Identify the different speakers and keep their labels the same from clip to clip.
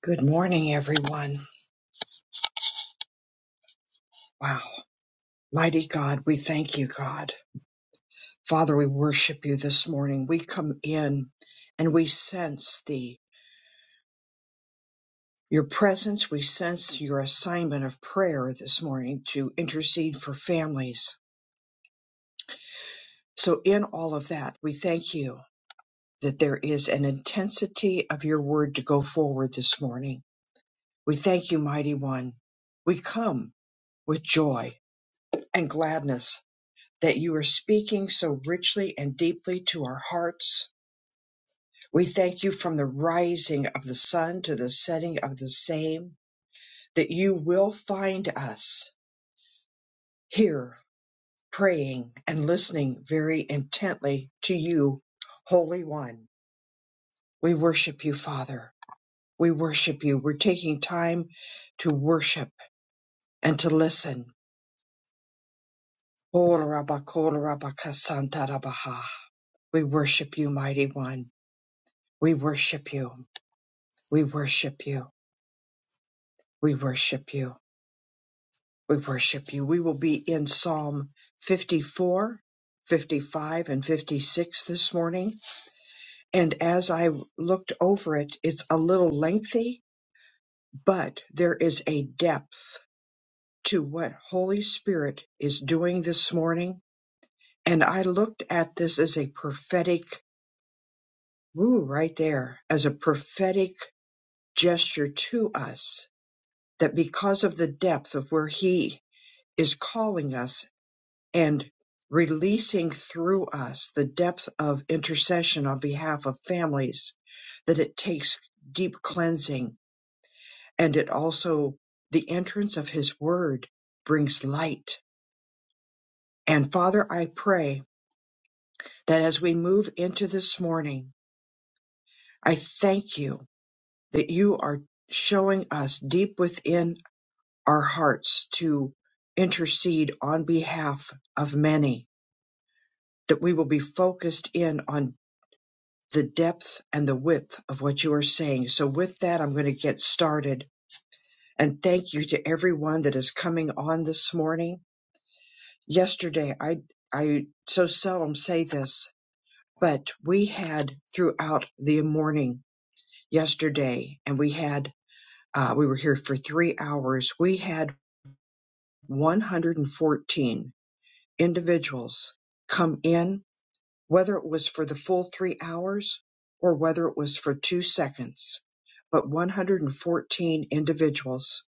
Speaker 1: Good morning, everyone. Wow. Mighty God, we thank you, God. Father, we worship you this morning. We come in and we sense the your presence. We sense your assignment of prayer this morning to intercede for families. So in all of that, we thank you that there is an intensity of your word to go forward this morning. We thank you, mighty one. We come with joy and gladness that you are speaking so richly and deeply to our hearts. We thank you from the rising of the sun to the setting of the same, that you will find us here praying and listening very intently to you, Holy One. We worship you, Father. We worship you. We're taking time to worship and to listen. We worship you, Mighty One. We worship you. We worship you. We worship you. We worship you. We will be in Psalm 54, 55, and 56 this morning. And as I looked over it, it's a little lengthy, but there is a depth to what Holy Spirit is doing this morning. And I looked at this as a prophetic, woo, right there, as a prophetic gesture to us that because of the depth of where He is calling us and releasing through us the depth of intercession on behalf of families, that it takes deep cleansing and it also the entrance of his word brings light. And Father, I pray that as we move into this morning, I thank you that you are showing us deep within our hearts to intercede on behalf of many, that we will be focused in on the depth and the width of what you are saying. So, with that, I'm going to get started. And thank you to everyone that is coming on this morning. Yesterday, I I so seldom say this, but we had throughout the morning yesterday, and we had uh, we were here for three hours. We had 114 individuals come in whether it was for the full three hours or whether it was for two seconds, but 114 individuals.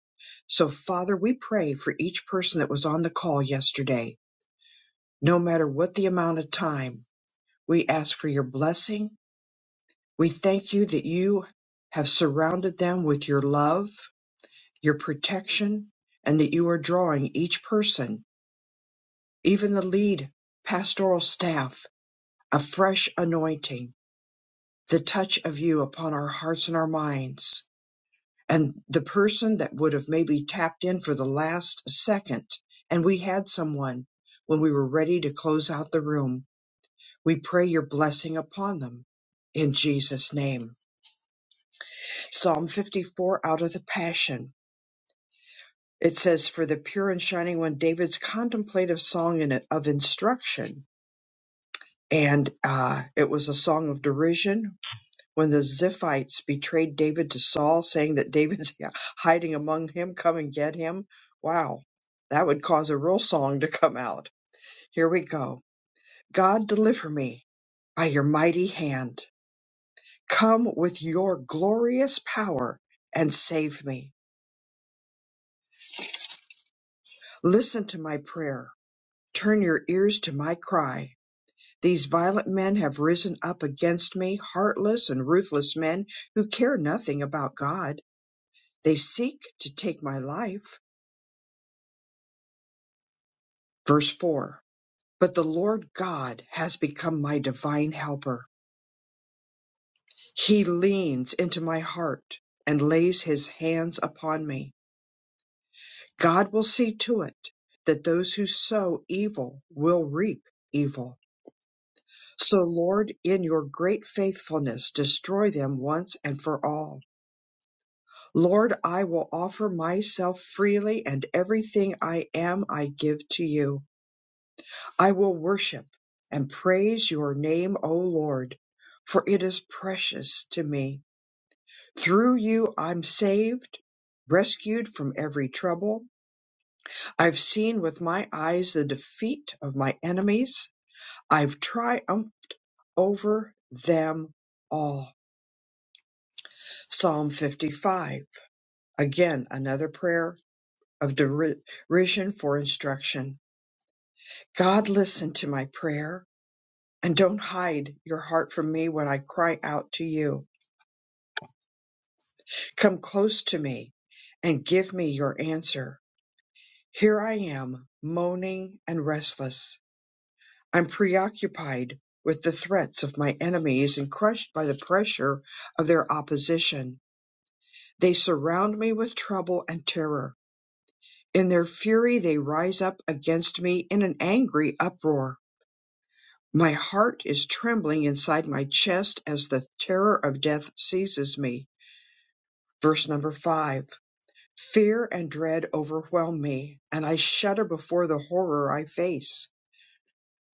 Speaker 1: So, Father, we pray for each person that was on the call yesterday, no matter what the amount of time. We ask for your blessing. We thank you that you have surrounded them with your love, your protection, and that you are drawing each person, even the lead pastoral staff, a fresh anointing the touch of you upon our hearts and our minds. And the person that would have maybe tapped in for the last second, and we had someone when we were ready to close out the room, we pray your blessing upon them in Jesus' name. Psalm 54 out of the Passion. It says, For the pure and shining one, David's contemplative song in of instruction. And uh, it was a song of derision when the Ziphites betrayed David to Saul, saying that David's hiding among him, come and get him. Wow, that would cause a real song to come out. Here we go. God, deliver me by your mighty hand. Come with your glorious power and save me. Listen to my prayer. Turn your ears to my cry. These violent men have risen up against me, heartless and ruthless men who care nothing about God. They seek to take my life. Verse 4 But the Lord God has become my divine helper. He leans into my heart and lays his hands upon me. God will see to it that those who sow evil will reap evil. So, Lord, in your great faithfulness, destroy them once and for all. Lord, I will offer myself freely, and everything I am I give to you. I will worship and praise your name, O Lord, for it is precious to me. Through you I'm saved, rescued from every trouble. I've seen with my eyes the defeat of my enemies. I've triumphed over them all. Psalm 55. Again, another prayer of deri- derision for instruction. God, listen to my prayer and don't hide your heart from me when I cry out to you. Come close to me and give me your answer. Here I am, moaning and restless. I'm preoccupied with the threats of my enemies and crushed by the pressure of their opposition. They surround me with trouble and terror. In their fury, they rise up against me in an angry uproar. My heart is trembling inside my chest as the terror of death seizes me. Verse number five. Fear and dread overwhelm me, and I shudder before the horror I face.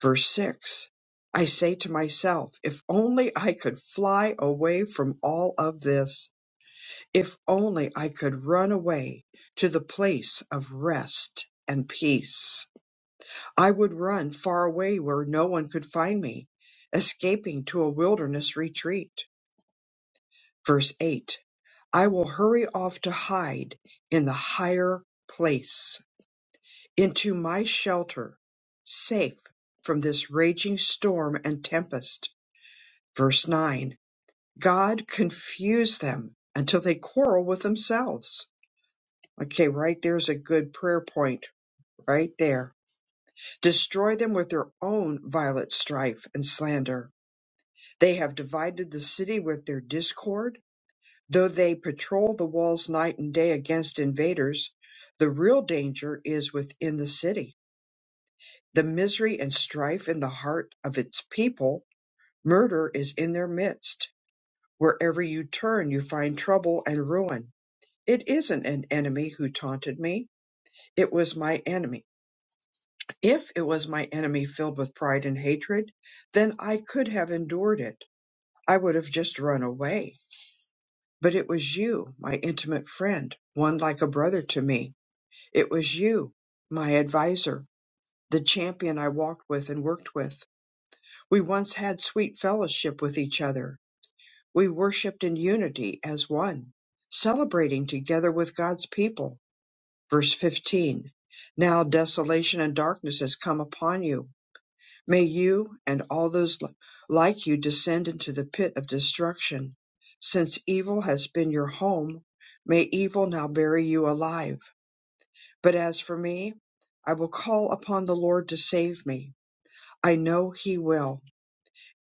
Speaker 1: Verse 6 I say to myself, if only I could fly away from all of this, if only I could run away to the place of rest and peace. I would run far away where no one could find me, escaping to a wilderness retreat. Verse 8 I will hurry off to hide in the higher place Into my shelter, safe from this raging storm and tempest. Verse 9 God confuse them until they quarrel with themselves. Okay, right there's a good prayer point, right there. Destroy them with their own violent strife and slander. They have divided the city with their discord. Though they patrol the walls night and day against invaders, the real danger is within the city the misery and strife in the heart of its people. Murder is in their midst. Wherever you turn, you find trouble and ruin. It isn't an enemy who taunted me. It was my enemy. If it was my enemy filled with pride and hatred, then I could have endured it. I would have just run away. But it was you, my intimate friend, one like a brother to me. It was you, my adviser, the champion I walked with and worked with. We once had sweet fellowship with each other. We worshiped in unity as one, celebrating together with God's people. Verse 15 Now desolation and darkness has come upon you. May you and all those li- like you descend into the pit of destruction. Since evil has been your home, may evil now bury you alive. But as for me, I will call upon the Lord to save me. I know he will.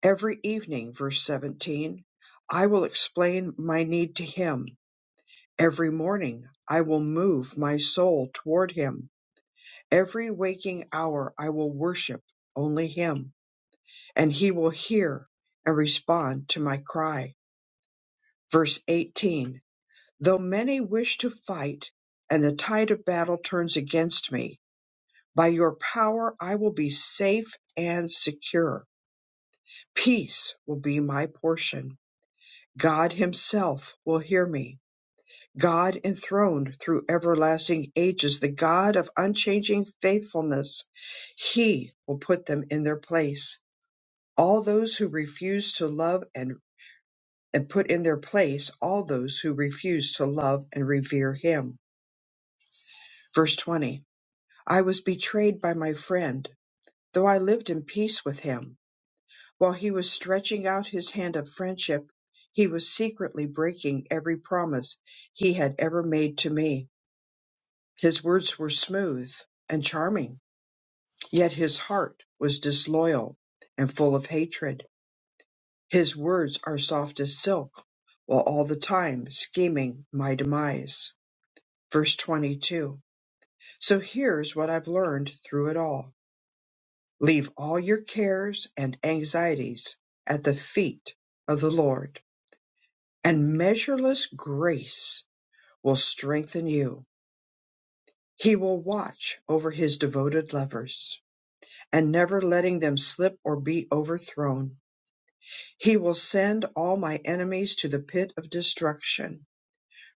Speaker 1: Every evening, verse 17, I will explain my need to him. Every morning, I will move my soul toward him. Every waking hour, I will worship only him, and he will hear and respond to my cry. Verse 18, though many wish to fight and the tide of battle turns against me, by your power I will be safe and secure. Peace will be my portion. God Himself will hear me. God enthroned through everlasting ages, the God of unchanging faithfulness, He will put them in their place. All those who refuse to love and, and put in their place all those who refuse to love and revere Him. Verse 20 I was betrayed by my friend, though I lived in peace with him. While he was stretching out his hand of friendship, he was secretly breaking every promise he had ever made to me. His words were smooth and charming, yet his heart was disloyal and full of hatred. His words are soft as silk, while all the time scheming my demise. Verse 22. So here's what I've learned through it all. Leave all your cares and anxieties at the feet of the Lord and measureless grace will strengthen you. He will watch over his devoted lovers and never letting them slip or be overthrown. He will send all my enemies to the pit of destruction.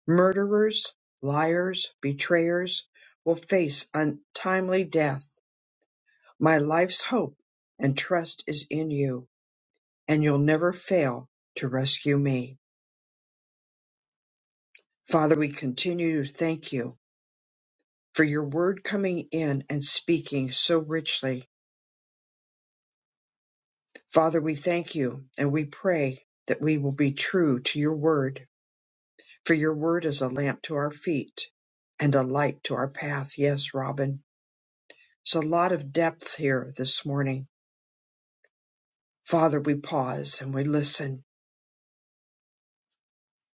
Speaker 1: Murderers, liars, betrayers will face untimely death. My life's hope and trust is in you, and you'll never fail to rescue me. Father, we continue to thank you for your word coming in and speaking so richly. Father, we thank you and we pray that we will be true to your word, for your word is a lamp to our feet and a light to our path. Yes, Robin, it's a lot of depth here this morning. Father, we pause and we listen.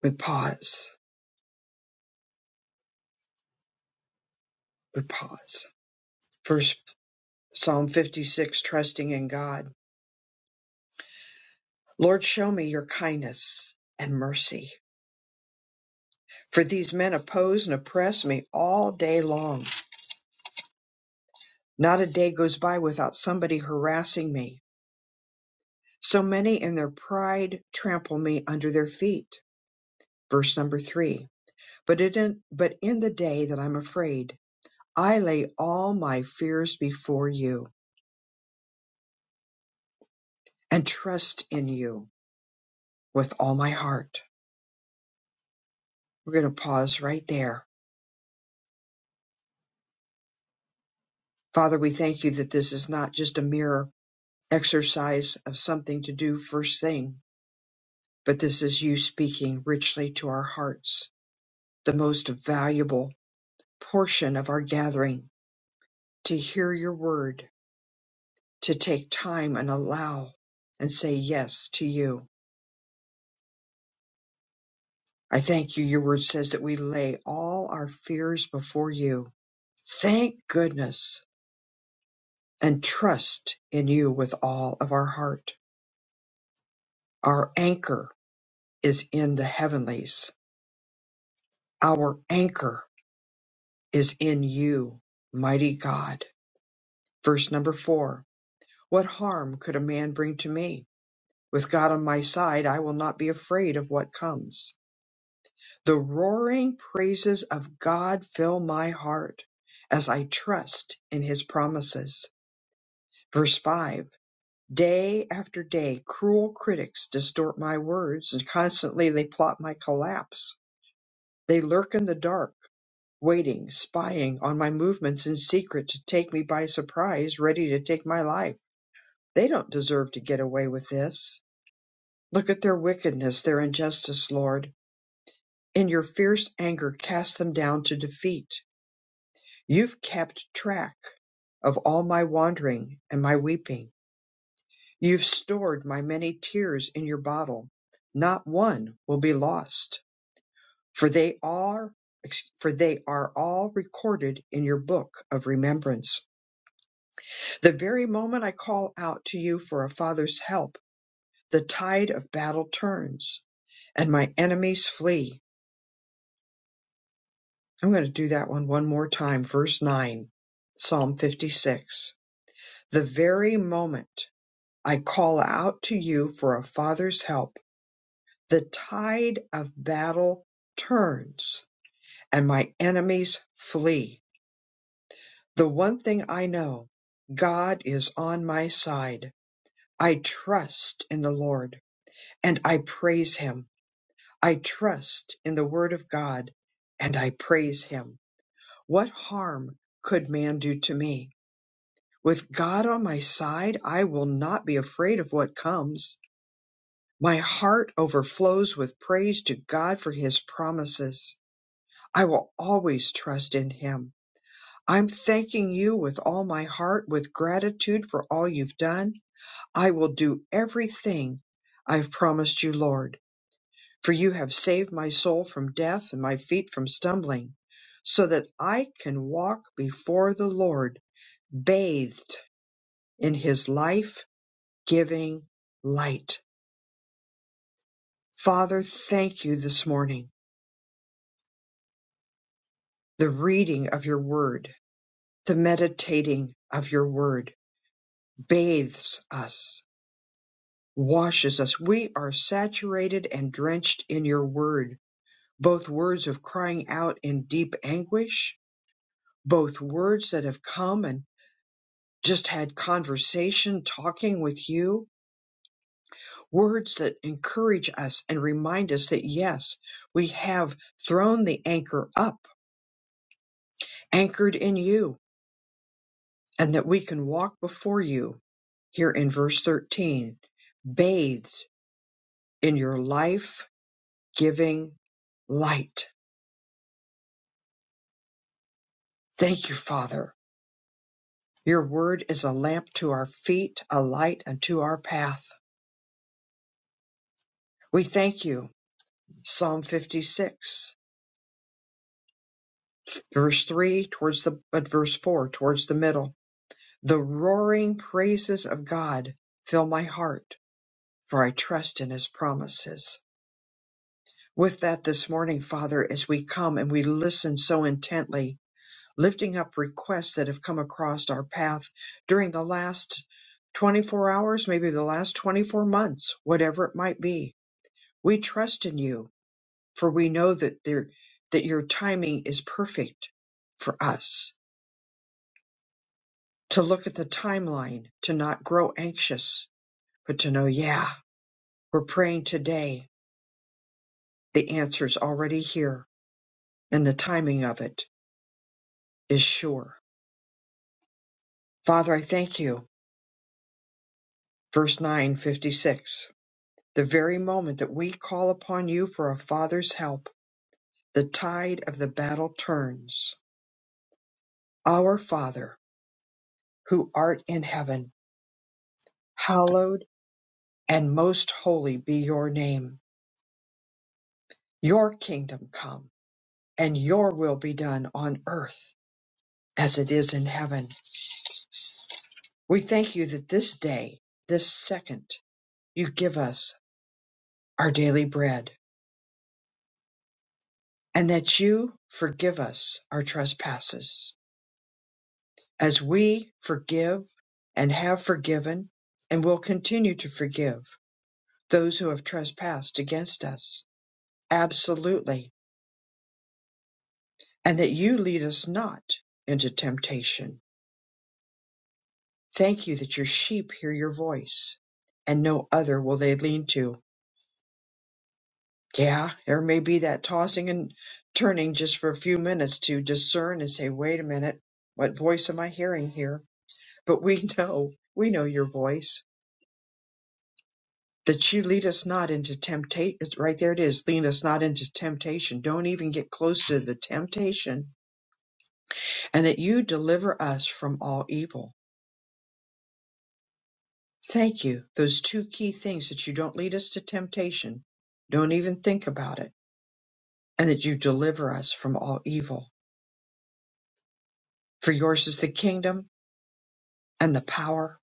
Speaker 1: We pause. We pause. First Psalm 56, trusting in God. Lord, show me your kindness and mercy, for these men oppose and oppress me all day long Not a day goes by without somebody harassing me. So many in their pride trample me under their feet. Verse number three. But in, but in the day that I'm afraid, I lay all my fears before you and trust in you with all my heart. We're going to pause right there. Father, we thank you that this is not just a mere exercise of something to do first thing, but this is you speaking richly to our hearts, the most valuable portion of our gathering to hear your word, to take time and allow and say yes to you. I thank you. Your word says that we lay all our fears before you. Thank goodness and trust in you with all of our heart. Our anchor is in the heavenlies. Our anchor is in you, mighty God. Verse number four. What harm could a man bring to me? With God on my side, I will not be afraid of what comes. The roaring praises of God fill my heart as I trust in his promises. Verse 5 Day after day, cruel critics distort my words, and constantly they plot my collapse. They lurk in the dark, waiting, spying on my movements in secret to take me by surprise, ready to take my life. They don't deserve to get away with this. Look at their wickedness, their injustice, Lord. In your fierce anger cast them down to defeat. You've kept track of all my wandering and my weeping. You've stored my many tears in your bottle. Not one will be lost, for they are for they are all recorded in your book of remembrance. The very moment I call out to you for a father's help, the tide of battle turns and my enemies flee. I'm going to do that one one more time. Verse 9, Psalm 56. The very moment I call out to you for a father's help, the tide of battle turns and my enemies flee. The one thing I know God is on my side. I trust in the Lord and I praise him. I trust in the word of God and I praise him. What harm could man do to me? With God on my side, I will not be afraid of what comes. My heart overflows with praise to God for his promises. I will always trust in him. I'm thanking you with all my heart with gratitude for all you've done. I will do everything I've promised you, Lord, for you have saved my soul from death and my feet from stumbling, so that I can walk before the Lord bathed in his life giving light. Father, thank you this morning. The reading of your word, the meditating of your word bathes us, washes us. We are saturated and drenched in your word, both words of crying out in deep anguish, both words that have come and just had conversation talking with you, words that encourage us and remind us that yes, we have thrown the anchor up anchored in you and that we can walk before you here in verse 13, bathed in your life giving light. Thank you, Father. Your word is a lamp to our feet, a light unto our path. We thank you. Psalm 56, verse 3, towards the, but verse 4, towards the middle. The roaring praises of God fill my heart, for I trust in his promises. with that this morning, Father, as we come and we listen so intently, lifting up requests that have come across our path during the last 24 hours, maybe the last 24 months, whatever it might be. We trust in you, for we know that there, that your timing is perfect for us to look at the timeline, to not grow anxious, but to know, yeah, we're praying today. The answer's already here and the timing of it is sure Father, I thank you. Verse 956. The very moment that we call upon you for a father's help, the tide of the battle turns. Our Father, who art in heaven, hallowed and most holy be your name. Your kingdom come and your will be done on earth as it is in heaven. We thank you that this day, this second, you give us our daily bread and that you forgive us our trespasses as we forgive and have forgiven and will continue to forgive those who have trespassed against us. Absolutely. And that you lead us not into temptation. Thank you that your sheep hear your voice and no other will they lean to. Yeah, there may be that tossing and turning just for a few minutes to discern and say, wait a minute, what voice am I hearing here? But we know, we know your voice that you lead us not into temptation. Right there it is. Lead us not into temptation. Don't even get close to the temptation. And that you deliver us from all evil. Thank you. Those two key things that you don't lead us to temptation. Don't even think about it. And that you deliver us from all evil. For yours is the kingdom and the power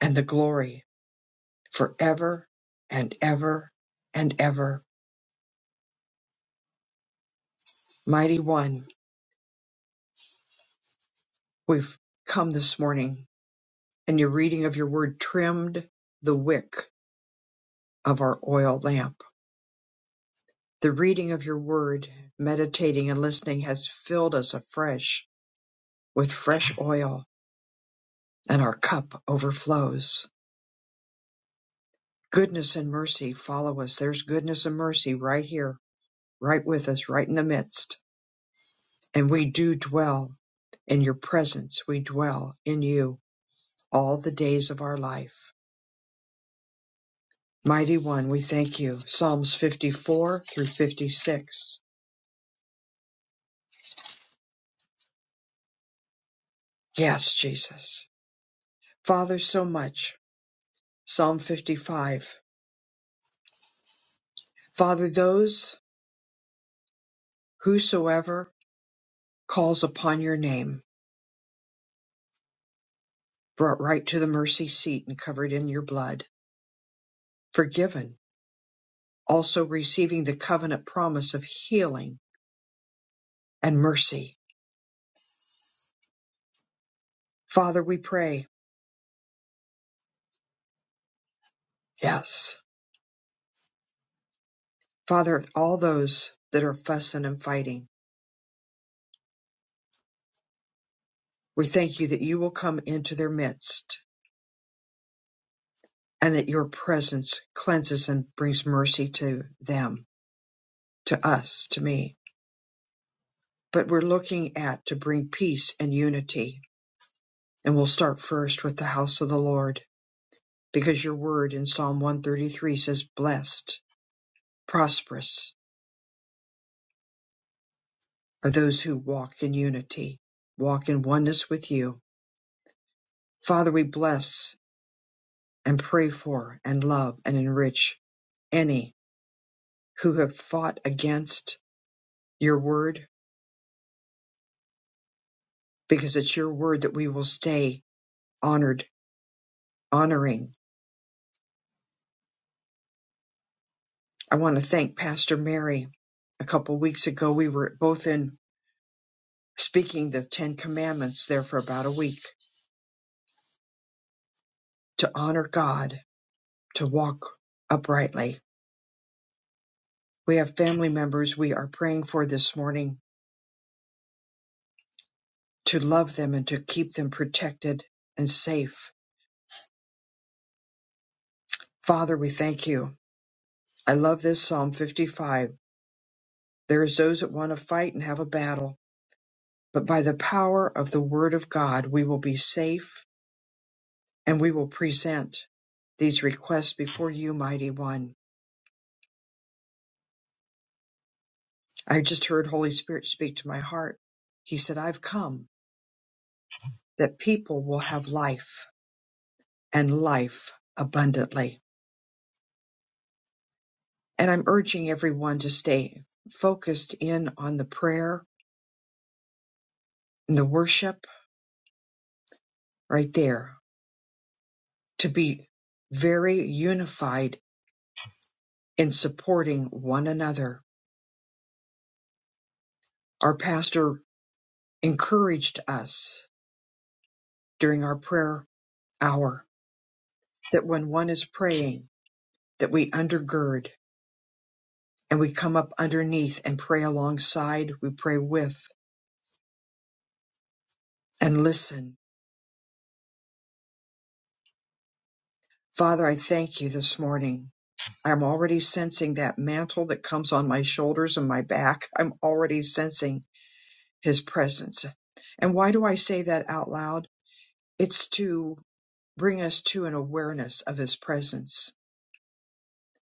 Speaker 1: and the glory forever and ever and ever. Mighty one, we've come this morning and your reading of your word trimmed the wick of our oil lamp. The reading of your word, meditating and listening has filled us afresh with fresh oil, and our cup overflows. Goodness and mercy follow us. There's goodness and mercy right here, right with us, right in the midst. And we do dwell in your presence. We dwell in you all the days of our life. Mighty One, we thank you. Psalms 54 through 56. Yes, Jesus. Father, so much. Psalm 55. Father, those whosoever calls upon your name, brought right to the mercy seat and covered in your blood, forgiven, also receiving the covenant promise of healing and mercy. Father, we pray. Yes. Father, all those that are fussing and fighting, we thank you that you will come into their midst and that your presence cleanses and brings mercy to them, to us, to me. but we're looking at to bring peace and unity. And we'll start first with the house of the Lord, because your word in Psalm 133 says, Blessed, prosperous are those who walk in unity, walk in oneness with you. Father, we bless and pray for and love and enrich any who have fought against your word, because it's your word that we will stay honored, honoring. I want to thank Pastor Mary. A couple weeks ago, we were both in speaking the Ten Commandments there for about a week to honor God, to walk uprightly. We have family members we are praying for this morning to love them and to keep them protected and safe. Father, we thank you. I love this Psalm 55. There is those that want to fight and have a battle, but by the power of the word of God, we will be safe and we will present these requests before you, mighty one. I just heard Holy Spirit speak to my heart. He said, I've come that people will have life and life abundantly. And I'm urging everyone to stay focused in on the prayer and the worship right there, to be very unified in supporting one another. Our pastor encouraged us during our prayer hour that when one is praying, that we undergird and we come up underneath and pray alongside, we pray with and listen. Father, I thank you this morning I'm already sensing that mantle that comes on my shoulders and my back. I'm already sensing his presence. And why do I say that out loud? It's to bring us to an awareness of his presence.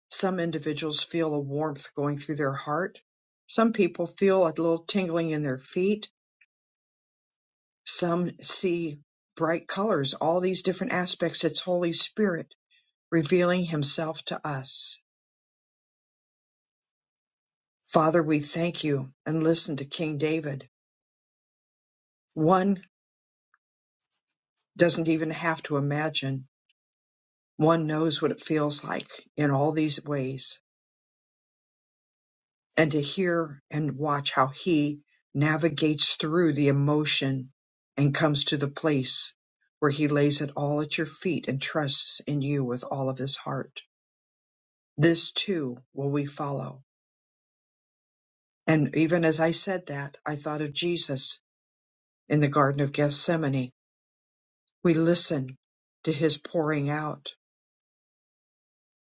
Speaker 1: Some individuals feel a warmth going through their heart. Some people feel a little tingling in their feet. Some see bright colors, all these different aspects. It's Holy Spirit revealing himself to us. Father, we thank you and listen to King David. One. doesn't even have to imagine. One knows what it feels like in all these ways. And to hear and watch how he navigates through the emotion and comes to the place where he lays it all at your feet and trusts in you with all of his heart. This too will we follow. And even as I said that, I thought of Jesus in the Garden of Gethsemane. We listen to his pouring out,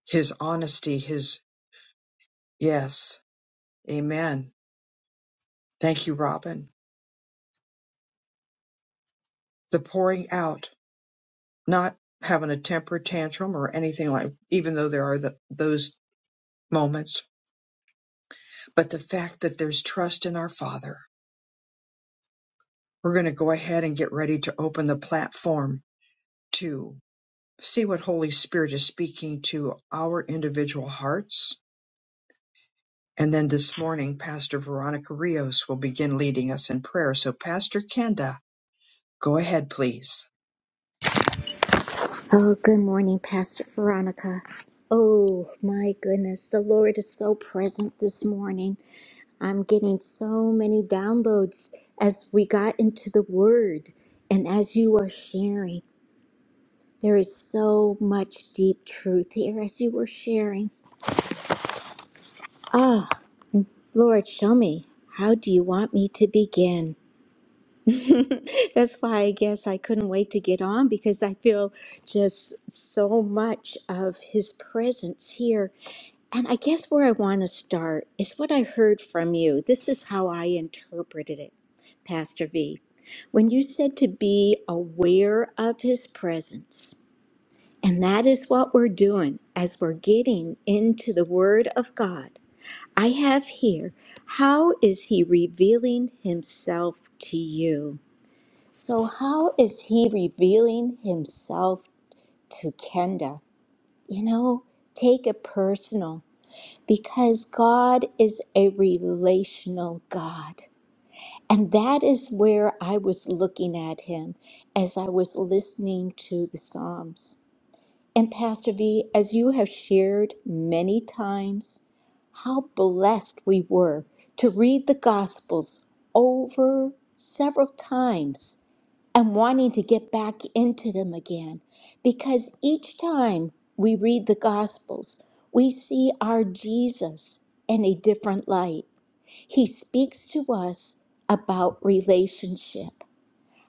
Speaker 1: his honesty, his yes, amen Thank you, Robin. The pouring out, not having a temper tantrum or anything like, even though there are the, those moments, but the fact that there's trust in our Father. We're going to go ahead and get ready to open the platform to see what Holy Spirit is speaking to our individual hearts. And then this morning, Pastor Veronica Rios will begin leading us in prayer. So, Pastor Kenda, go ahead, please.
Speaker 2: Oh, good morning, Pastor Veronica. Oh, my goodness. The Lord is so present this morning. I'm getting so many downloads as we got into the Word. And as you are sharing, there is so much deep truth here as you were sharing. Ah, Lord, show me. How do you want me to begin? That's why I guess I couldn't wait to get on because I feel just so much of His presence here And I guess where I want to start is what I heard from you. This is how I interpreted it, Pastor V. When you said to be aware of his presence, and that is what we're doing as we're getting into the Word of God. I have here, how is he revealing himself to you? So, how is he revealing himself to Kenda? You know, take it personal because God is a relational God. And that is where I was looking at him as I was listening to the Psalms. And Pastor V, as you have shared many times, how blessed we were to read the Gospels over several times and wanting to get back into them again. Because each time we read the Gospels, we see our Jesus in a different light. He speaks to us about relationship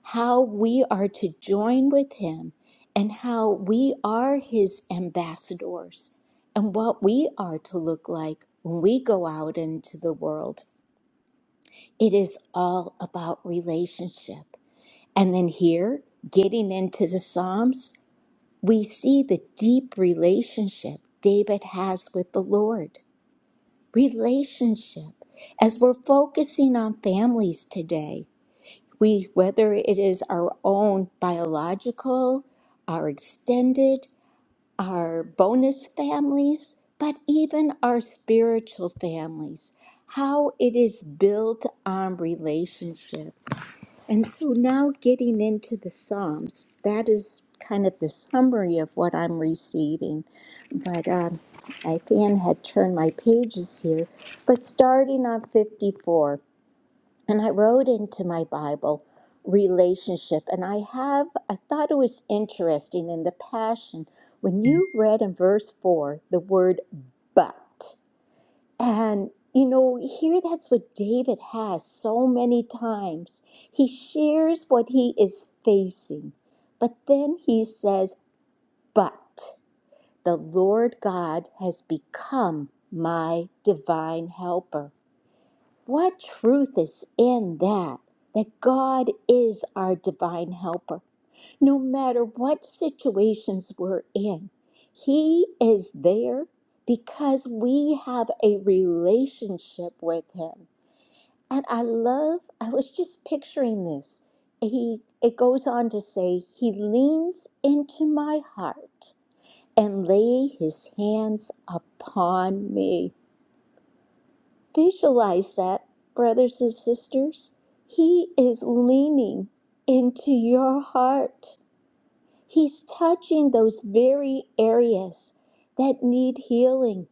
Speaker 2: how we are to join with him and how we are his ambassadors and what we are to look like when we go out into the world. It is all about relationship. And then here, getting into the Psalms, we see the deep relationship David has with the Lord. Relationship. As we're focusing on families today, we whether it is our own biological our extended our bonus families but even our spiritual families how it is built on relationship and so now getting into the psalms that is kind of the summary of what i'm receiving but um, my fan had turned my pages here but starting on 54 and I wrote into my Bible relationship, and I have, I thought it was interesting in the Passion when you read in verse 4 the word but. And, you know, here that's what David has so many times. He shares what he is facing, but then he says, but the Lord God has become my divine helper. What truth is in that? That God is our divine helper. No matter what situations we're in, He is there because we have a relationship with Him. And I love, I was just picturing this. He, it goes on to say, He leans into my heart and lay His hands upon me. Visualize that, brothers and sisters. He is leaning into your heart. He's touching those very areas that need healing.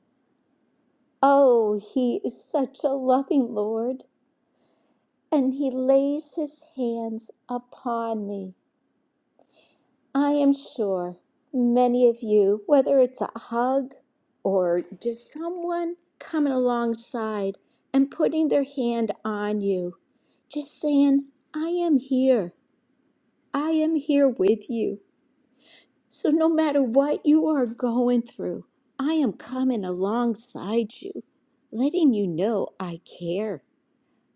Speaker 2: Oh, He is such a loving Lord. And He lays His hands upon me I am sure many of you, whether it's a hug or just someone coming alongside and putting their hand on you, just saying, I am here. I am here with you. So no matter what you are going through, I am coming alongside you, letting you know I care.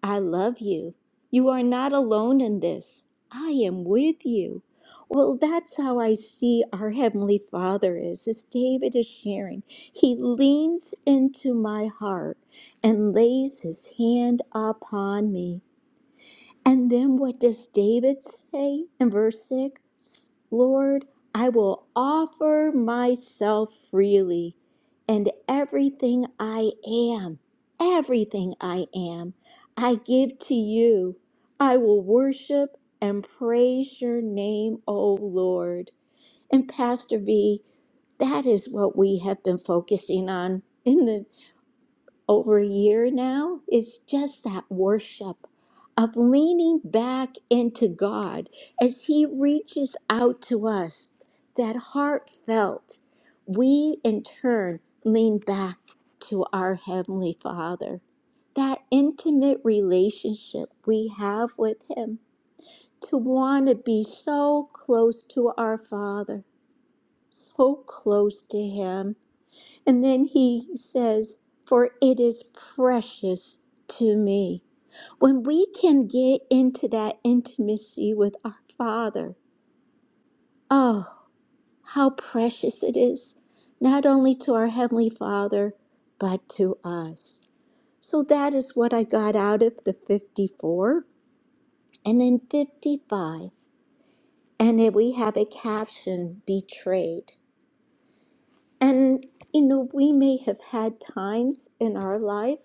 Speaker 2: I love you. You are not alone in this. I am with you. Well, that's how I see our Heavenly Father is, as David is sharing. He leans into my heart and lays his hand upon me. And then what does David say in verse 6? Lord, I will offer myself freely and everything I am, everything I am, I give to you. I will worship and praise your name, O Lord. And Pastor B, that is what we have been focusing on in the over a year now is just that worship of leaning back into God as He reaches out to us, that heartfelt. We in turn lean back to our Heavenly Father. That intimate relationship we have with Him, to want to be so close to our Father, so close to Him. And then he says, For it is precious to me. When we can get into that intimacy with our Father, oh, how precious it is, not only to our Heavenly Father, but to us. So that is what I got out of the 54 and then 55. And then we have a caption, betrayed. And, you know, we may have had times in our life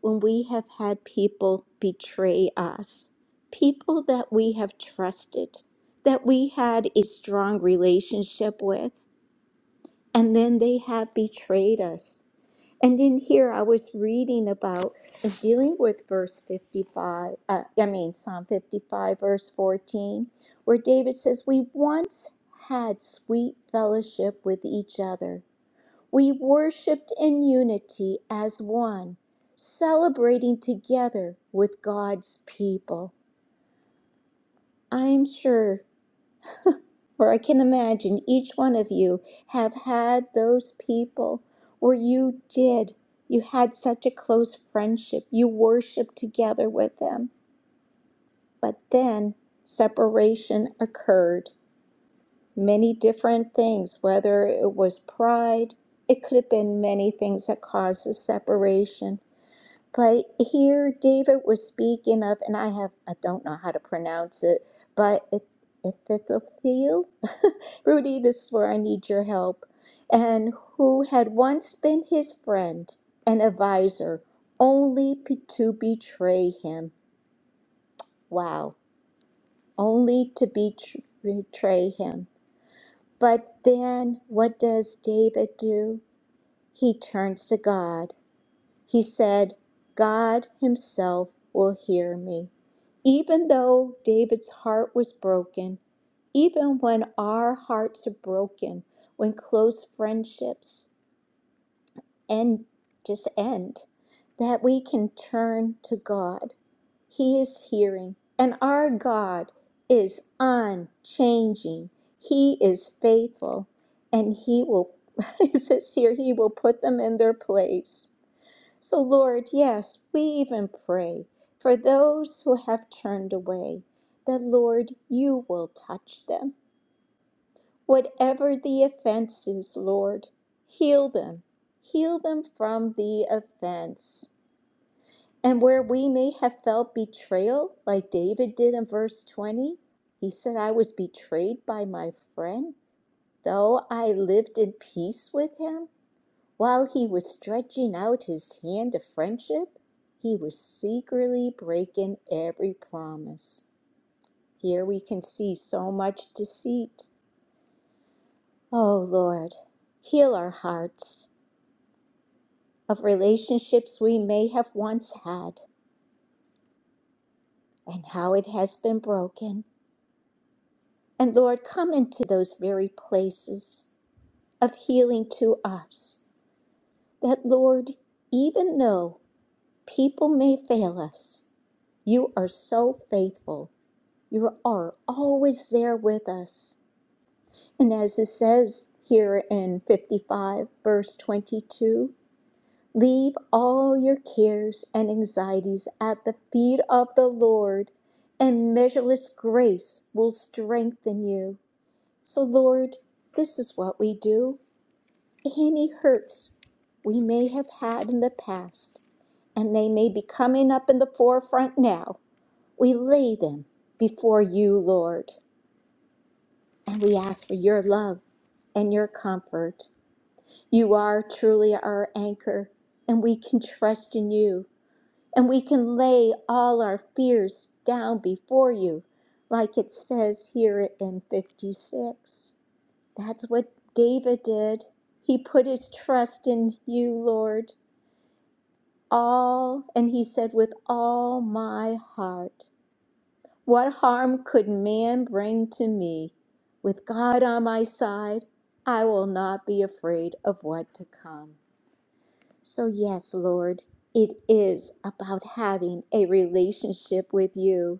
Speaker 2: when we have had people betray us, people that we have trusted, that we had a strong relationship with, and then they have betrayed us. And in here, I was reading about and dealing with verse 55, uh, I mean, Psalm 55, verse 14, where David says, We once had sweet fellowship with each other we worshiped in unity as one, celebrating together with God's people. I'm sure, or I can imagine, each one of you have had those people where you did. You had such a close friendship. You worshiped together with them. But then separation occurred. Many different things, whether it was pride, it could have been many things that caused the separation But here David was speaking of, and I have I don't know how to pronounce it, but it Epithophel. Rudy, this is where I need your help. And who had once been his friend and advisor, only p- to betray him. Wow, only to betr- betray him. But then what does David do? He turns to God He said, God Himself will hear me. Even though David's heart was broken, even when our hearts are broken, when close friendships end, just end, that we can turn to God. He is hearing, and our God is unchanging. He is faithful, and He will, it says here, He will put them in their place. So, Lord, yes, we even pray for those who have turned away, that, Lord, you will touch them. Whatever the offense is, Lord, heal them. Heal them from the offense. And where we may have felt betrayal, like David did in verse 20, he said, I was betrayed by my friend, though I lived in peace with him. While he was stretching out his hand of friendship, he was secretly breaking every promise. Here we can see so much deceit. Oh Lord, heal our hearts of relationships we may have once had and how it has been broken. And Lord, come into those very places of healing to us. That Lord, even though people may fail us, you are so faithful You are always there with us. And as it says here in 55, verse 22, leave all your cares and anxieties at the feet of the Lord, and measureless grace will strengthen you. So, Lord, this is what we do. Any hurts we may have had in the past, and they may be coming up in the forefront now, we lay them before you, Lord. And we ask for your love and your comfort. You are truly our anchor, and we can trust in you, and we can lay all our fears down before you, like it says here in 56. That's what David did. He put his trust in you, Lord, all, and he said, with all my heart. What harm could man bring to me? With God on my side, I will not be afraid of what to come. So, yes, Lord, it is about having a relationship with you.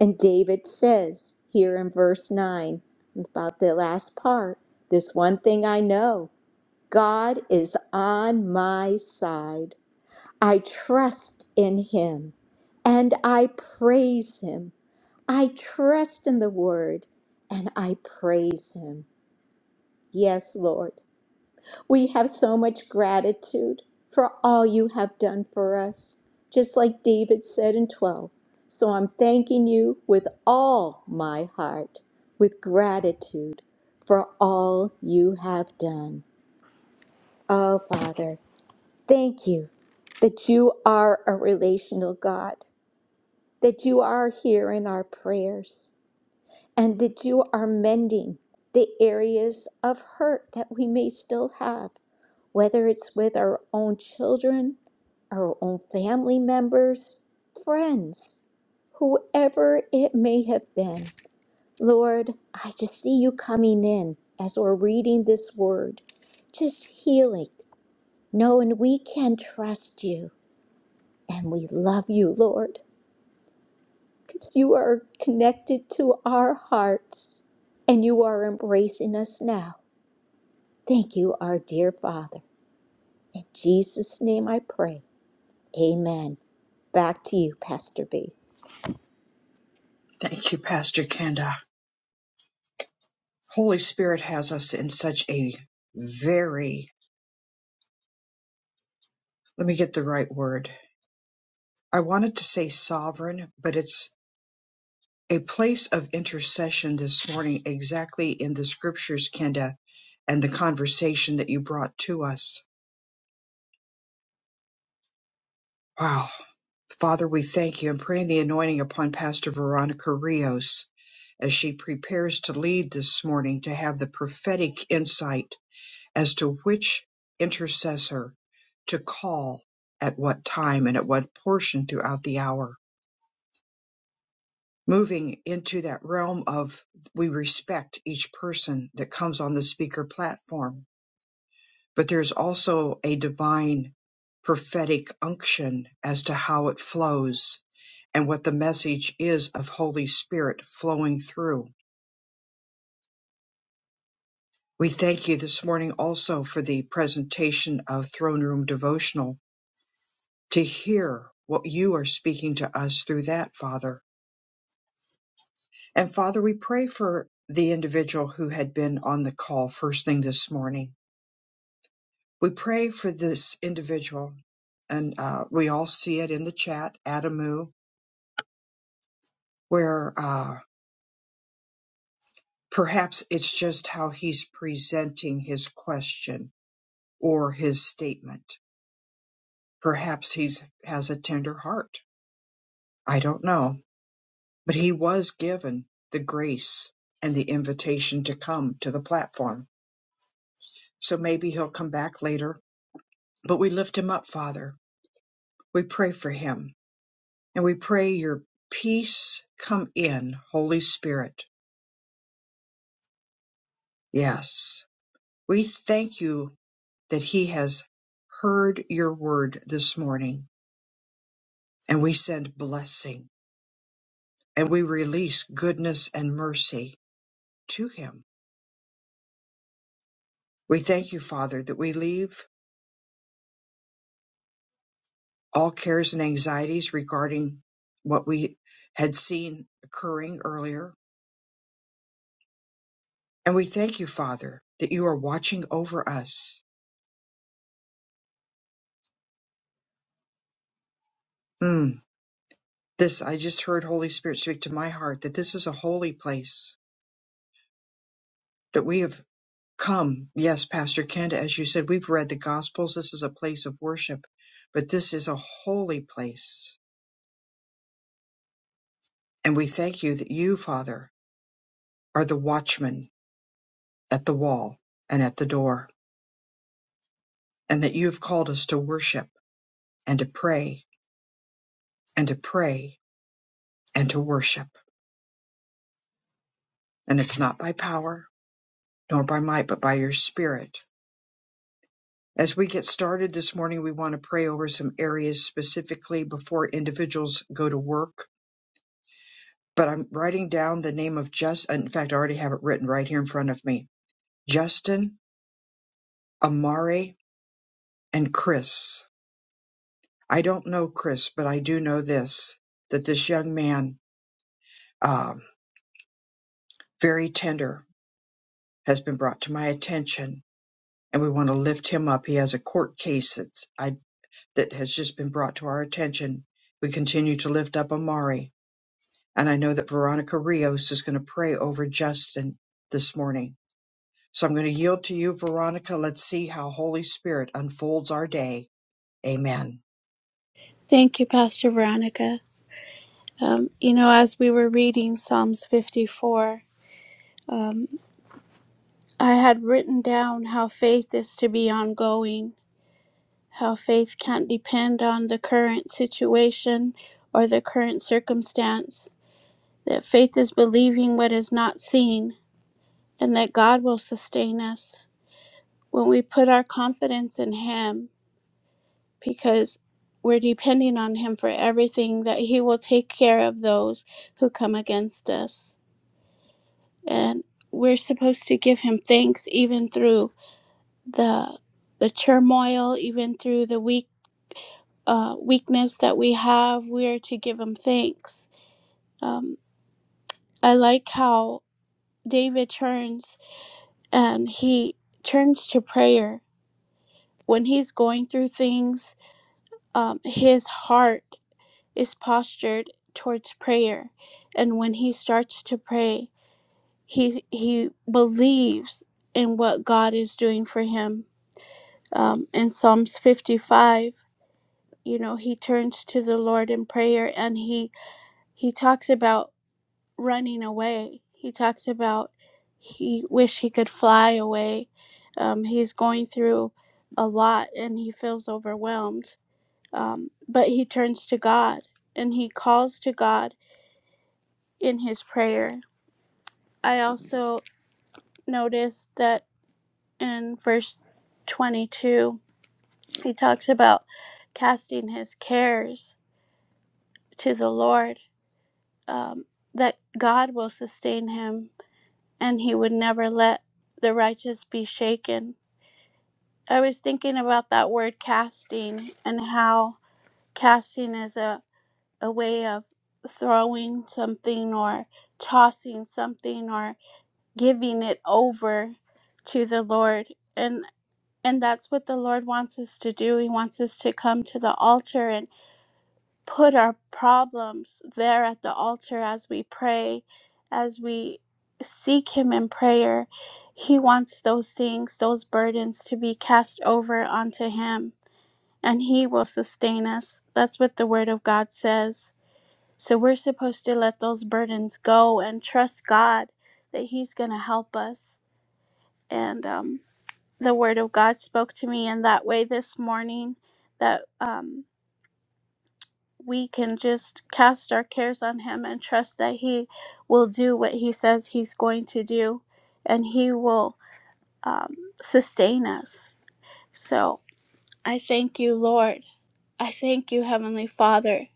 Speaker 2: And David says here in verse 9, about the last part, this one thing I know God is on my side. I trust in him and I praise him. I trust in the word and I praise him. Yes, Lord. We have so much gratitude for all you have done for us, just like David said in 12. So I'm thanking you with all my heart, with gratitude for all you have done. Oh, Father, thank you that you are a relational God, that you are here in our prayers. and that you are mending the areas of hurt that we may still have, whether it's with our own children, our own family members, friends, whoever it may have been. Lord, I just see you coming in as we're reading this word, just healing, knowing we can trust you and we love you, Lord. because you are connected to our hearts and you are embracing us now. Thank you, our dear Father. In Jesus' name I pray. Amen. Back to you, Pastor B.
Speaker 1: Thank you, Pastor Kenda. Holy Spirit has us in such a very, let me get the right word. I wanted to say sovereign, but it's a place of intercession this morning, exactly in the scriptures, Kenda, and the conversation that you brought to us. Wow. Father, we thank you and praying the anointing upon Pastor Veronica Rios as she prepares to lead this morning to have the prophetic insight as to which intercessor to call at what time and at what portion throughout the hour, moving into that realm of we respect each person that comes on the speaker platform. But there's also a divine prophetic unction as to how it flows and what the message is of Holy Spirit flowing through. We thank you this morning also for the presentation of Throne Room Devotional to hear what you are speaking to us through that, Father. And Father, we pray for the individual who had been on the call first thing this morning. We pray for this individual, and uh, we all see it in the chat, Adamu, where uh, perhaps it's just how he's presenting his question or his statement. Perhaps he's has a tender heart. I don't know But he was given the grace and the invitation to come to the platform. So maybe he'll come back later. But we lift him up, Father. We pray for him. And we pray your peace come in, Holy Spirit. Yes. We thank you that he has heard your word this morning. And we send blessing and we release goodness and mercy to him. We thank you, Father, that we leave all cares and anxieties regarding what we had seen occurring earlier. And we thank you, Father, that you are watching over us. Mm, this, I just heard Holy Spirit speak to my heart that this is a holy place, that we have come. Yes, Pastor Kenda, as you said, we've read the Gospels. This is a place of worship, but this is a holy place. And we thank you that you, Father, are the watchman at the wall and at the door, and that you have called us to worship and to pray and to pray and to worship. And it's not by power nor by might, but by your spirit. As we get started this morning, we want to pray over some areas specifically before individuals go to work. But I'm writing down the name of just, in fact, I already have it written right here in front of me Justin, Amari, and Chris. I don't know Chris, but I do know this that this young man, um, very tender, has been brought to my attention and we want to lift him up. He has a court case. that that has just been brought to our attention. We continue to lift up Amari. And I know that Veronica Rios is going to pray over Justin this morning. So I'm going to yield to you, Veronica. Let's see how Holy Spirit unfolds our day. Amen.
Speaker 3: Thank you, Pastor Veronica. Um, you know, as we were reading Psalms 54, um, I had written down how faith is to be ongoing, how faith can't depend on the current situation or the current circumstance, that faith is believing what is not seen, and that God will sustain us when we put our confidence in Him because we're depending on Him for everything, that He will take care of those who come against us and we're supposed to give him thanks even through the the turmoil even through the weak uh, weakness that we have we are to give him thanks um, i like how david turns and he turns to prayer when he's going through things um, his heart is postured towards prayer and when he starts to pray he he believes in what god is doing for him um, in psalms 55 you know he turns to the lord in prayer and he he talks about running away he talks about he wish he could fly away um, he's going through a lot and he feels overwhelmed um, but he turns to god and he calls to god in his prayer i also noticed that in verse 22 he talks about casting his cares to the Lord um, that God will sustain him and he would never let the righteous be shaken. I was thinking about that word casting and how casting is a, a way of throwing something or tossing something or giving it over to the Lord. And and that's what the Lord wants us to do. He wants us to come to the altar and. put our problems there at the altar as we pray, as we seek Him in prayer, He wants those things, those burdens to be cast over onto Him, and He will sustain us. That's what the Word of God says. So we're supposed to let those burdens go and trust God that He's going to help us. And um, the Word of God spoke to me in that way this morning that. Um, we can just cast our cares on him and trust that he will do what he says he's going to do and he will um, sustain us. So I thank you, Lord. I thank you, Heavenly Father.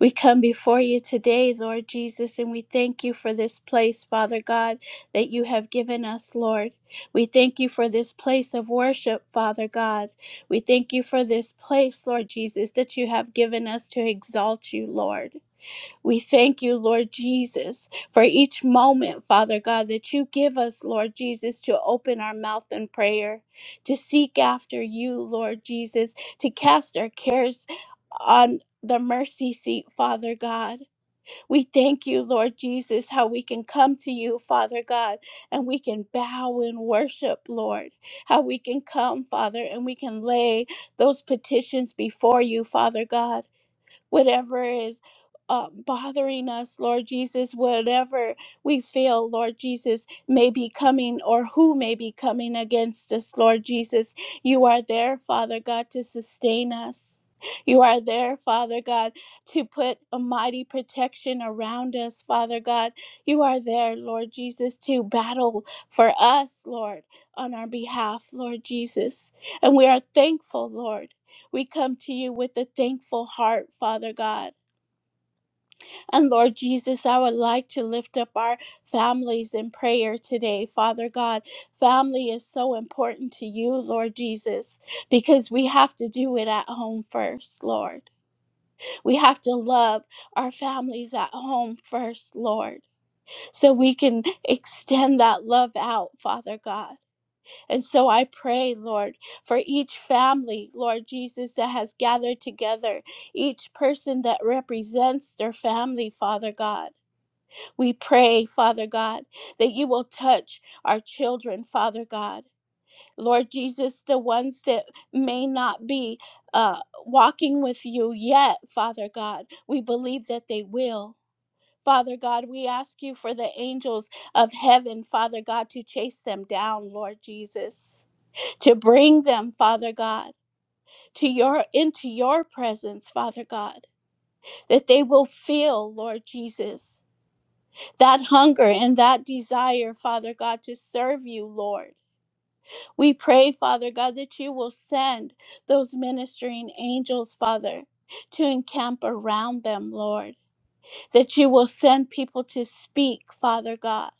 Speaker 3: We come before you today, Lord Jesus, and we thank you for this place, Father God, that you have given us, Lord. We thank you for this place of worship, Father God. We thank you for this place, Lord Jesus, that you have given us to exalt you, Lord. We thank you, Lord Jesus, for each moment, Father God, that you give us, Lord Jesus, to open our mouth in prayer, to seek after you, Lord Jesus, to cast our cares on the mercy seat, Father God. We thank you, Lord Jesus, how we can come to you, Father God, and we can bow and worship, Lord. How we can come, Father, and we can lay those petitions before you, Father God whatever is uh, bothering us, Lord Jesus, whatever we feel, Lord Jesus, may be coming or who may be coming against us, Lord Jesus. You are there, Father God, to sustain us. You are there, Father God, to put a mighty protection around us, Father God. You are there, Lord Jesus, to battle for us, Lord, on our behalf, Lord Jesus. And we are thankful, Lord. We come to you with a thankful heart, Father God. And Lord Jesus, I would like to lift up our families in prayer today, Father God. Family is so important to you, Lord Jesus, because we have to do it at home first, Lord. We have to love our families at home first, Lord, so we can extend that love out, Father God. And so I pray, Lord, for each family, Lord Jesus, that has gathered together, each person that represents their family, Father God. We pray, Father God, that you will touch our children, Father God. Lord Jesus, the ones that may not be uh, walking with you yet, Father God, we believe that they will. Father God, we ask you for the angels of heaven, Father God, to chase them down, Lord Jesus to bring them, Father God, to your into your presence, Father God, that they will feel, Lord Jesus, that hunger and that desire, Father God, to serve you, Lord. We pray, Father God, that you will send those ministering angels, Father, to encamp around them, Lord. That you will send people to speak, Father God,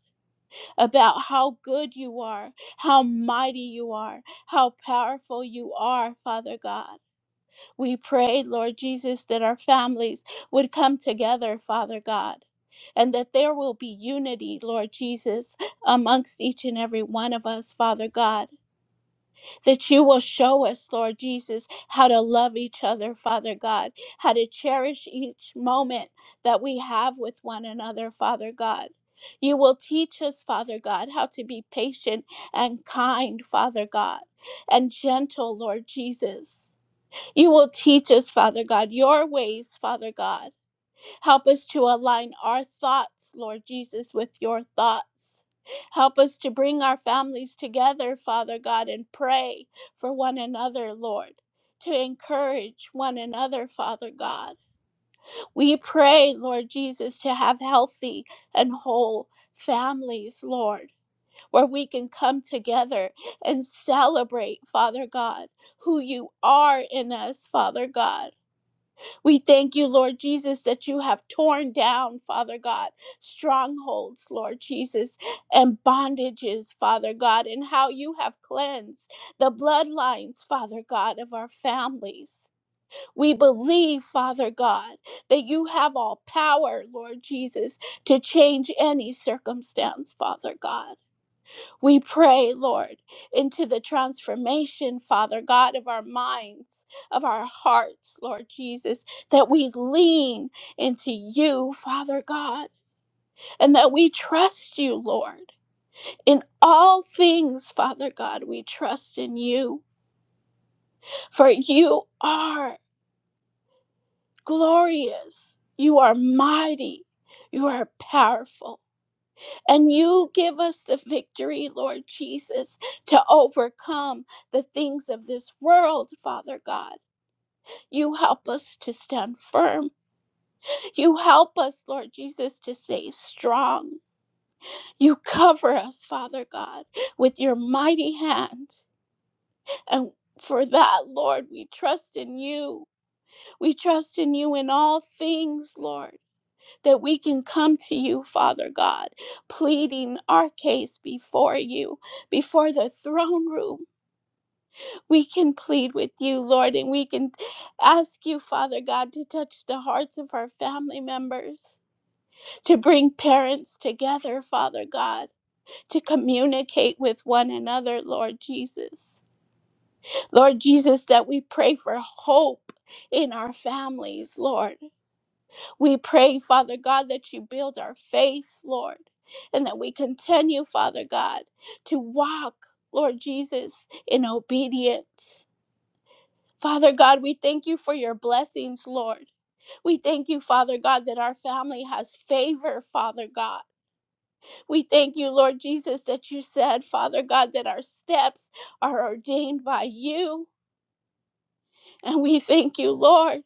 Speaker 3: about how good you are, how mighty you are, how powerful you are, Father God We pray, Lord Jesus, that our families would come together, Father God, and that there will be unity, Lord Jesus, amongst each and every one of us, Father God. That you will show us, Lord Jesus, how to love each other, Father God, how to cherish each moment that we have with one another, Father God. You will teach us, Father God, how to be patient and kind, Father God, and gentle, Lord Jesus. You will teach us, Father God, your ways, Father God. Help us to align our thoughts, Lord Jesus, with your thoughts. Help us to bring our families together, Father God, and pray for one another, Lord, to encourage one another, Father God. We pray, Lord Jesus, to have healthy and whole families, Lord, where we can come together and celebrate, Father God, who you are in us, Father God we thank you, Lord Jesus, that you have torn down, Father God, strongholds, Lord Jesus, and bondages, Father God, and how you have cleansed the bloodlines, Father God, of our families. We believe, Father God, that you have all power, Lord Jesus, to change any circumstance, Father God. We pray, Lord, into the transformation, Father God, of our minds, of our hearts, Lord Jesus, that we lean into you, Father God, and that we trust you, Lord. In all things, Father God, we trust in you, for you are glorious, you are mighty, you are powerful. And you give us the victory, Lord Jesus, to overcome the things of this world, Father God. You help us to stand firm. You help us, Lord Jesus, to stay strong. You cover us, Father God, with your mighty hand. And for that, Lord, we trust in you. We trust in you in all things, Lord. that we can come to you, Father God, pleading our case before you, before the throne room. We can plead with you, Lord, and we can ask you, Father God, to touch the hearts of our family members, to bring parents together, Father God, to communicate with one another, Lord Jesus. Lord Jesus, that we pray for hope in our families, Lord. We pray, Father God, that you build our faith, Lord, and that we continue, Father God, to walk, Lord Jesus, in obedience. Father God, we thank you for your blessings, Lord. We thank you, Father God, that our family has favor, Father God. We thank you, Lord Jesus, that you said, Father God, that our steps are ordained by you. And we thank you, Lord.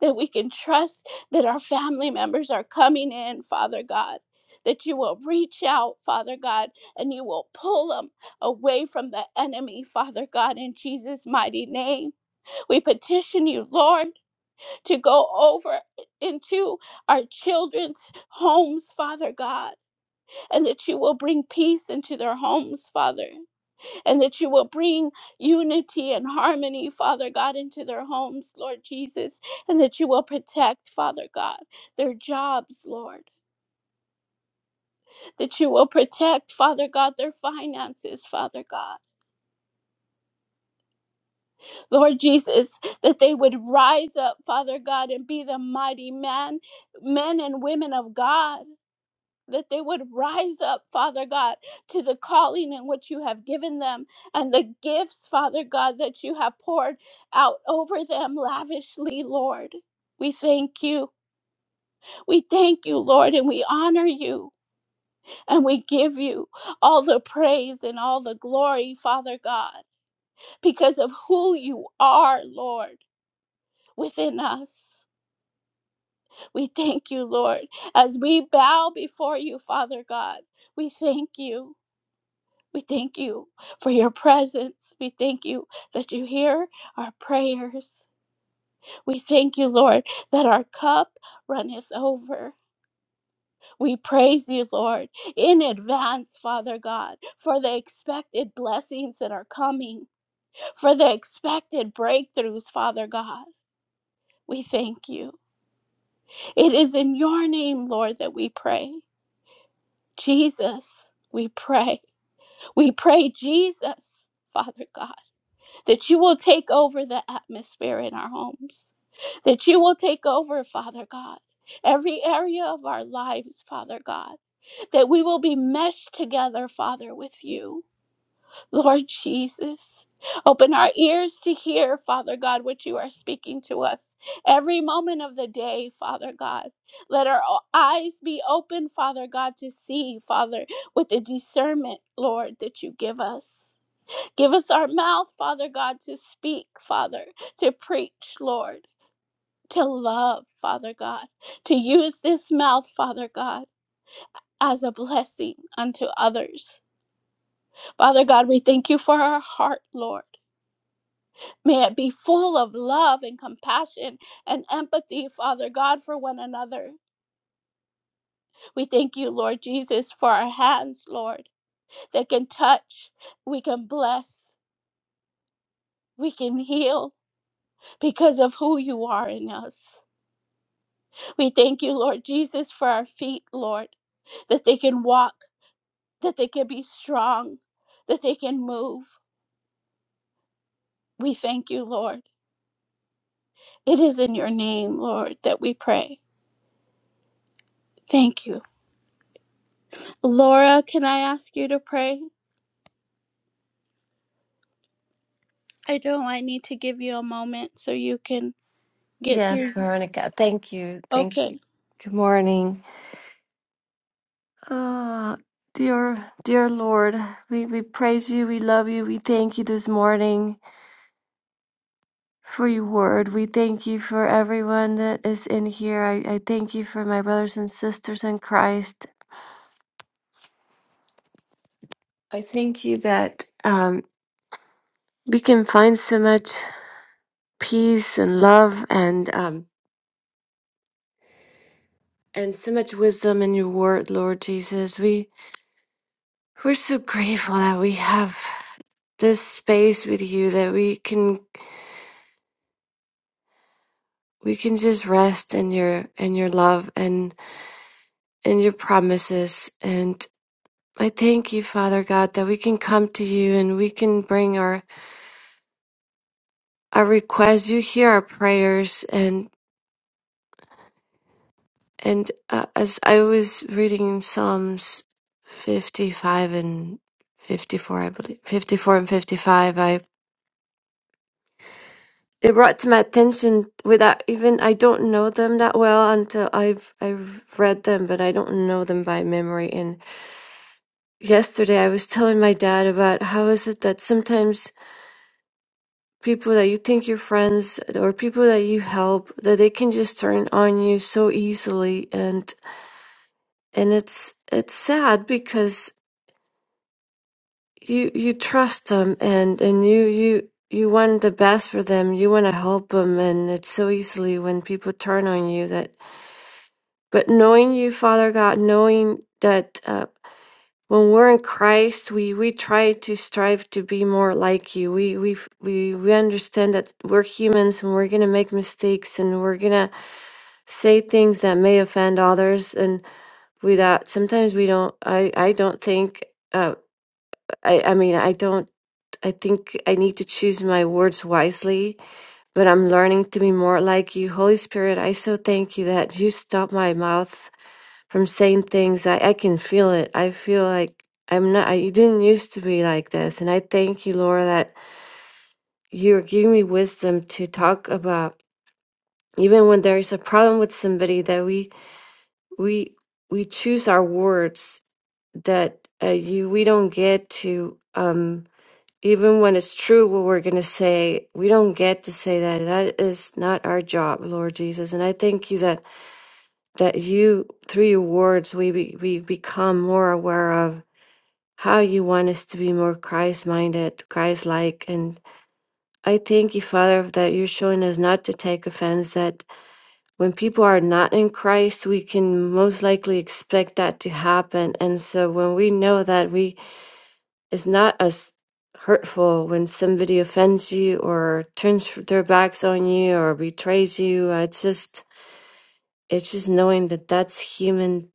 Speaker 3: that we can trust that our family members are coming in, Father God. That you will reach out, Father God, and you will pull them away from the enemy, Father God, in Jesus' mighty name. We petition you, Lord, to go over into our children's homes, Father God, and that you will bring peace into their homes, Father and that you will bring unity and harmony, Father God, into their homes, Lord Jesus, and that you will protect, Father God, their jobs, Lord, that you will protect, Father God, their finances, Father God. Lord Jesus, that they would rise up, Father God, and be the mighty man, men and women of God. that they would rise up, Father God, to the calling in which you have given them and the gifts, Father God, that you have poured out over them lavishly, Lord. We thank you. We thank you, Lord, and we honor you and we give you all the praise and all the glory, Father God, because of who you are, Lord, within us. We thank you, Lord, as we bow before you, Father God. We thank you. We thank you for your presence. We thank you that you hear our prayers. We thank you, Lord, that our cup runneth over. We praise you, Lord, in advance, Father God, for the expected blessings that are coming, for the expected breakthroughs, Father God. We thank you. It is in your name, Lord, that we pray. Jesus, we pray. We pray, Jesus, Father God. that you will take over the atmosphere in our homes, that you will take over, Father God, every area of our lives, Father God, that we will be meshed together, Father, with you, Lord Jesus. Open our ears to hear, Father God, what you are speaking to us every moment of the day, Father God. Let our eyes be open, Father God, to see, Father, with the discernment, Lord, that you give us. Give us our mouth, Father God, to speak, Father, to preach, Lord, to love, Father God, to use this mouth, Father God, as a blessing unto others. Father God, we thank you for our heart, Lord. May it be full of love and compassion and empathy, Father God, for one another. We thank you, Lord Jesus, for our hands, Lord, that can touch, we can bless, we can heal because of who you are in us. We thank you, Lord Jesus, for our feet, Lord, that they can walk, that they can be strong, that they can move. We thank you, Lord. It is in your name, Lord, that we pray. Thank you. Laura, can I ask you to pray? I know I need to give you a moment so you can get
Speaker 4: Yes,
Speaker 3: through.
Speaker 4: Veronica. Thank you. Thank
Speaker 3: Okay.
Speaker 4: you. Good morning. Ah, dear, dear Lord, we, we praise you. We love you. We thank you this morning for your word. We thank you for everyone that is in here. I, I thank you for my brothers and sisters in Christ. I thank you that um, we can find so much peace and love and um, and so much wisdom in your word, Lord Jesus. We we're so grateful that we have. this space with you that we can we can just rest in your in your love and in your promises and I thank you, Father God, that we can come to you and we can bring our our requests. You hear our prayers, and and uh, as I was reading Psalms fifty five and fifty four, I believe fifty four and fifty five, I it brought to my attention without even I don't know them that well until I've I've read them, but I don't know them by memory. And yesterday I was telling my dad about how is it that sometimes people that you think you're friends or people that you help that they can just turn on you so easily and and it's it's sad because you you trust them and and you you you want the best for them you want to help them and it's so easily when people turn on you that But knowing you, Father God, knowing that uh, when we're in Christ, we, we try to strive to be more like you. We we f- we we understand that we're humans and we're gonna make mistakes and we're gonna say things that may offend others. And we that sometimes we don't. I I don't think. Uh, I I mean I don't. I think I need to choose my words wisely, but I'm learning to be more like you. Holy Spirit, I so thank you that you stop my mouth from saying things. I, I can feel it. I feel like I'm not, I didn't used to be like this. And I thank you, Laura, that you're giving me wisdom to talk about even when there is a problem with somebody that we, we, we choose our words that uh, you, we don't get to, um, even when it's true what we're going to say, we don't get to say that. That is not our job, Lord Jesus. And I thank you that, that you, through your words, we, be, we become more aware of how you want us to be more Christ minded, Christ like. And I thank you, Father, that you're showing us not to take offense, that when people are not in Christ, we can most likely expect that to happen. And so when we know that we it's not as hurtful when somebody offends you or turns their backs on you or betrays you, uh, it's just it's just knowing that that's human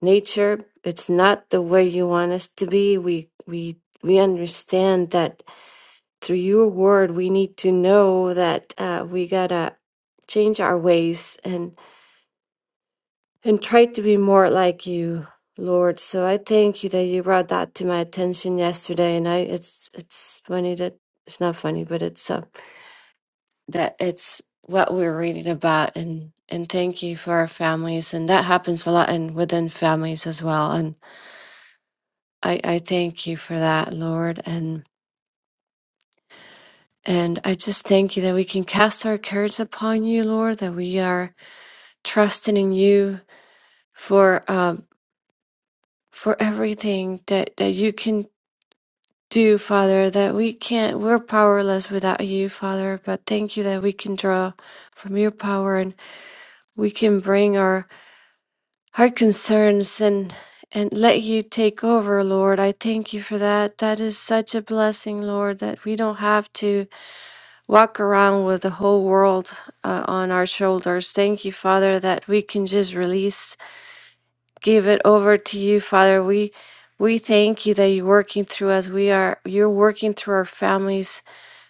Speaker 4: nature. It's not the way you want us to be. We we we understand that through your word we need to know that uh, we gotta change our ways and and try to be more like you lord so i thank you that you brought that to my attention yesterday and i it's it's funny that it's not funny but it's uh, that it's what we're reading about and and thank you for our families and that happens a lot and within families as well and i i thank you for that lord and and I just thank you that we can cast our cares upon you, Lord, that we are trusting in you for um for everything that that you can do father that we can't we're powerless without you father but thank you that we can draw from your power and we can bring our our concerns and and let you take over lord i thank you for that that is such a blessing lord that we don't have to walk around with the whole world uh, on our shoulders thank you father that we can just release give it over to you, Father. We we thank you that you're working through us. We are you're working through our families,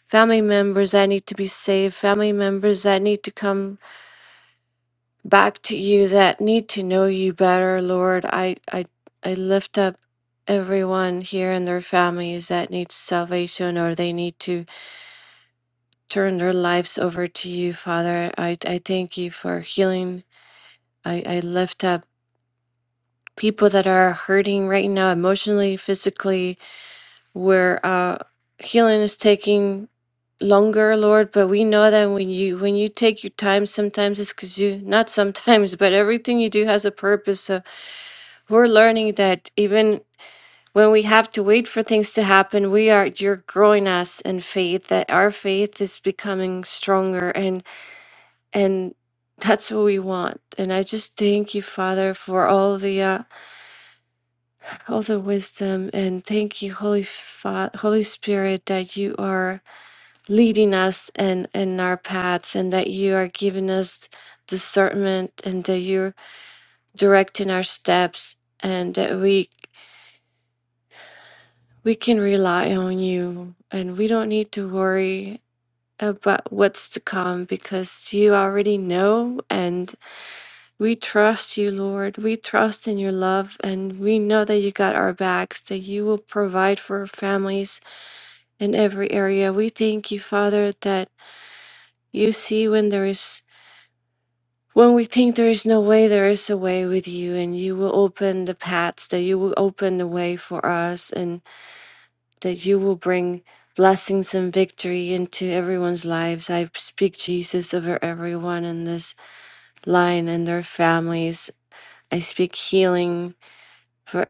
Speaker 4: family members that need to be saved, family members that need to come back to you, that need to know you better, Lord. I I, I lift up everyone here and their families that needs salvation or they need to turn their lives over to you, Father. I, I thank you for healing. I, I lift up people that are hurting right now emotionally, physically, where uh, healing is taking longer, Lord. But we know that when you when you take your time, sometimes it's because you not sometimes, but everything you do has a purpose. So we're learning that even when we have to wait for things to happen, we are you're growing us in faith. That our faith is becoming stronger, and and that's what we want. And I just thank you, Father, for all the uh, all the wisdom, and thank you, Holy Fa- Holy Spirit, that you are. leading us and in our paths and that you are giving us discernment and that you're directing our steps and that we we can rely on you and we don't need to worry about what's to come because you already know and we trust you lord we trust in your love and we know that you got our backs that you will provide for our families in every area we thank you father that you see when there is When we think there is no way, there is a way with you, and you will open the paths, that you will open the way for us, and that you will bring blessings and victory into everyone's lives. I speak Jesus over everyone in this line and their families. I speak healing for.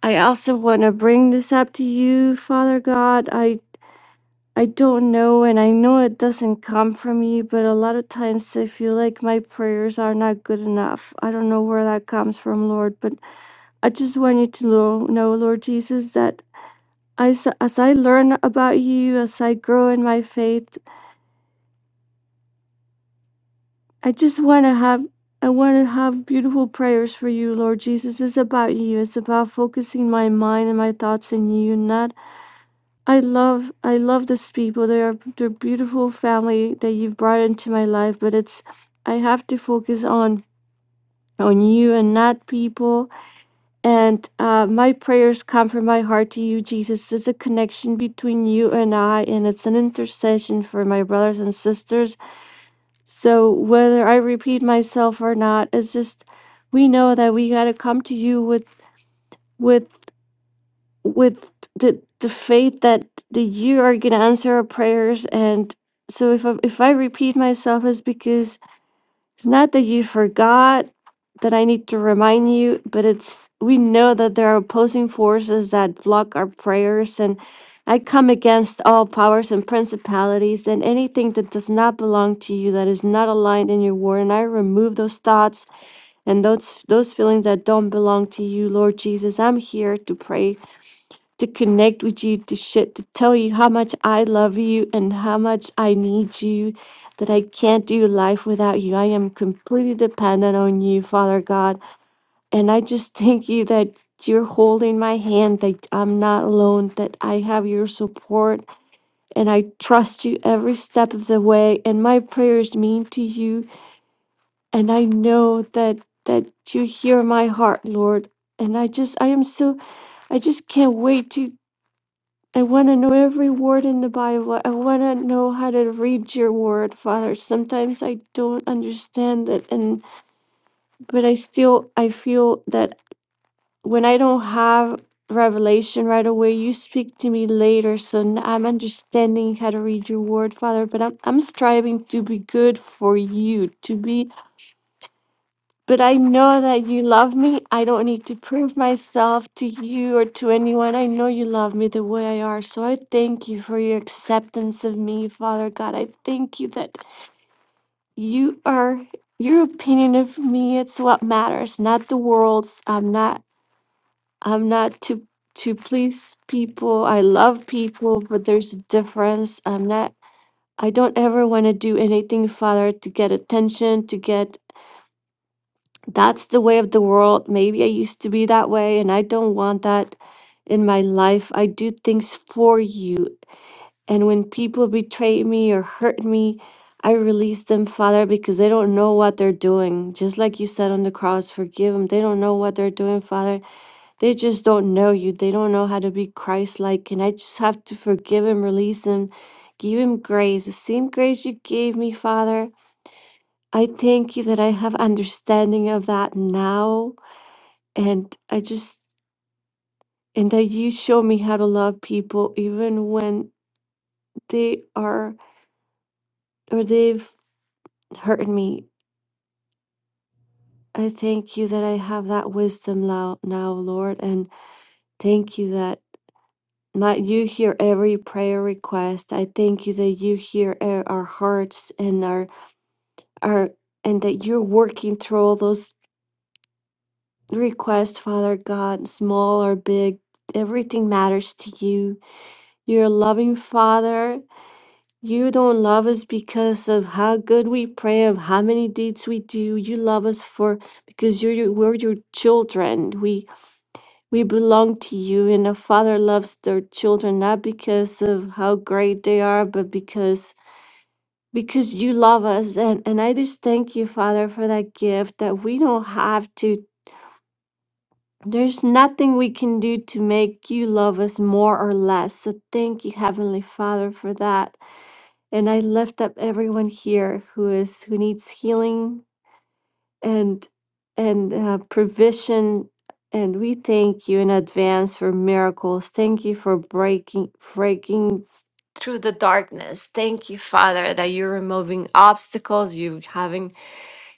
Speaker 4: I also want to bring this up to you, Father God. I I don't know, and I know it doesn't come from me. but a lot of times I feel like my prayers are not good enough. I don't know where that comes from, Lord, but I just want you to know, know Lord Jesus, that I, s- as I learn about you, as I grow in my faith, I just want to have. I want to have beautiful prayers for you, Lord Jesus. It's about you. It's about focusing my mind and my thoughts in you, not I love I love these people. They are they're beautiful family that you've brought into my life, but it's I have to focus on on you and not people. And uh, my prayers come from my heart to you, Jesus. It's a connection between you and I, and it's an intercession for my brothers and sisters. So whether I repeat myself or not, it's just we know that we gotta come to you with with with the the faith that the you are going to answer our prayers and so if I, if I repeat myself it's because it's not that you forgot that I need to remind you but it's we know that there are opposing forces that block our prayers and I come against all powers and principalities and anything that does not belong to you that is not aligned in your word and I remove those thoughts and those those feelings that don't belong to you Lord Jesus I'm here to pray to connect with you, to shit, to tell you how much I love you and how much I need you, that I can't do life without you. I am completely dependent on you, Father God. And I just thank you that you're holding my hand, that I'm not alone, that I have your support, and I trust you every step of the way. And my prayers mean to you, and I know that that you hear my heart, Lord. And I just, I am so I just can't wait to I want to know every word in the Bible. I want to know how to read your word, Father. Sometimes I don't understand it and but I still I feel that when I don't have revelation right away, you speak to me later. So n- I'm understanding how to read your word, Father, but I'm I'm striving to be good for you, to be but I know that you love me. I don't need to prove myself to you or to anyone. I know you love me the way I are. So I thank you for your acceptance of me, Father God. I thank you that you are your opinion of me. It's what matters, not the world's. I'm not. I'm not to to please people. I love people, but there's a difference. I'm not. I don't ever want to do anything, Father, to get attention, to get that's the way of the world. Maybe I used to be that way, and I don't want that in my life. I do things for you. And when people betray me or hurt me, I release them, Father, because they don't know what they're doing. Just like you said on the cross, forgive them. They don't know what they're doing, Father. They just don't know you. They don't know how to be Christ like. And I just have to forgive him, release him, give him grace. The same grace you gave me, Father. I thank you that I have understanding of that now and I just and that you show me how to love people even when they are or they've hurt me. I thank you that I have that wisdom now, now, Lord, and thank you that my you hear every prayer request. I thank you that you hear e- our hearts and our our and that you're working through all those requests, Father God, small or big. Everything matters to you. You're a loving Father You don't love us because of how good we pray, of how many deeds we do. You love us for because you're your, we're your children. We we belong to you, and a father loves their children not because of how great they are, but because because you love us. And and I just thank you, Father, for that gift that we don't have to. There's nothing we can do to make you love us more or less. So thank you, Heavenly Father, for that. and I lift up everyone here who is who needs healing and and uh, provision. And we thank you in advance for miracles. Thank you for breaking breaking through the darkness. Thank you, Father, that you're removing obstacles. You having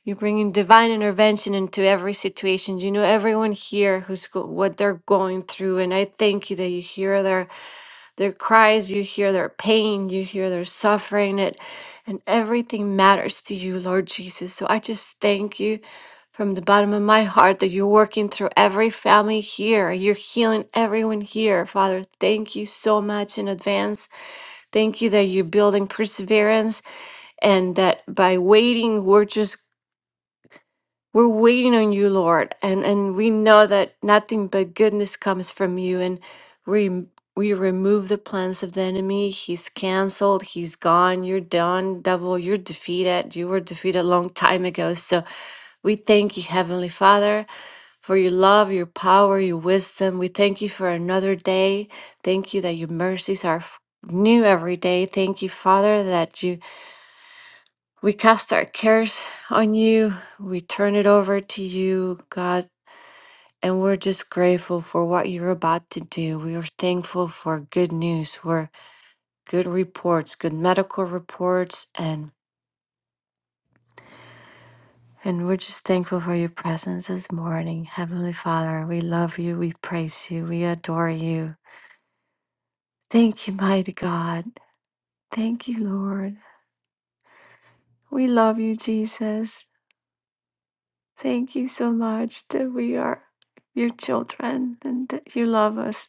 Speaker 4: you're bringing divine intervention into every situation. You know everyone here who's go- what they're going through, and I thank you that you hear their their cries, you hear their pain, you hear their suffering, it, and everything matters to you, Lord Jesus. So I just thank you from the bottom of my heart that you're working through every family here. You're healing everyone here, Father. Thank you so much in advance. Thank you that you're building perseverance and that by waiting, we're just we're waiting on you, Lord, and, and we know that nothing but goodness comes from you. And we we remove the plans of the enemy. He's canceled. He's gone. You're done, devil. You're defeated. You were defeated a long time ago. So we thank you, Heavenly Father, for your love, your power, your wisdom. We thank you for another day. Thank you that your mercies are f- new every day. Thank you, Father, that you we cast our cares on you. We turn it over to you, God. And we're just grateful for what you're about to do. We are thankful for good news, for good reports, good medical reports, and and we're just thankful for your presence this morning. Heavenly Father, we love you, we praise you, we adore you. Thank you, mighty God. Thank you, Lord. We love you, Jesus. Thank you so much that we are your children and that you love us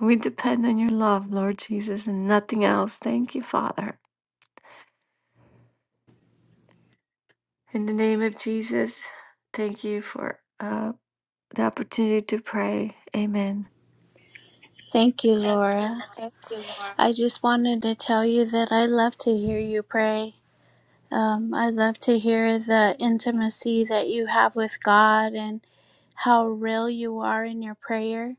Speaker 4: We depend on your love, Lord Jesus, and nothing else. Thank you, Father. In the name of Jesus, thank you for uh, the opportunity to pray. Amen.
Speaker 3: Thank you, Laura. I just wanted to tell you that I love to hear you pray. Um, I love to hear the intimacy that you have with God and how real you are in your prayer.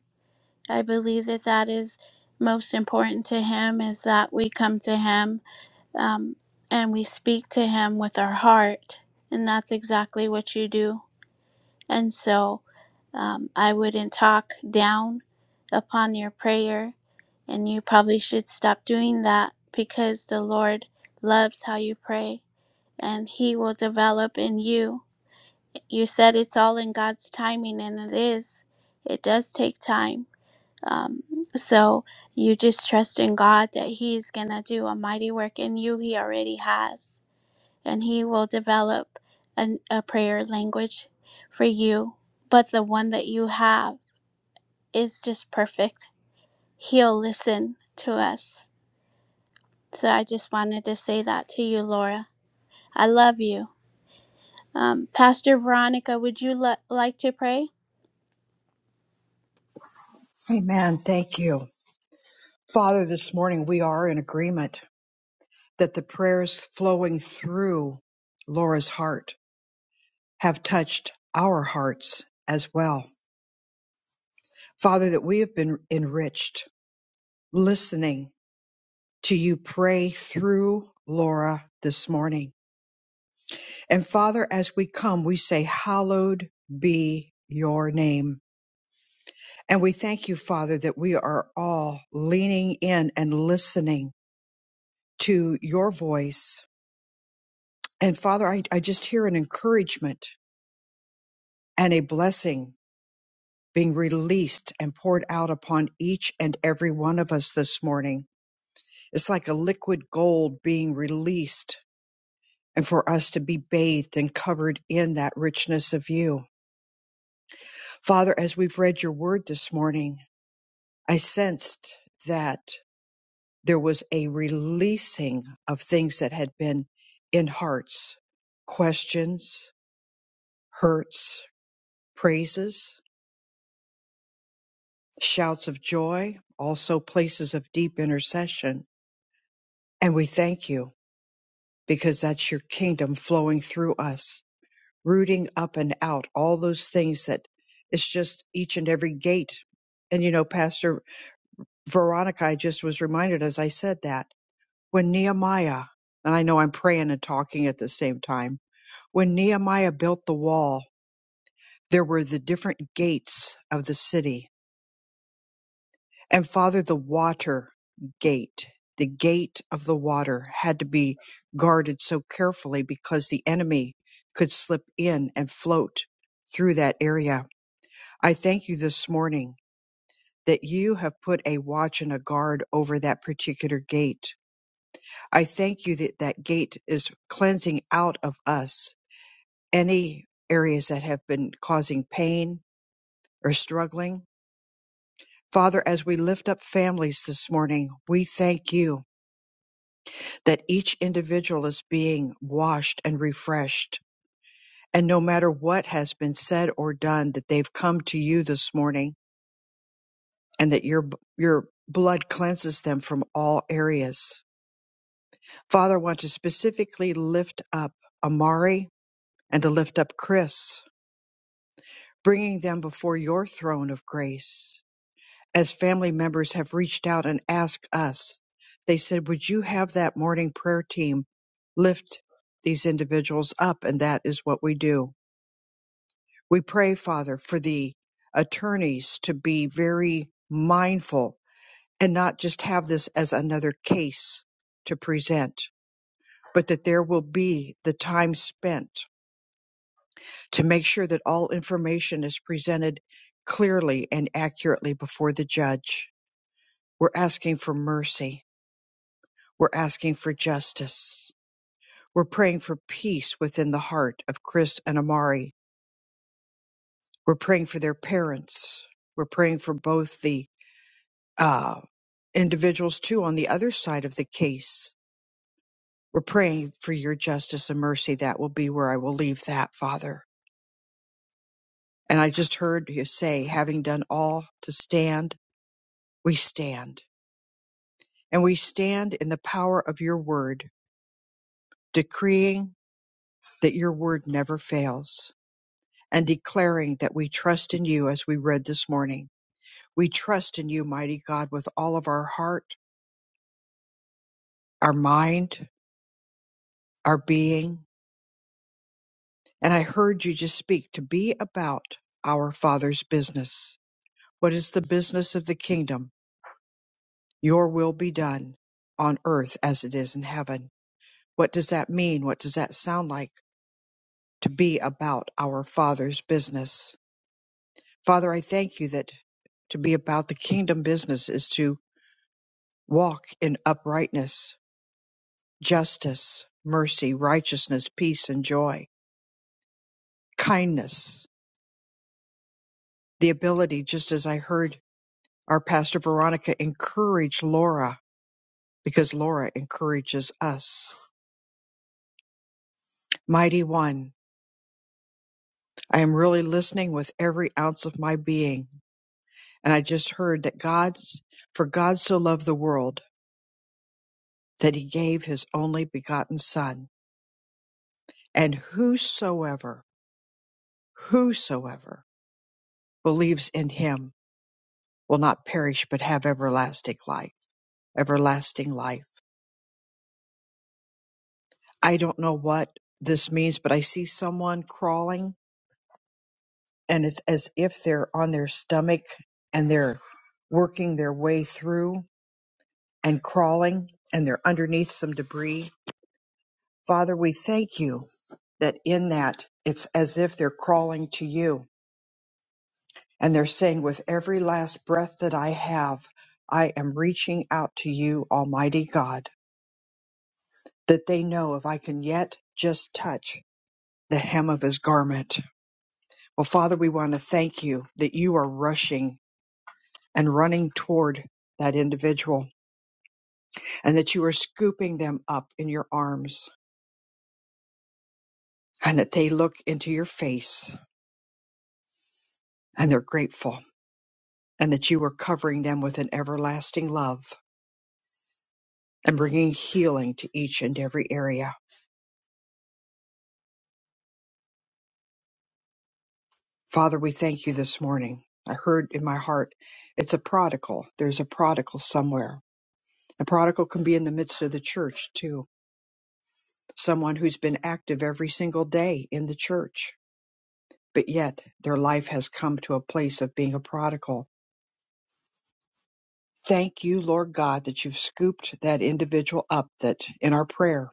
Speaker 3: I believe that that is most important to Him is that we come to Him um, and we speak to Him with our heart. And that's exactly what you do. And so um, I wouldn't talk down upon your prayer. And you probably should stop doing that because the Lord loves how you pray and He will develop in you you said it's all in God's timing, and it is. It does take time. Um, so you just trust in God that He's going to do a mighty work in you. He already has, and He will develop an, a prayer language for you. But the one that you have is just perfect. He'll listen to us. So I just wanted to say that to you, Laura. I love you. Um, Pastor Veronica, would you le- like to pray?
Speaker 1: Amen. Thank you. Father, this morning we are in agreement that the prayers flowing through Laura's heart have touched our hearts as well. Father, that we have been enriched listening to you pray through Laura this morning. And Father, as we come, we say, Hallowed be your name. And we thank you, Father, that we are all leaning in and listening to your voice. And Father, I, I just hear an encouragement and a blessing being released and poured out upon each and every one of us this morning. It's like a liquid gold being released and for us to be bathed and covered in that richness of you. Father, as we've read your word this morning, I sensed that there was a releasing of things that had been in hearts, questions, hurts, praises, shouts of joy, also places of deep intercession. And we thank you because that's your kingdom flowing through us rooting up and out, all those things that it's just each and every gate. And you know, Pastor Veronica, I just was reminded as I said that when Nehemiah, and I know I'm praying and talking at the same time, when Nehemiah built the wall, there were the different gates of the city. And Father, the water gate, the gate of the water had to be guarded so carefully because the enemy could slip in and float through that area I thank you this morning that you have put a watch and a guard over that particular gate. I thank you that that gate is cleansing out of us any areas that have been causing pain or struggling. Father, as we lift up families this morning, we thank you that each individual is being washed and refreshed. And no matter what has been said or done, that they've come to you this morning and that your, your blood cleanses them from all areas. Father, I want to specifically lift up Amari and to lift up Chris, bringing them before your throne of grace. As family members have reached out and asked us, they said, Would you have that morning prayer team lift these individuals up? And that is what we do. We pray, Father, for the attorneys to be very mindful and not just have this as another case to present, but that there will be the time spent to make sure that all information is presented clearly and accurately before the judge. We're asking for mercy. We're asking for justice. We're praying for peace within the heart of Chris and Amari. We're praying for their parents. We're praying for both the uh, individuals, too, on the other side of the case. We're praying for your justice and mercy. That will be where I will leave that, Father. And I just heard you say, having done all to stand, we stand And we stand in the power of your word, decreeing that your word never fails and declaring that we trust in you as we read this morning. We trust in you, mighty God, with all of our heart, our mind, our being. And I heard you just speak to be about our Father's business. What is the business of the kingdom? Your will be done on earth as it is in heaven. What does that mean? What does that sound like to be about our Father's business? Father, I thank you that to be about the kingdom business is to walk in uprightness, justice, mercy, righteousness, peace, and joy, kindness, the ability, just as I heard our pastor Veronica encourage Laura, because Laura encourages us. Mighty One, I am really listening with every ounce of my being. And I just heard that God's, for God so loved the world that he gave his only begotten Son, and whosoever whosoever believes in him will not perish but have everlasting life everlasting life i don't know what this means but i see someone crawling and it's as if they're on their stomach and they're working their way through and crawling and they're underneath some debris father we thank you that in that it's as if they're crawling to you And they're saying, with every last breath that I have, I am reaching out to you, Almighty God, that they know if I can yet just touch the hem of his garment. Well, Father, we want to thank you that you are rushing and running toward that individual and that you are scooping them up in your arms and that they look into your face and they're grateful and that you are covering them with an everlasting love and bringing healing to each and every area. Father, we thank you this morning. I heard in my heart, it's a prodigal. There's a prodigal somewhere. The prodigal can be in the midst of the church too, someone who's been active every single day in the church, but yet their life has come to a place of being a prodigal. Thank you, Lord God, that you've scooped that individual up that in our prayer,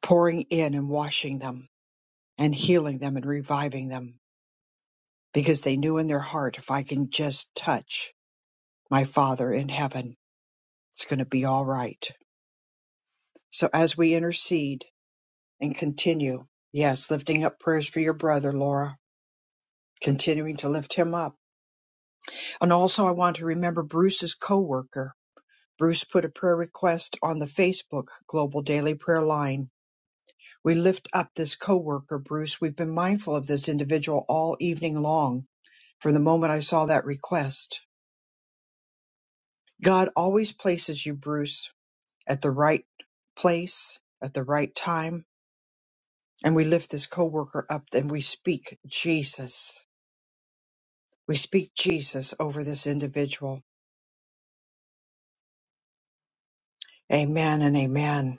Speaker 1: pouring in and washing them and healing them and reviving them because they knew in their heart, if I can just touch my Father in heaven, It's going to be all right. So as we intercede and continue, yes, lifting up prayers for your brother, Laura, continuing to lift him up. And also I want to remember Bruce's coworker. Bruce put a prayer request on the Facebook Global Daily Prayer Line. We lift up this coworker, Bruce. We've been mindful of this individual all evening long from the moment I saw that request. God always places you, Bruce, at the right place at the right time and we lift this coworker up and we speak Jesus. We speak Jesus over this individual. Amen and amen.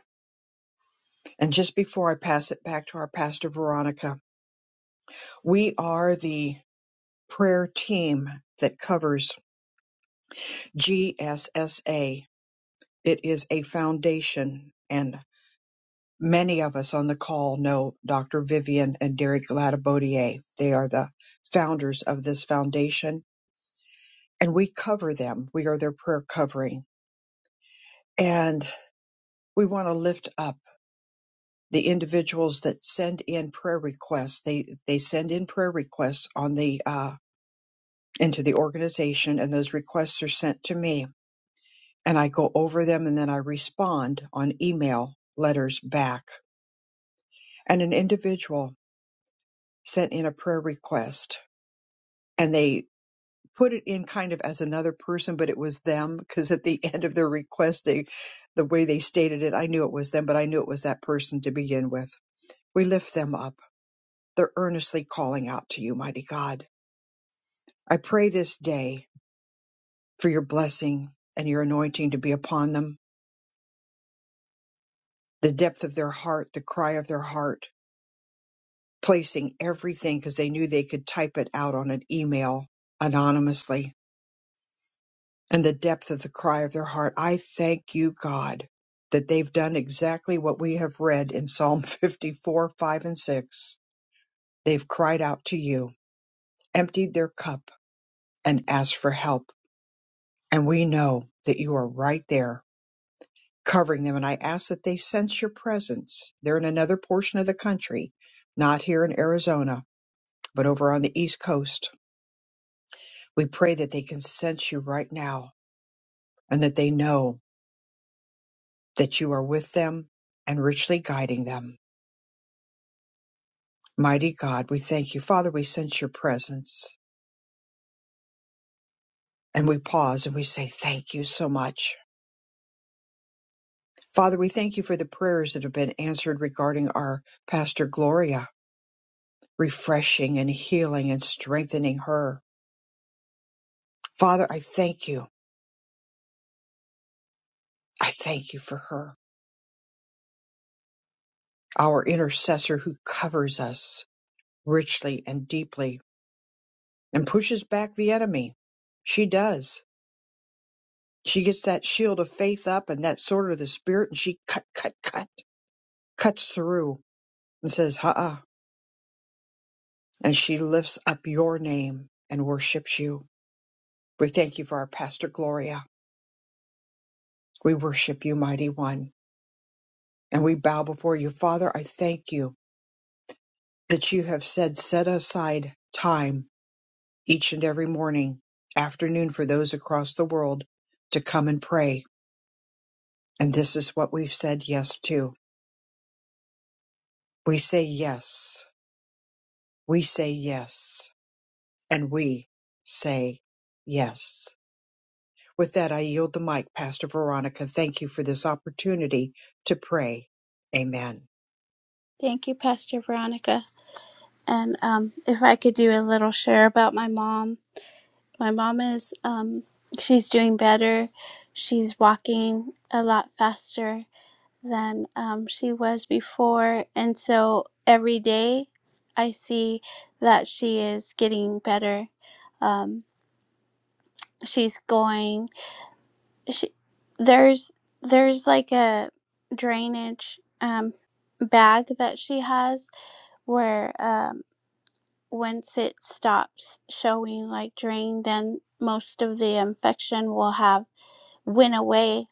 Speaker 1: And just before I pass it back to our pastor Veronica, we are the prayer team that covers GSSA. It is a foundation and many of us on the call know Dr. Vivian and Derek Gladabodier. They are the founders of this foundation and we cover them. We are their prayer covering. And we want to lift up the individuals that send in prayer requests. They they send in prayer requests on the uh, into the organization, and those requests are sent to me, and I go over them, and then I respond on email letters back. And an individual sent in a prayer request, and they put it in kind of as another person, but it was them because at the end of their request, they the way they stated it, I knew it was them, but I knew it was that person to begin with. We lift them up They're earnestly calling out to you, mighty God. I pray this day for your blessing and your anointing to be upon them, the depth of their heart, the cry of their heart, placing everything because they knew they could type it out on an email anonymously, and the depth of the cry of their heart. I thank you, God, that they've done exactly what we have read in Psalm 54, 5, and 6. They've cried out to you, emptied their cup, and asked for help. And we know that you are right there covering them. And I ask that they sense your presence. They're in another portion of the country, not here in Arizona, but over on the East Coast. We pray that they can sense you right now and that they know that you are with them and richly guiding them. Mighty God, we thank you. Father, we sense your presence and we pause and we say, Thank you so much. Father, we thank you for the prayers that have been answered regarding our Pastor Gloria, refreshing and healing and strengthening her. Father, I thank you I thank you for her, our intercessor who covers us richly and deeply and pushes back the enemy. She does. She gets that shield of faith up and that sword of the spirit and she cut, cut, cut, cuts through and says, ha, uh and she lifts up your name and worships you. We thank you for our pastor Gloria. We worship you, mighty one, and we bow before you. Father, I thank you that you have said, set aside time each and every morning, afternoon for those across the world to come and pray. And this is what we've said yes to. We say yes. We say yes. And we say yes. With that, I yield the mic, Pastor Veronica. Thank you for this opportunity to pray. Amen.
Speaker 3: Thank you, Pastor Veronica. And um, if I could do a little share about my mom, my mom is um, she's doing better. She's walking a lot faster than um, she was before, and so every day I see that she is getting better. Um, she's going. She, there's there's like a drainage um, bag that she has where um, once it stops showing like drain, then most of the infection will have went away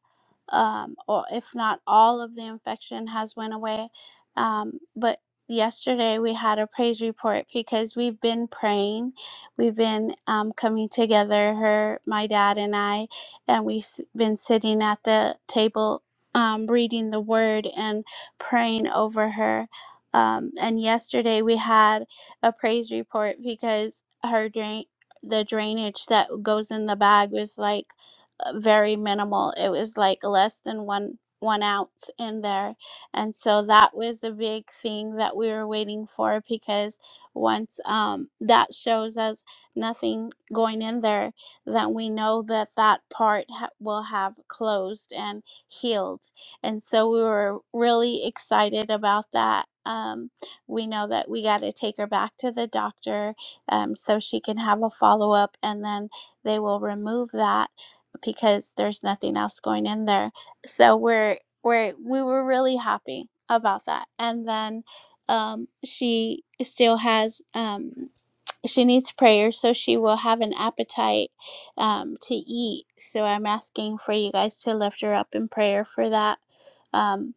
Speaker 3: um, or if not all of the infection has went away um, but yesterday we had a praise report because we've been praying we've been um, coming together her my dad and i and we've s- been sitting at the table um, reading the word and praying over her um, and yesterday we had a praise report because her drain the drainage that goes in the bag was like uh, very minimal. It was like less than one one ounce in there, and so that was a big thing that we were waiting for because once um, that shows us nothing going in there, then we know that that part ha- will have closed and healed, and so we were really excited about that. Um, we know that we got to take her back to the doctor um, so she can have a follow up, and then they will remove that because there's nothing else going in there. So we're we're we were really happy about that. And then um, she still has um, she needs prayer, so she will have an appetite um, to eat. So I'm asking for you guys to lift her up in prayer for that. Um,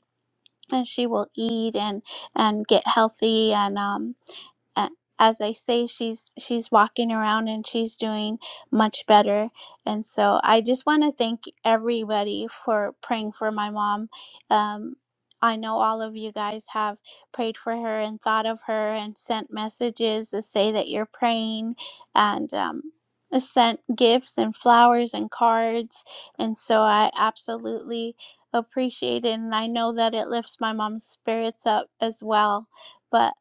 Speaker 3: and she will eat and and get healthy and um a- as I say, she's she's walking around and she's doing much better. And so I just want to thank everybody for praying for my mom. Um, I know all of you guys have prayed for her and thought of her and sent messages to say that you're praying and um, sent gifts and flowers and cards. And so I absolutely appreciate it. And I know that it lifts my mom's spirits up as well. But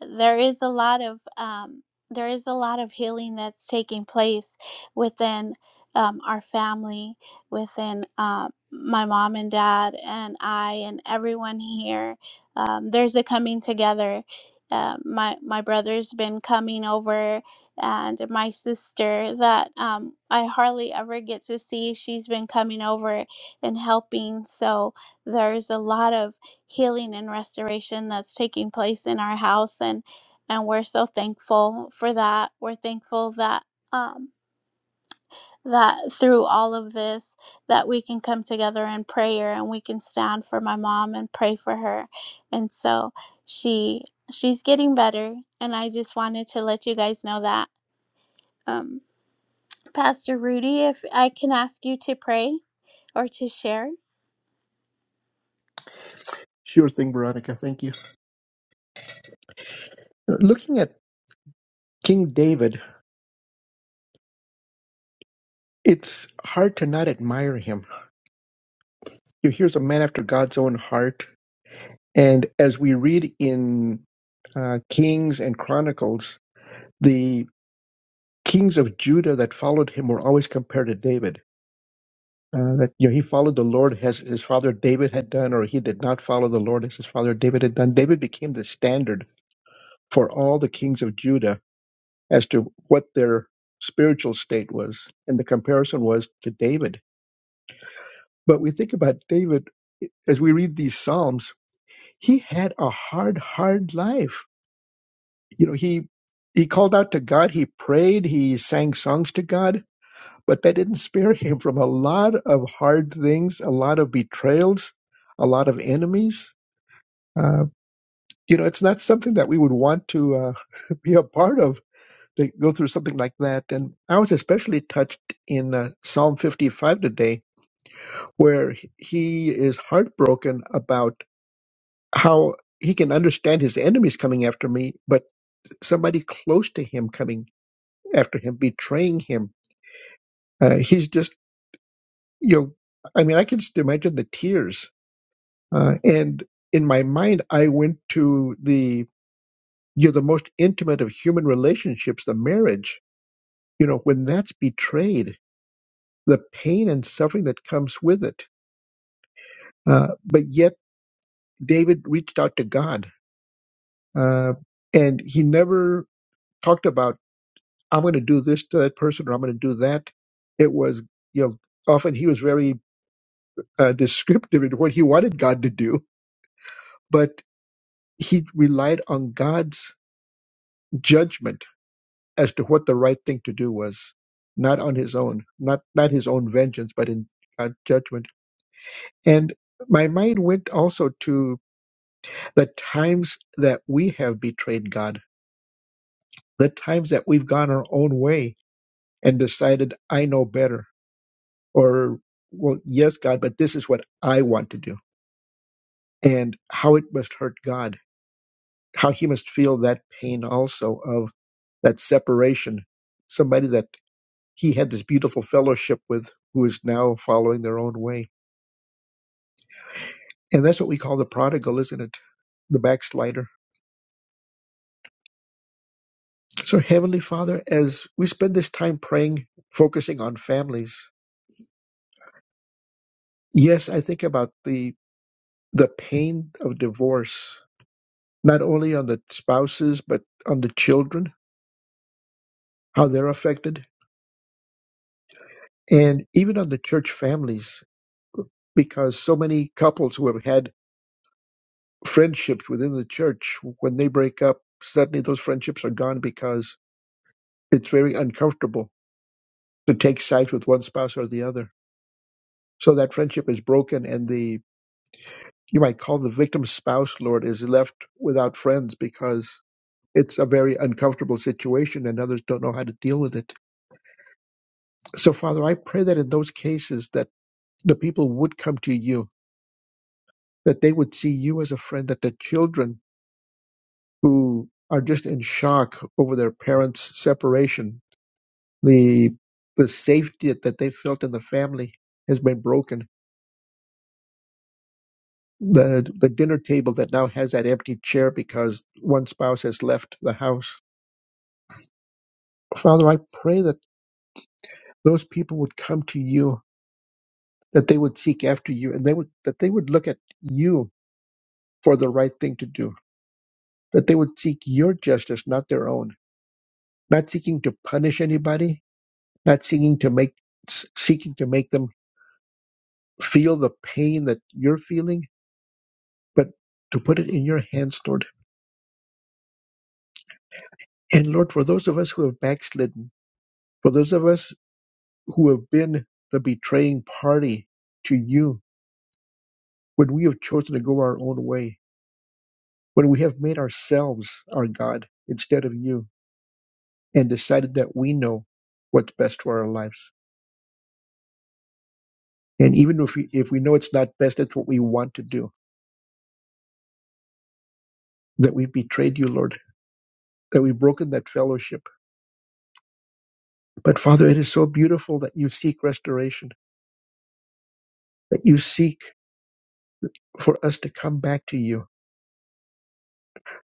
Speaker 3: there is a lot of um, there is a lot of healing that's taking place within um, our family, within um, my mom and dad and I and everyone here. Um, there's a coming together. Uh, my my brother's been coming over, and my sister that um, I hardly ever get to see, she's been coming over and helping. So there's a lot of healing and restoration that's taking place in our house and and we're so thankful for that we're thankful that um that through all of this that we can come together in prayer and we can stand for my mom and pray for her and so she she's getting better and i just wanted to let you guys know that um pastor rudy if i can ask you to pray or to share
Speaker 5: Sure thing, Veronica. Thank you. Looking at King David, it's hard to not admire him. Here's a man after God's own heart. And as we read in uh, Kings and Chronicles, the kings of Judah that followed him were always compared to David. Uh, that you know, he followed the Lord as his father David had done, or he did not follow the Lord as his father David had done. David became the standard for all the kings of Judah as to what their spiritual state was. And the comparison was to David. But we think about David eh, as we read these Psalms, he had a hard, hard life. You know, he he called out to God, he prayed, he sang songs to God, but that didn't spare him from a lot of hard things, a lot of betrayals, a lot of enemies. Uh, you know, it's not something that we would want to uh, be a part of to go through something like that. And I was especially touched in uh, Psalm 55 today, where he is heartbroken about how he can understand his enemies coming after me, but somebody close to him coming after him, betraying him. Uh, he's just, you know, I mean, I can just imagine the tears. Uh, and in my mind, I went to the, you know, the most intimate of human relationships, the marriage, you know, when that's betrayed the pain and suffering that comes with it. Uh, but yet, David reached out to God, uh, and he never talked about "I'm going to do this to that person" or "I'm going to do that." It was, you know, often he was very uh, descriptive in what he wanted God to do, but he relied on God's judgment as to what the right thing to do was, not on his own, not not his own vengeance, but in God's judgment. And my mind went also to The times that we have betrayed God, the times that we've gone our own way and decided, I know better, or, well, yes, God, but this is what I want to do, and how it must hurt God, how he must feel that pain also of that separation, somebody that he had this beautiful fellowship with who is now following their own way. And that's what we call the prodigal, isn't it? The backslider. So, Heavenly Father, as we spend this time praying, focusing on families, Yes, I think about the the pain of divorce, not only on the spouses but on the children, how they're affected, and even on the church families, because so many couples who have had friendships within the church, when they break up, suddenly those friendships are gone because it's very uncomfortable to take sides with one spouse or the other. So that friendship is broken, and the you might call the victim's spouse, Lord, is left without friends because it's a very uncomfortable situation and others don't know how to deal with it. So, Father, I pray that in those cases that the people would come to you, that they would see you as a friend, that the children who are just in shock over their parents' separation, the the safety that they felt in the family has been broken. The the dinner table that now has that empty chair because one spouse has left the house. Father, I pray that those people would come to you that they would seek after you and they would that they would look at you for the right thing to do that they would seek your justice not their own not seeking to punish anybody not seeking to make s- seeking to make them feel the pain that you're feeling but to put it in your hands lord and lord for those of us who have backslidden for those of us who have been the betraying party to you when we have chosen to go our own way when we have made ourselves our god instead of you and decided that we know what's best for our lives. And even if we, if we know it's not best, it's what we want to do, that we've betrayed you, Lord, that we've broken that fellowship. But Father, it is so beautiful that you seek restoration, that you seek for us to come back to you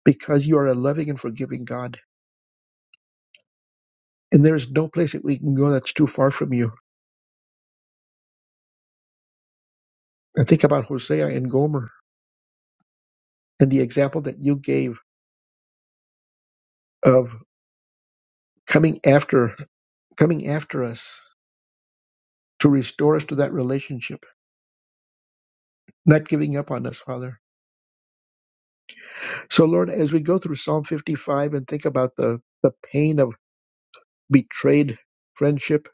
Speaker 5: because you are a loving and forgiving God. And there is no place that we can go that's too far from you. I think about Hosea and Gomer and the example that you gave of coming after, coming after us to restore us to that relationship not giving up on us, Father. So, Lord, as we go through Psalm 55 and think about the, the pain of betrayed friendship,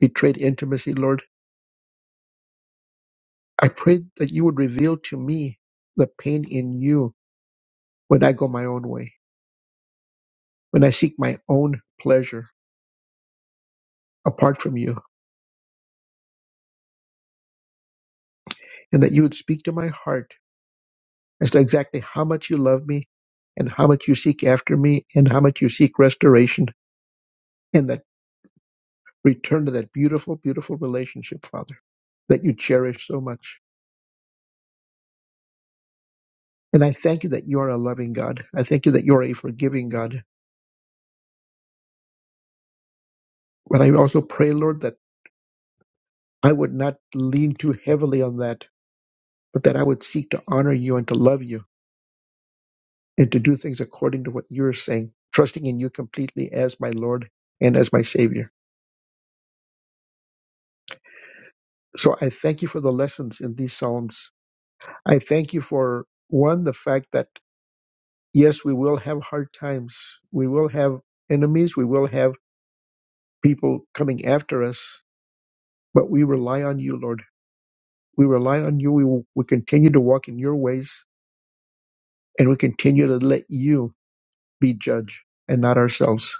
Speaker 5: betrayed intimacy, Lord, I pray that you would reveal to me the pain in you when I go my own way, when I seek my own pleasure apart from you, and that you would speak to my heart as to exactly how much you love me and how much you seek after me and how much you seek restoration and that return to that beautiful, beautiful relationship, Father, that you cherish so much. And I thank you that you are a loving God. I thank you that you are a forgiving God. But I also pray, Lord, that I would not lean too heavily on that, but that I would seek to honor you and to love you and to do things according to what you're saying, trusting in you completely as my Lord and as my Savior. So I thank you for the lessons in these Psalms. I thank you for one, the fact that yes, we will have hard times. We will have enemies. We will have people coming after us, but we rely on you, Lord We rely on you. We, will, we continue to walk in your ways and we continue to let you be judge and not ourselves.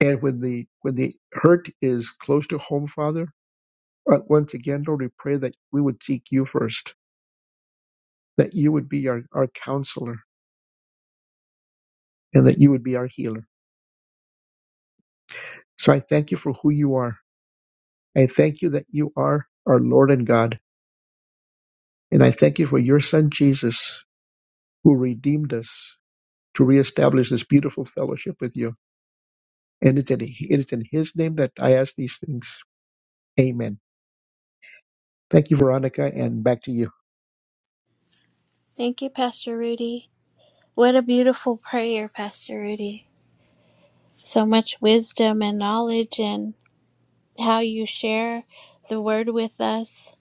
Speaker 5: And when the, when the hurt is close to home, Father, uh, once again, Lord, we pray that we would seek you first, that you would be our, our counselor and that you would be our healer. So I thank you for who you are. I thank you that you are our Lord and God. And I thank you for your son, Jesus, who redeemed us to reestablish this beautiful fellowship with you. And it's in, it is in His name that I ask these things. Amen. Thank you, Veronica, and back to you.
Speaker 3: thank you pastor rudy what a beautiful prayer pastor rudy so much wisdom and knowledge and how you share the word with us.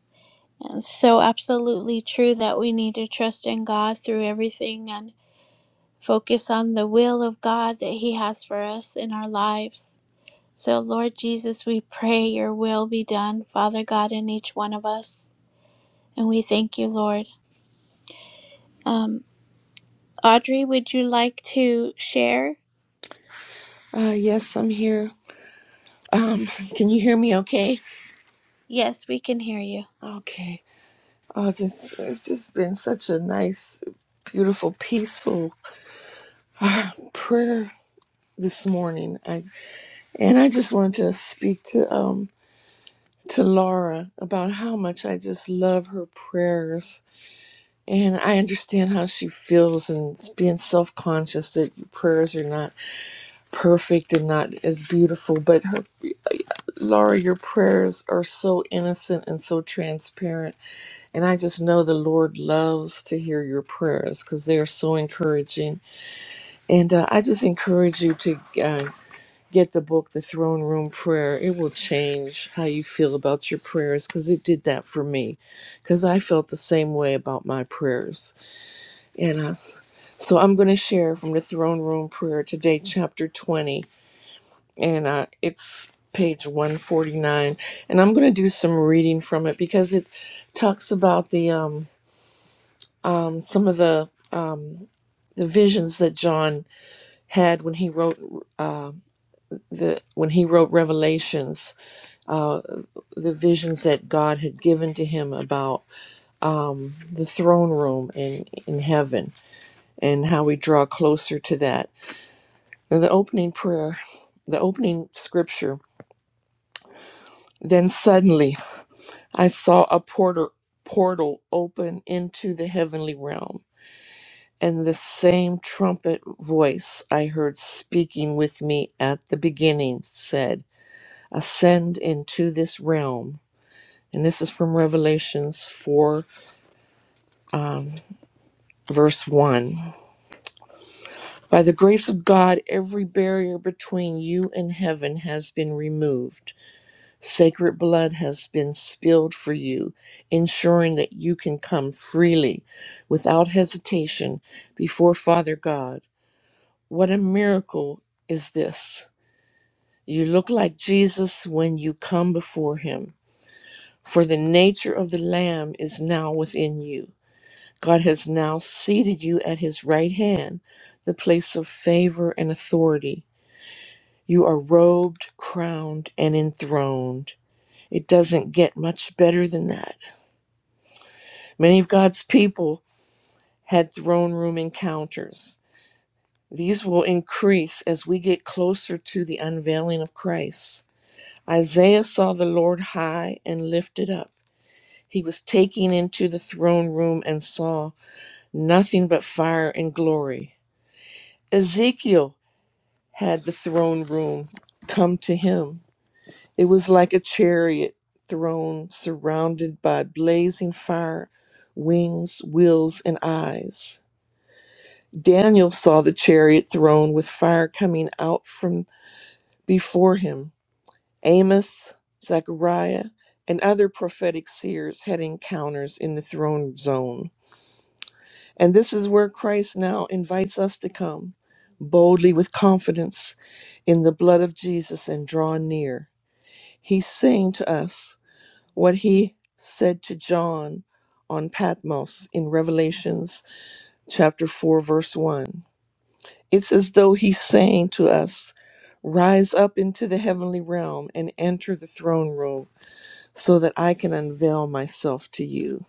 Speaker 3: And it's so absolutely true that we need to trust in God through everything and focus on the will of God that He has for us in our lives. So, Lord Jesus, we pray your will be done, Father God, in each one of us. And we thank you, Lord. Um, Audrey, would you like to share?
Speaker 6: Uh, yes, I'm here. Um, can you hear me okay?
Speaker 3: Yes, we can hear you.
Speaker 6: Okay. Oh, just, it's just been such a nice, beautiful, peaceful uh, prayer this morning. I, and I just wanted to speak to, um, to Laura about how much I just love her prayers. And I understand how she feels and it's being self conscious that your prayers are not perfect and not as beautiful. But her, Laura, your prayers are so innocent and so transparent And I just know the Lord loves to hear your prayers because they are so encouraging. And uh, I just encourage you to uh, get the book, The Throne Room Prayer. It will change how you feel about your prayers because it did that for me because I felt the same way about my prayers. And uh, so I'm going to share from The Throne Room Prayer today, chapter 20. And uh, it's page 149. And I'm going to do some reading from it because it talks about the. Um, um, some of the um, the visions that John had when he wrote uh, the when he wrote Revelations, uh, the visions that God had given to him about um, the throne room in in heaven and how we draw closer to that. And the opening prayer, the opening scripture. Then suddenly, I saw a porter portal open into the heavenly realm And the same trumpet voice I heard speaking with me at the beginning said, Ascend into this realm. And this is from Revelations 4, um, verse 1. By the grace of God, every barrier between you and heaven has been removed. Sacred blood has been spilled for you, ensuring that you can come freely, without hesitation, before Father God. What a miracle is this! You look like Jesus when you come before him, for the nature of the Lamb is now within you. God has now seated you at his right hand, the place of favor and authority. You are robed, crowned, and enthroned. It doesn't get much better than that. Many of God's people had throne room encounters. These will increase as we get closer to the unveiling of Christ. Isaiah saw the Lord high and lifted up He was taken into the throne room and saw nothing but fire and glory. Ezekiel had the throne room come to him. It was like a chariot throne surrounded by blazing fire, wings, wheels, and eyes. Daniel saw the chariot throne with fire coming out from before him. Amos, Zechariah, and other prophetic seers had encounters in the throne zone. And this is where Christ now invites us to come boldly with confidence in the blood of Jesus and draw near. He's saying to us what he said to John on Patmos in Revelations chapter 4 verse 1. It's as though he's saying to us, "Rise up into the heavenly realm and enter the throne room so that I can unveil myself to you."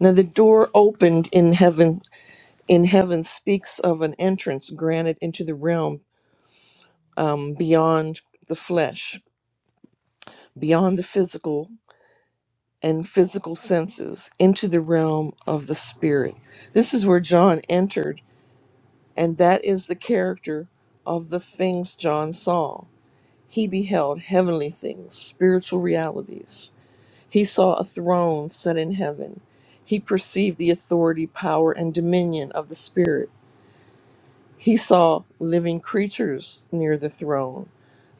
Speaker 6: Now the door opened in heaven in heaven speaks of an entrance granted into the realm um, beyond the flesh, beyond the physical and physical senses, into the realm of the spirit. This is where John entered, and that is the character of the things John saw. He beheld heavenly things, spiritual realities. He saw a throne set in heaven. He perceived the authority, power, and dominion of the Spirit. He saw living creatures near the throne,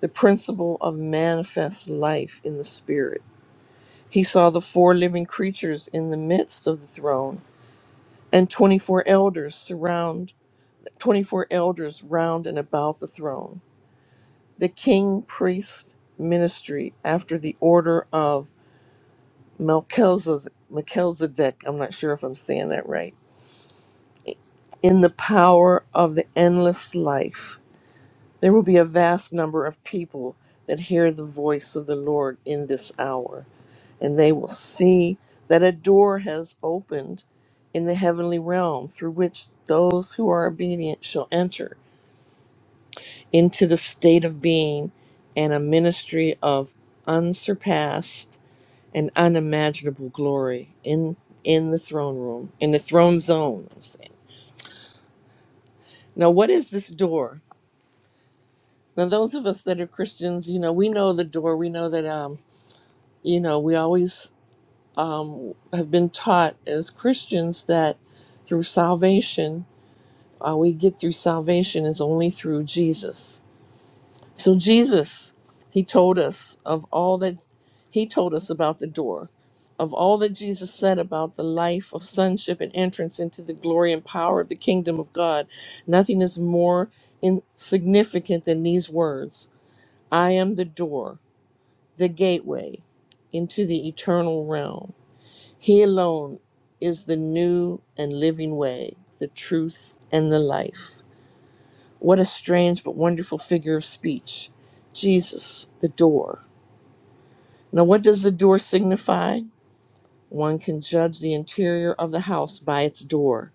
Speaker 6: the principle of manifest life in the Spirit. He saw the four living creatures in the midst of the throne, and 24 elders surround 24 elders round and about the throne. The king priest ministry after the order of Melchizedek, Melchizedek, I'm not sure if I'm saying that right, in the power of the endless life. There will be a vast number of people that hear the voice of the Lord in this hour, and they will see that a door has opened in the heavenly realm through which those who are obedient shall enter into the state of being and a ministry of unsurpassed and unimaginable glory in in the throne room, in the throne zone. I'm saying. Now, what is this door? Now, those of us that are Christians, you know, we know the door. We know that. Um, you know, we always um, have been taught as Christians that through salvation, uh, we get through salvation is only through Jesus. So, Jesus, He told us of all that He told us about the door, of all that Jesus said about the life of sonship and entrance into the glory and power of the kingdom of God. Nothing is more insignificant than these words I am the door, the gateway into the eternal realm. He alone is the new and living way, the truth and the life. What a strange but wonderful figure of speech. Jesus, the door. Now, what does the door signify? One can judge the interior of the house by its door.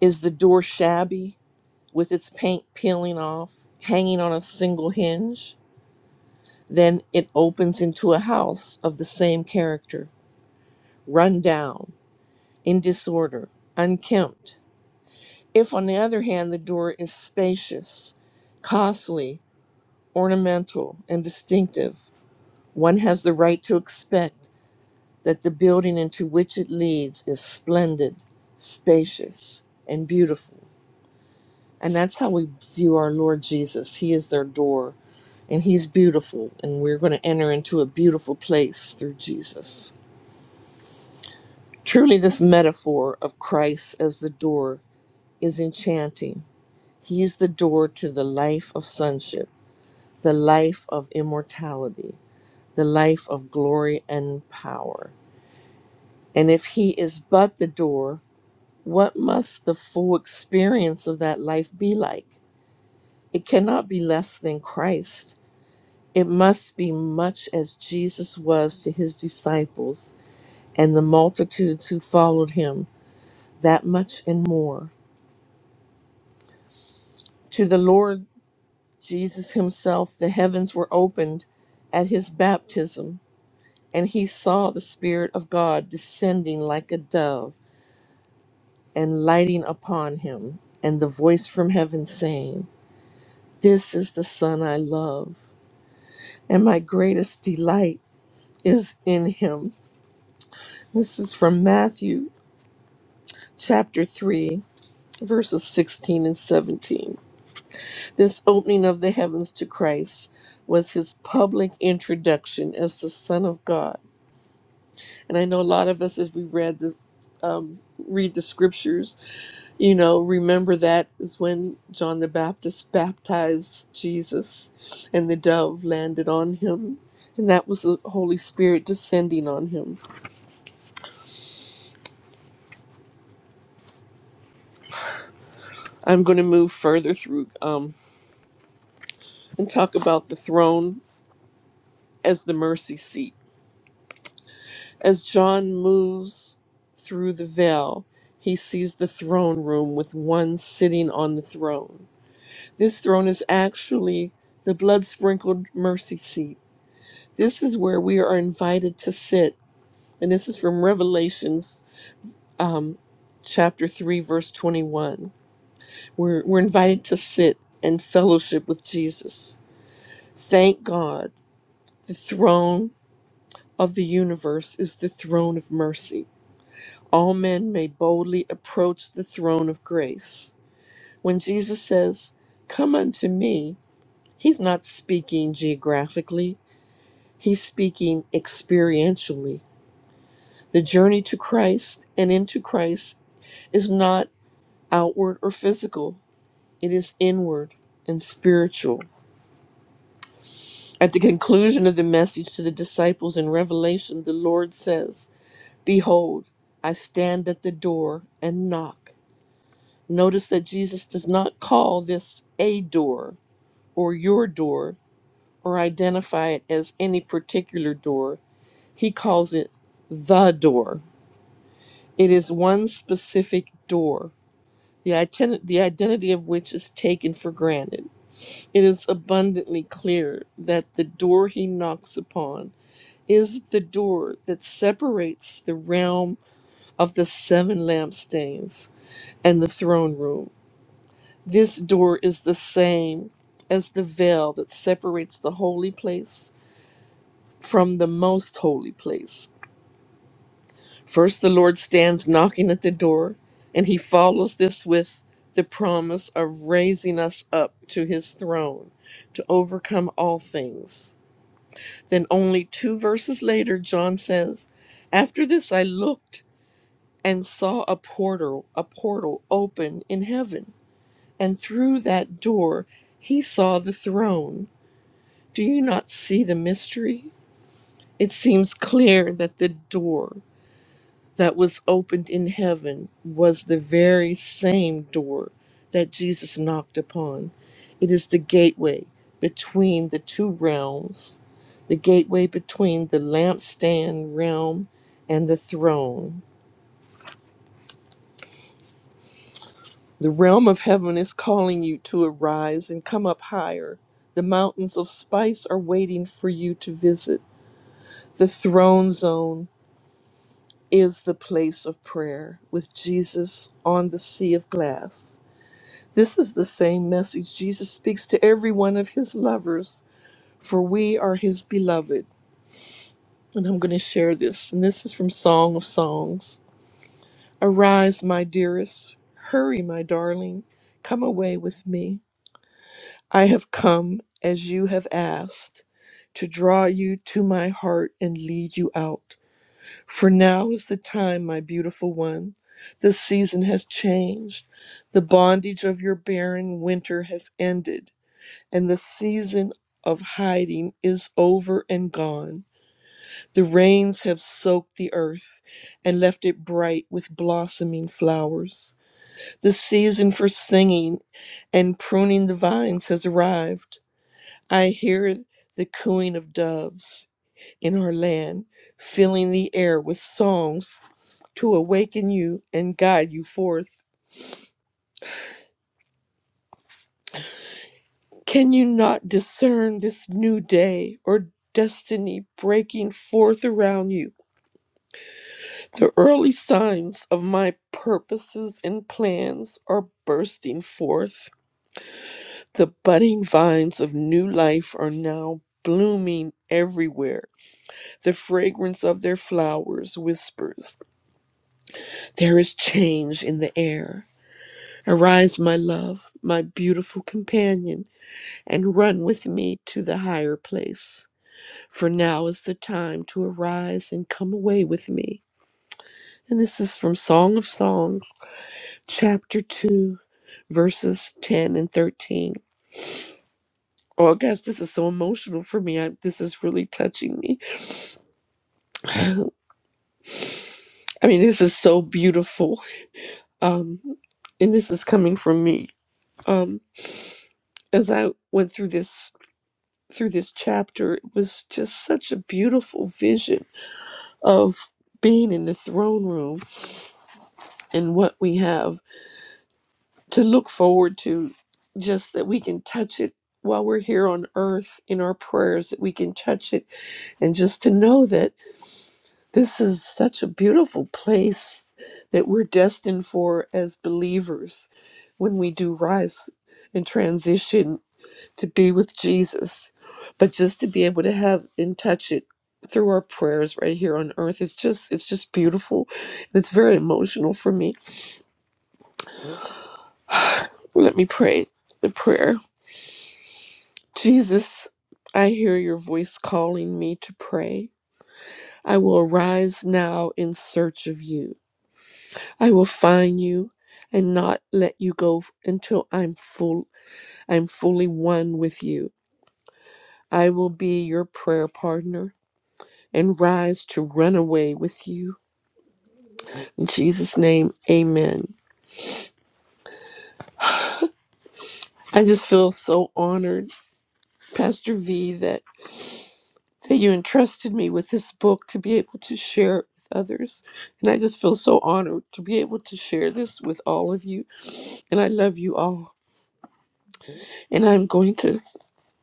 Speaker 6: Is the door shabby, with its paint peeling off, hanging on a single hinge? Then it opens into a house of the same character, run down, in disorder, unkempt, If, on the other hand, the door is spacious, costly, ornamental, and distinctive, one has the right to expect that the building into which it leads is splendid, spacious, and beautiful. And that's how we view our Lord Jesus. He is their door, and He's beautiful, and we're going to enter into a beautiful place through Jesus. Truly, this metaphor of Christ as the door is enchanting. He is the door to the life of sonship the life of immortality, the life of glory and power. And if he is but the door, what must the full experience of that life be like? It cannot be less than Christ. It must be much as Jesus was to his disciples and the multitudes who followed him, that much and more. To the Lord Jesus himself, the heavens were opened at his baptism And he saw the Spirit of God descending like a dove and lighting upon him, and the voice from heaven saying, This is the Son I love, and my greatest delight is in him. This is from Matthew chapter 3, verses 16 and 17. This opening of the heavens to Christ was his public introduction as the Son of God. And I know a lot of us, as we read the, um, read the scriptures, You know, remember that is when John the Baptist baptized Jesus and the dove landed on him. And that was the Holy Spirit descending on him. I'm going to move further through um, and talk about the throne as the mercy seat. As John moves through the veil, he sees the throne room with one sitting on the throne. This throne is actually the blood sprinkled mercy seat. This is where we are invited to sit And this is from Revelations um, chapter 3, verse 21. We're, we're invited to sit and fellowship with Jesus. Thank God, the throne of the universe is the throne of mercy. All men may boldly approach the throne of grace. When Jesus says, Come unto me, he's not speaking geographically, he's speaking experientially. The journey to Christ and into Christ is not outward or physical, it is inward and spiritual. At the conclusion of the message to the disciples in Revelation, the Lord says, Behold, I stand at the door and knock. Notice that Jesus does not call this a door or your door or identify it as any particular door. He calls it the door. It is one specific door, the, iten- the identity of which is taken for granted. It is abundantly clear that the door he knocks upon is the door that separates the realm of the seven lampstands and the throne room. This door is the same as the veil that separates the holy place from the most holy place. First, the Lord stands knocking at the door, and he follows this with the promise of raising us up to his throne to overcome all things. Then, only two verses later, John says, After this I looked and saw a portal, a portal open in heaven, and through that door he saw the throne. Do you not see the mystery? It seems clear that the door that was opened in heaven was the very same door that Jesus knocked upon. It is the gateway between the two realms, the gateway between the lampstand realm and the throne. The realm of heaven is calling you to arise and come up higher. The mountains of spice are waiting for you to visit. The throne zone is the place of prayer with Jesus on the sea of glass. This is the same message Jesus speaks to every one of his lovers, for we are his beloved. And I'm going to share this, and this is from Song of Songs. Arise, my dearest, hurry, my darling, come away with me. I have come as you have asked to draw you to my heart and lead you out. For now is the time, my beautiful one. The season has changed. The bondage of your barren winter has ended. and the season of hiding is over and gone. The rains have soaked the earth and left it bright with blossoming flowers. The season for singing and pruning the vines has arrived. I hear the cooing of doves in our land, filling the air with songs to awaken you and guide you forth. Can you not discern this new day or destiny breaking forth around you? The early signs of my purposes and plans are bursting forth. The budding vines of new life are now blooming everywhere. The fragrance of their flowers whispers, There is change in the air. Arise, my love, my beautiful companion, and run with me to the higher place. For now is the time to arise and come away with me. And this is from Song of Songs. chapter 2, verses 10 and 13. Oh gosh, this is so emotional for me. I, this is really touching me. I mean, this is so beautiful. Um, and this is coming from me. Um, as I went through this through this chapter, it was just such a beautiful vision of being in the throne room and what we have to look forward to, just that we can touch it while we're here on earth in our prayers, that we can touch it And just to know that this is such a beautiful place that we're destined for as believers when we do rise and transition to be with Jesus. But just to be able to have and touch it through our prayers right here on earth it's just it's just beautiful it's very emotional for me let me pray the prayer jesus i hear your voice calling me to pray i will arise now in search of you I will find you and not let you go f- until I'm full I'm fully one with you. I will be your prayer partner and rise to run away with you. In Jesus' name, amen. I just feel so honored, Pastor V, that, that you entrusted me with this book to be able to share it with others. And I just feel so honored to be able to share this with all of you. And I love you all. And I'm going to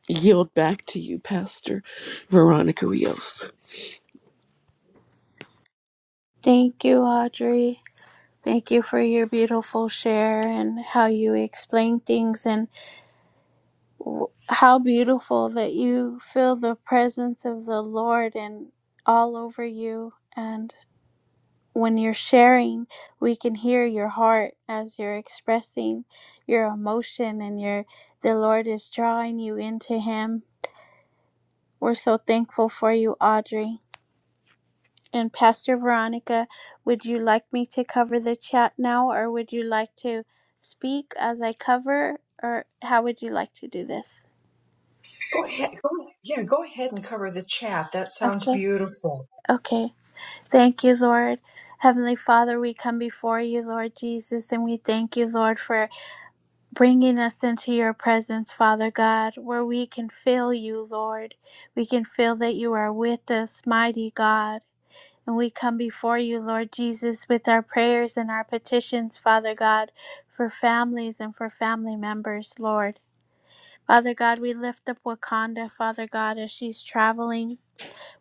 Speaker 6: yield back to you, Pastor Veronica Rios.
Speaker 3: Thank you, Audrey. Thank you for your beautiful share and how you explain things, and w- how beautiful that you feel the presence of the Lord and all over you. And when you're sharing, we can hear your heart as you're expressing your emotion, and your the Lord is drawing you into Him. We're so thankful for you, Audrey. And Pastor Veronica, would you like me to cover the chat now, or would you like to speak as I cover, or how would you like to do this?
Speaker 1: Go ahead. Go, yeah, go ahead and cover the chat. That sounds
Speaker 3: Okay.
Speaker 1: beautiful.
Speaker 3: Okay. Thank you, Lord. Heavenly Father, we come before you, Lord Jesus, and we thank you, Lord, for bringing us into your presence, Father God, where we can feel you, Lord. We can feel that you are with us, mighty God. And we come before you, Lord Jesus, with our prayers and our petitions, Father God, for families and for family members, Lord. Father God, we lift up Wakanda, Father God, as she's traveling.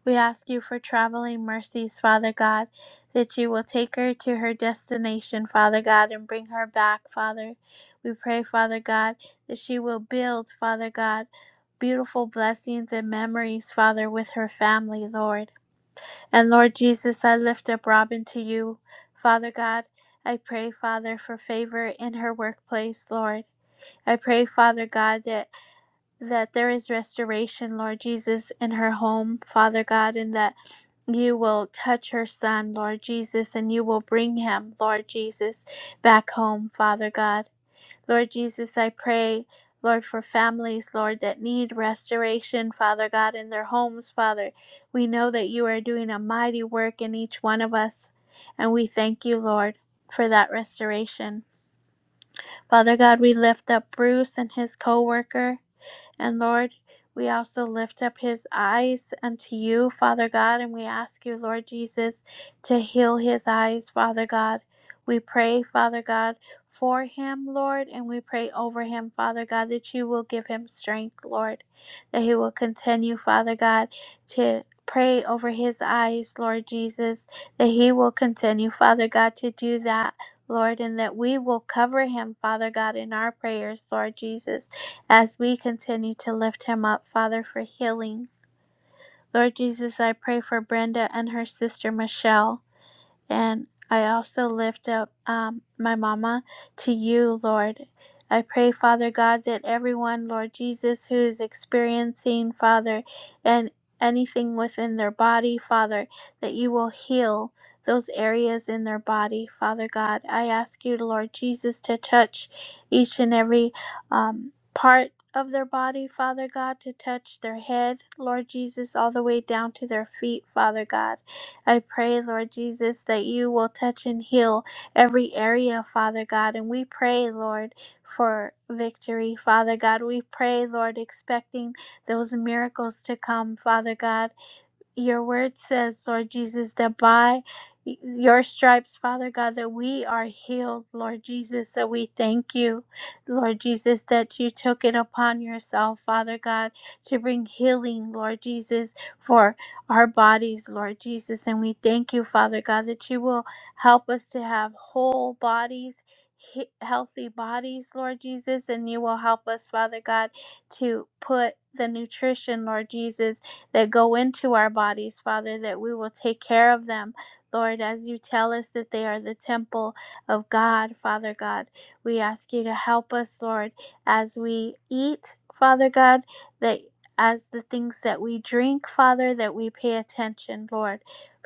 Speaker 3: We ask you for traveling mercies, Father God, that you will take her to her destination, Father God, and bring her back, Father. We pray, Father God, that she will build, Father God, beautiful blessings and memories, Father, with her family, Lord. And Lord Jesus, I lift up Robin to you. Father God, I pray, Father, for favor in her workplace, Lord. I pray, Father God, that, that there is restoration, Lord Jesus, in her home, Father God, and that you will touch her son, Lord Jesus, and you will bring him, Lord Jesus, back home, Father God. Lord Jesus, I pray, Lord, for families, Lord, that need restoration, Father God, in their homes, Father. We know that you are doing a mighty work in each one of us, and we thank you, Lord, for that restoration. Father God, we lift up Bruce and his co worker. And Lord, we also lift up his eyes unto you, Father God, and we ask you, Lord Jesus, to heal his eyes, Father God. We pray, Father God, for him, Lord, and we pray over him, Father God, that you will give him strength, Lord, that he will continue, Father God, to pray over his eyes, Lord Jesus, that he will continue, Father God, to do that. Lord, and that we will cover him, Father God, in our prayers, Lord Jesus as we continue to lift him up, Father, for healing. Lord Jesus, I pray for Brenda and her sister Michelle. And I also lift up um, my mama to you, Lord. I pray, Father God, that everyone, Lord Jesus, who is experiencing, Father, and anything within their body, Father, that you will heal those areas in their body, Father God. I ask you, Lord Jesus, to touch each and every um, part of their body, Father God, to touch their head, Lord Jesus, all the way down to their feet, Father God. I pray, Lord Jesus, that you will touch and heal every area, Father God. And we pray, Lord, for victory, Father God. We pray, Lord, expecting those miracles to come, Father God. Your word says, Lord Jesus, that by your stripes, Father God, that we are healed, Lord Jesus. So we thank you, Lord Jesus, that you took it upon yourself, Father God, to bring healing, Lord Jesus, for our bodies, Lord Jesus. And we thank you, Father God, that you will help us to have whole bodies. he- Healthy bodies, Lord Jesus, and you will help us, Father God, to put the nutrition, Lord Jesus, that go into our bodies, Father, that we will take care of them. Lord, as you tell us that they are the temple of God, Father God, we ask you to help us, Lord, as we eat, Father God, that as the things that we drink, Father, that we pay attention, Lord,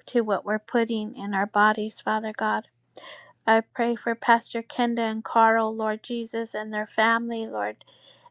Speaker 3: to what we're putting in our bodies, Father God. I pray for Pastor Kenda and Carl, Lord Jesus, and their family, Lord.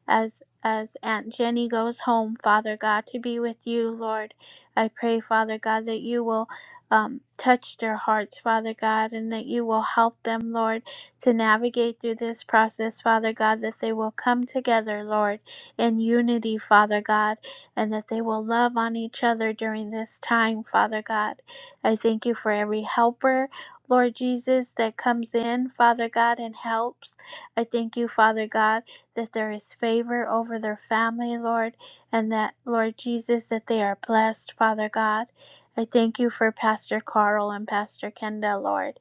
Speaker 3: As as Aunt Jenny goes home, Father God, to be with you, Lord, I pray, Father God, that you will um, touch their hearts, Father God, and that you will help them, Lord, to navigate through this process, Father God, that they will come together, Lord, in unity, Father God, and that they will love on each other during this time, Father God. I thank you for every helper. Lord Jesus, that comes in, Father God, and helps. I thank you, Father God that there is favor over their family, Lord, and that, Lord Jesus, that they are blessed, Father God. I thank you for Pastor Carl and Pastor Kenda, Lord.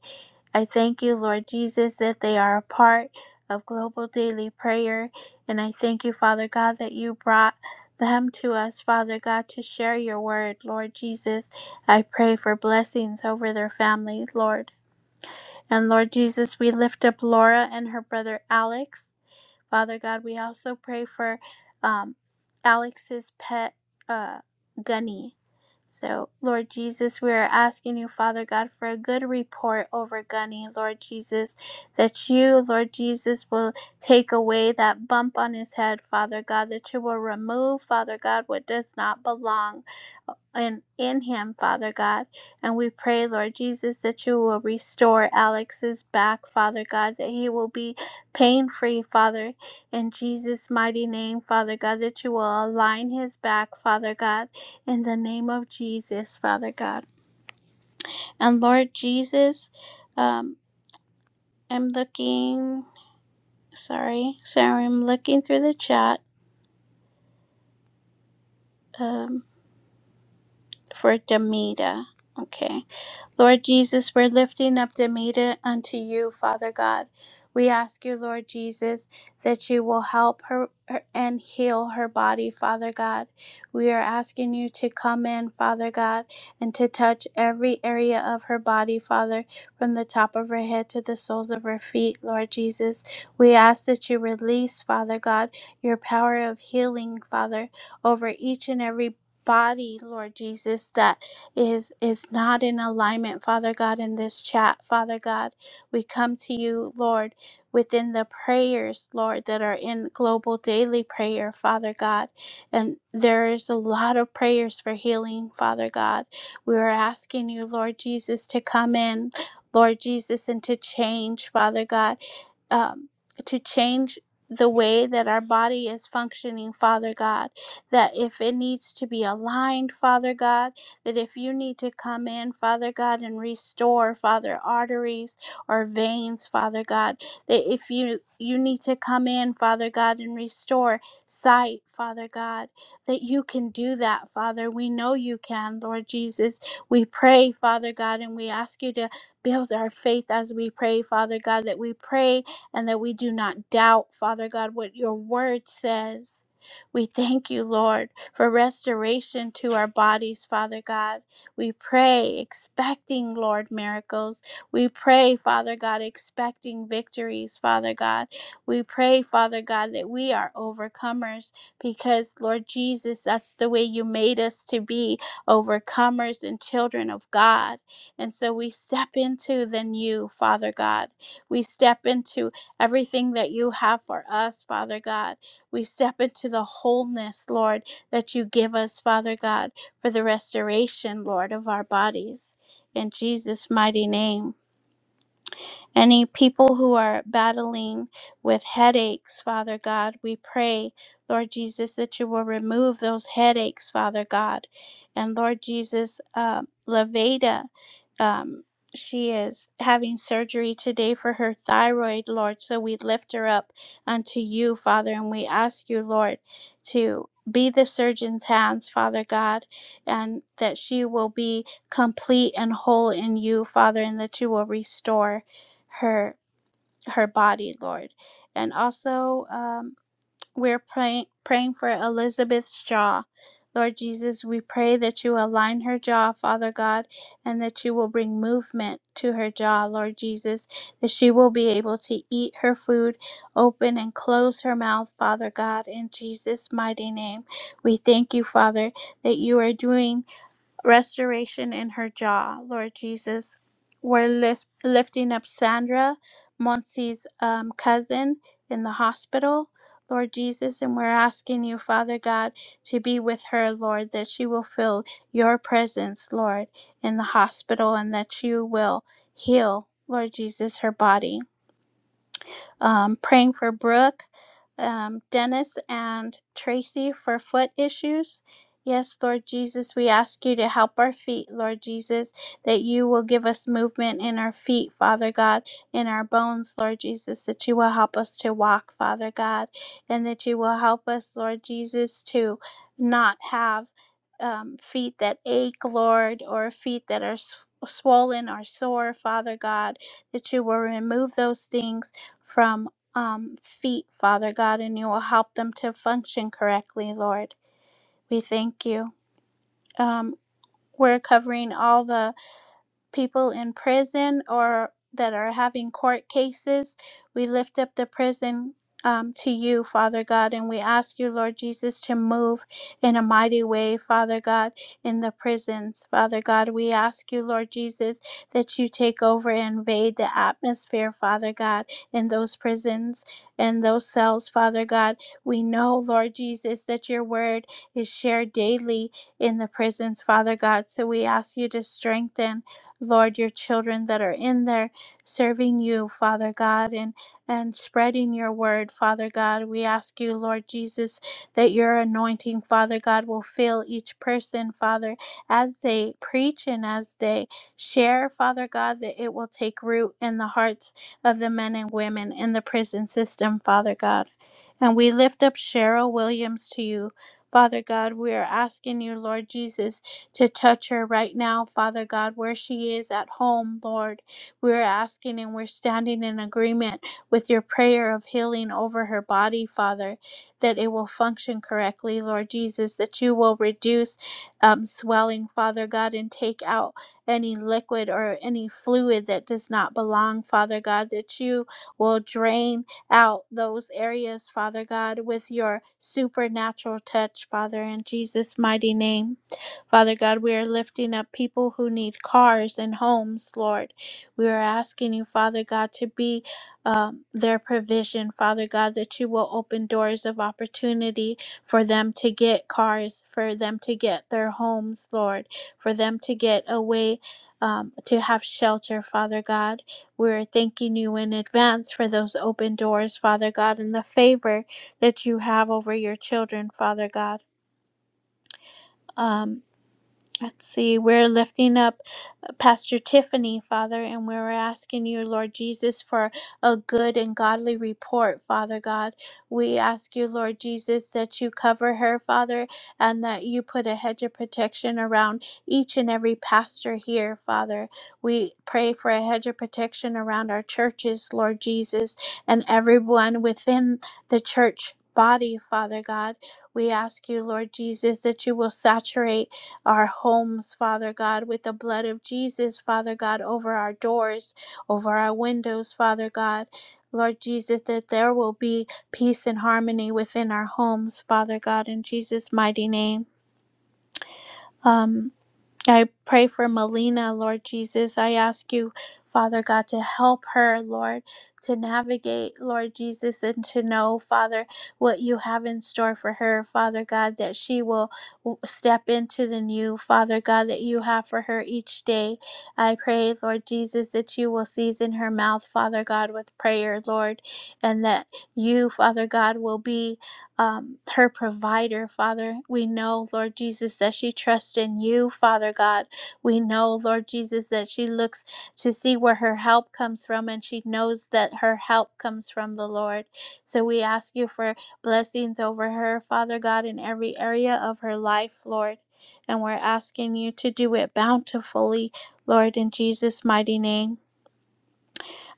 Speaker 3: I thank you, Lord Jesus, that they are a part of Global Daily Prayer. And I thank you, Father God, that you brought them to us, Father God, to share your word, Lord Jesus. I pray for blessings over their families, Lord. And Lord Jesus, we lift up Laura and her brother Alex. Father God, we also pray for um, Alex's pet, uh, Gunny. So, Lord Jesus, we are asking you, Father God, for a good report over Gunny, Lord Jesus, that you, Lord Jesus, will take away that bump on his head, Father God, that you will remove, Father God, what does not belong uh, in, in him, Father God. And we pray, Lord Jesus, that you will restore Alex's back, Father God, that he will be pain free, Father, in Jesus' mighty name, Father God, that you will align his back, Father God, in the name of Jesus, Father God. And Lord Jesus, um, I'm looking, sorry, sorry, I'm looking through the chat. Um, for Demita. Okay. Lord Jesus, we're lifting up Demita unto you, Father God. We ask you, Lord Jesus, that you will help her, her and heal her body, Father God. We are asking you to come in, Father God, and to touch every area of her body, Father, from the top of her head to the soles of her feet, Lord Jesus. We ask that you release, Father God, your power of healing, Father, over each and every body, Lord Jesus, that is is not in alignment, Father God, in this chat, Father God. We come to you, Lord, within the prayers, Lord, that are in global daily prayer, Father God. And there is a lot of prayers for healing, Father God. We are asking you, Lord Jesus, to come in, Lord Jesus, and to change, Father God um, to change the way that our body is functioning, Father God. That if it needs to be aligned, Father God, that if you need to come in, Father God, and restore, Father, arteries or veins, Father God, that if you you need to come in, Father God, and restore sight, Father God, that you can do that, Father. We know you can, Lord Jesus. We pray, Father God, and we ask you to build our faith as we pray, Father God, that we pray and that we do not doubt, Father God, what your word says. We thank you, Lord, for restoration to our bodies, Father God. We pray, expecting, Lord, miracles. We pray, Father God, expecting victories, Father God. We pray, Father God, that we are overcomers because, Lord Jesus, that's the way you made us to be overcomers and children of God. And so we step into the new, Father God. We step into everything that you have for us, Father God. We step into the wholeness, Lord, that you give us, Father God, for the restoration, Lord, of our bodies. In Jesus' mighty name. Any people who are battling with headaches, Father God, we pray, Lord Jesus, that you will remove those headaches, Father God. And Lord Jesus, uh, Laveda, um, she is having surgery today for her thyroid, Lord. So we lift her up unto you, Father, and we ask you, Lord, to be the surgeon's hands, Father God, and that she will be complete and whole in you, Father, and that you will restore her her body, Lord. And also, um, we're praying praying for Elizabeth's jaw. Lord Jesus, we pray that you align her jaw, Father God, and that you will bring movement to her jaw, Lord Jesus, that she will be able to eat her food, open and close her mouth, Father God, in Jesus' mighty name. We thank you, Father, that you are doing restoration in her jaw, Lord Jesus. We're lis- lifting up Sandra, Monsi's um, cousin in the hospital, Lord Jesus, and we're asking you, Father God, to be with her, Lord, that she will feel your presence, Lord, in the hospital and that you will heal, Lord Jesus, her body um, praying for Brooke, um, Dennis, and Tracy for foot issues. Yes, Lord Jesus, we ask you to help our feet, Lord Jesus, that you will give us movement in our feet, Father God, in our bones, Lord Jesus, that you will help us to walk, Father God, and that you will help us, Lord Jesus, to not have um, feet that ache, Lord, or feet that are s- swollen or sore, Father God, that you will remove those things from um, feet, Father God, and you will help them to function correctly, Lord. We thank you. Um, we're covering all the people in prison or that are having court cases. We lift up the prison um, to you, Father God, and we ask you, Lord Jesus, to move in a mighty way, Father God, in the prisons. Father God, we ask you, Lord Jesus, that you take over and invade the atmosphere, Father God, in those prisons and those cells, Father God. We know, Lord Jesus, that your word is shared daily in the prisons, Father God. So we ask you to strengthen Lord, your children that are in there serving you, Father God, and, and spreading your word, Father God. We ask you, Lord Jesus, that your anointing, Father God, will fill each person, Father, as they preach and as they share, Father God, that it will take root in the hearts of the men and women in the prison system, Father God. And we lift up Cheryl Williams to you. Father God, we are asking you, Lord Jesus to touch her right now, Father God, where she is at home, Lord. We're asking and we're standing in agreement with your prayer of healing over her body, Father, that it will function correctly, Lord Jesus, that you will reduce um, swelling, Father God, and take out any liquid or any fluid that does not belong, Father God, that you will drain out those areas, Father God, with your supernatural touch, Father, in Jesus' mighty name. Father God, we are lifting up people who need cars and homes, Lord. We are asking you, Father God, to be um, their provision, Father God, that you will open doors of opportunity for them to get cars, for them to get their homes, Lord, for them to get a way um, to have shelter, Father God. We're thanking you in advance for those open doors, Father God, and the favor that you have over your children, Father God. Um, Let's see, we're lifting up uh, Pastor Tiffany, Father, and we're asking you, Lord Jesus, for a good and godly report, Father God. We ask you, Lord Jesus, that you cover her, Father, and that you put a hedge of protection around each and every pastor here, Father. We pray for a hedge of protection around our churches, Lord Jesus, and everyone within the church. Body, Father God, we ask you, Lord Jesus, that you will saturate our homes, Father God, with the blood of Jesus, Father God, over our doors, over our windows, Father God. Lord Jesus, that there will be peace and harmony within our homes, Father God, in Jesus' mighty name. Um, I pray for Melina, Lord Jesus. I ask you, Father God, to help her, Lord, to navigate, Lord Jesus, and to know, Father, what you have in store for her, Father God, that she will w- step into the new, Father God, that you have for her each day. I pray, Lord Jesus, that you will season her mouth, Father God, with prayer, Lord, and that you, Father God, will be um, her provider, Father. We know, Lord Jesus, that she trusts in you, Father God. We know, Lord Jesus, that she looks to see where her help comes from and she knows that her help comes from the Lord. So we ask you for blessings over her, Father God, in every area of her life, Lord. And we're asking you to do it bountifully, Lord, in Jesus' mighty name.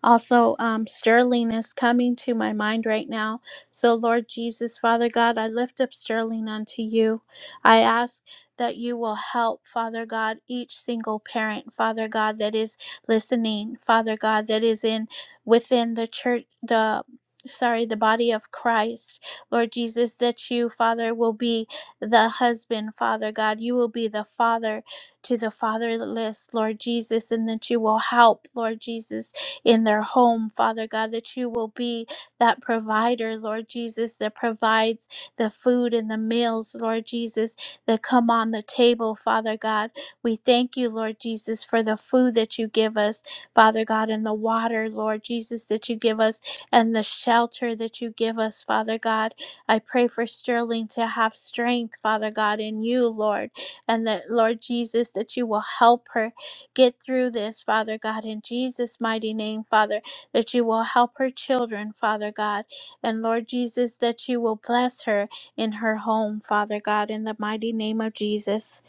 Speaker 3: Also, um, Sterling is coming to my mind right now. So, Lord Jesus, Father God, I lift up Sterling unto you. I ask that you will help, Father God, each single parent, Father God, that is listening, Father God, that is in within the church, the sorry, the body of Christ, Lord Jesus, that you, Father, will be the husband, Father God. You will be the father to the fatherless, Lord Jesus, and that you will help, Lord Jesus in their home, Father God, that you will be that provider, Lord Jesus, that provides the food and the meals, Lord Jesus, that come on the table, Father God. We thank you, Lord Jesus, for the food that you give us, Father God, and the water, Lord Jesus, that you give us, and the shelter that you give us, Father God. I pray for Sterling to have strength, Father God, in you, Lord, and that, Lord Jesus, that you will help her get through this, Father God, in Jesus' mighty name, Father, that you will help her children, Father God, and Lord Jesus, that you will bless her in her home, Father God, in the mighty name of Jesus.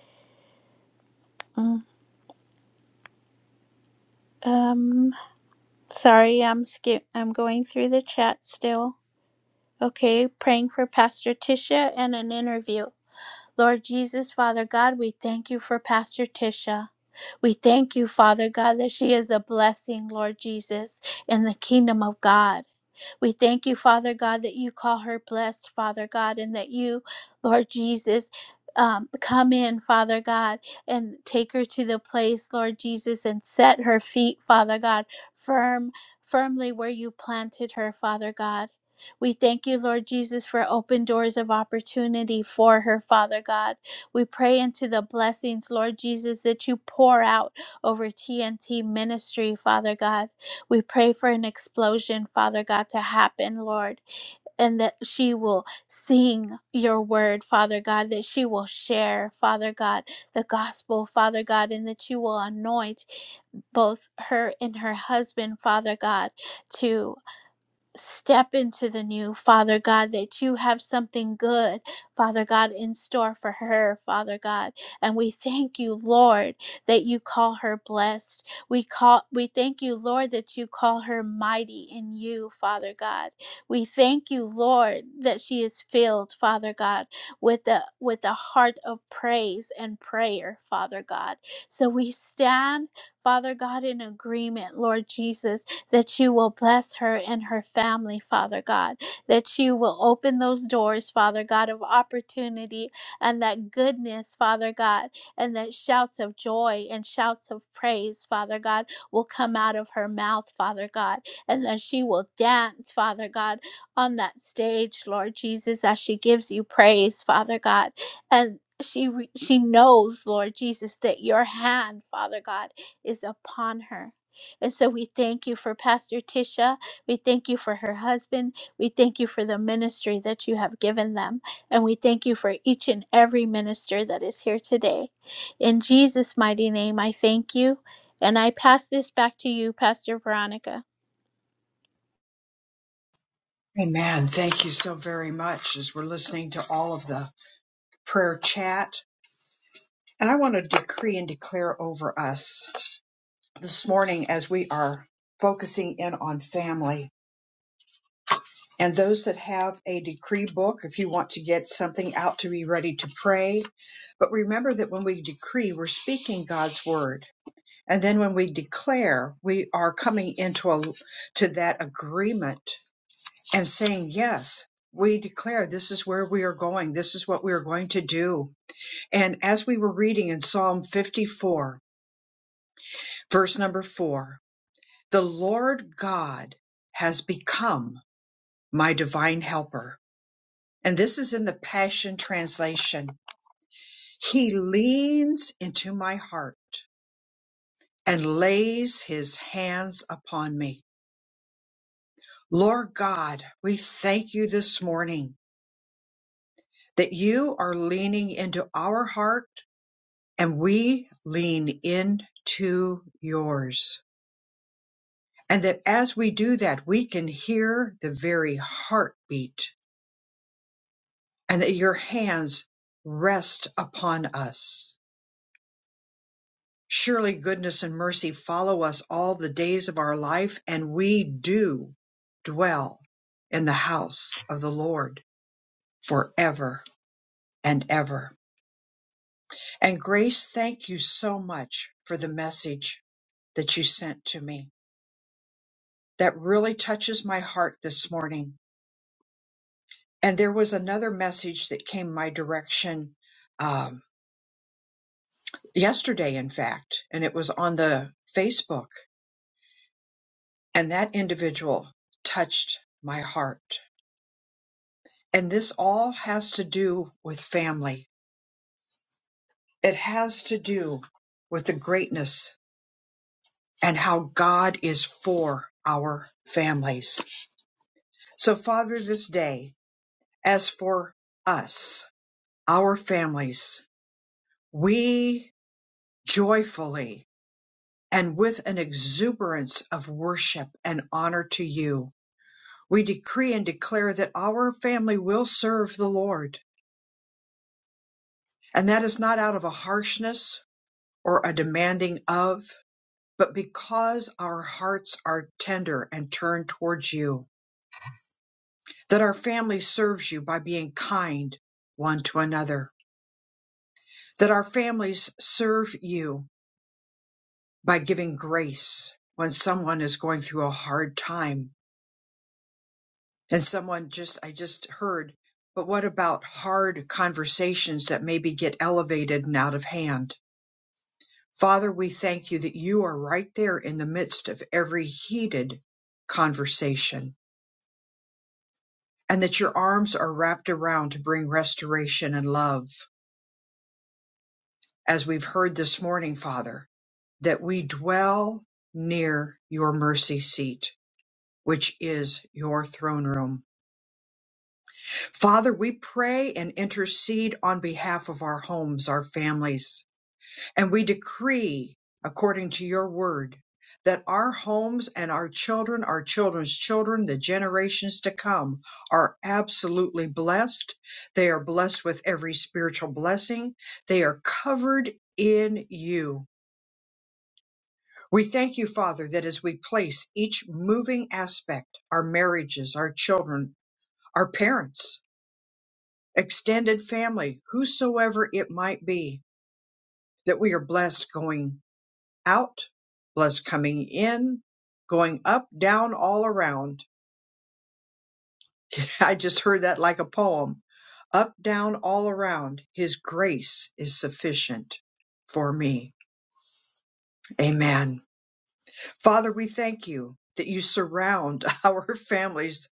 Speaker 3: Mm, Um, sorry, I'm skip. I'm going through the chat still. Okay, praying for Pastor Tisha and an interview. Lord Jesus, Father God, we thank you for Pastor Tisha. We thank you, Father God, that she is a blessing, Lord Jesus, in the kingdom of God. We thank you, Father God, that you call her blessed, Father God, and that you, Lord Jesus, um, come in, Father God, and take her to the place, Lord Jesus, and set her feet, Father God, firm, firmly where you planted her, Father God. We thank you, Lord Jesus, for open doors of opportunity for her, Father God. We pray into the blessings, Lord Jesus, that you pour out over TNT ministry, Father God. We pray for an explosion, Father God, to happen, Lord, and that she will sing your word, Father God, that she will share, Father God, the gospel, Father God, and that you will anoint both her and her husband, Father God, to step into the new, Father God, that you have something good, Father God, in store for her, Father God. And we thank you, Lord, that you call her blessed. We call we thank you, Lord, that you call her mighty in you, Father God. We thank you, Lord, that she is filled, Father God, with the with a heart of praise and prayer, Father God. So we stand, Father God, in agreement, Lord Jesus, that you will bless her and her family, Father God, that you will open those doors, Father God, of opportunity and that goodness, Father God, and that shouts of joy and shouts of praise, Father God, will come out of her mouth, Father God, and that she will dance, Father God, on that stage, Lord Jesus, as she gives you praise, Father God, and she re- she knows, Lord Jesus, that your hand, Father God, is upon her and so we thank you for Pastor Tisha. We thank you for her husband. We thank you for the ministry that you have given them. And we thank you for each and every minister that is here today. In Jesus' mighty name, I thank you. And I pass this back to you, Pastor Veronica.
Speaker 1: Amen. Thank you so very much as we're listening to all of the prayer chat And I want to decree and declare over us this morning as we are focusing in on family. And those that have a decree book, if you want to get something out to be ready to pray. But remember that when we decree, we're speaking God's word. And then when we declare, we are coming into a, to that agreement and saying, yes, we declare this is where we are going. This is what we are going to do. And as we were reading in Psalm 54, Verse number four The Lord God has become my divine helper. And this is in the Passion Translation. He leans into my heart and lays his hands upon me. Lord God, we thank you this morning that you are leaning into our heart and we lean into yours. And that as we do that, we can hear the very heartbeat and that your hands rest upon us. Surely goodness and mercy follow us all the days of our life, and we do dwell in the house of the Lord forever and ever. And Grace, thank you so much for the message that you sent to me. That really touches my heart this morning. And there was another message that came my direction um, yesterday, in fact, and it was on the Facebook And that individual touched my heart. And this all has to do with family. It has to do with the greatness and how God is for our families. So, Father, this day, as for us, our families, we joyfully and with an exuberance of worship and honor to you, we decree and declare that our family will serve the Lord And that is not out of a harshness or a demanding of, but because our hearts are tender and turned towards you, that our family serves you by being kind one to another, that our families serve you by giving grace when someone is going through a hard time. And someone just, I just heard, but what about hard conversations that maybe get elevated and out of hand? Father, we thank you that you are right there in the midst of every heated conversation and that your arms are wrapped around to bring restoration and love. As we've heard this morning, Father, that we dwell near your mercy seat, which is your throne room. Father, we pray and intercede on behalf of our homes, our families, And we decree, according to your word, that our homes and our children, our children's children, the generations to come are absolutely blessed. They are blessed with every spiritual blessing. They are covered in you. We thank you, Father, that as we place each moving aspect, our marriages, our children, our parents, extended family, whosoever it might be, that we are blessed going out, blood's coming in, going up, down, all around. I just heard that like a poem. Up, down, all around. His grace is sufficient for me. Amen. Father, we thank you that you surround our families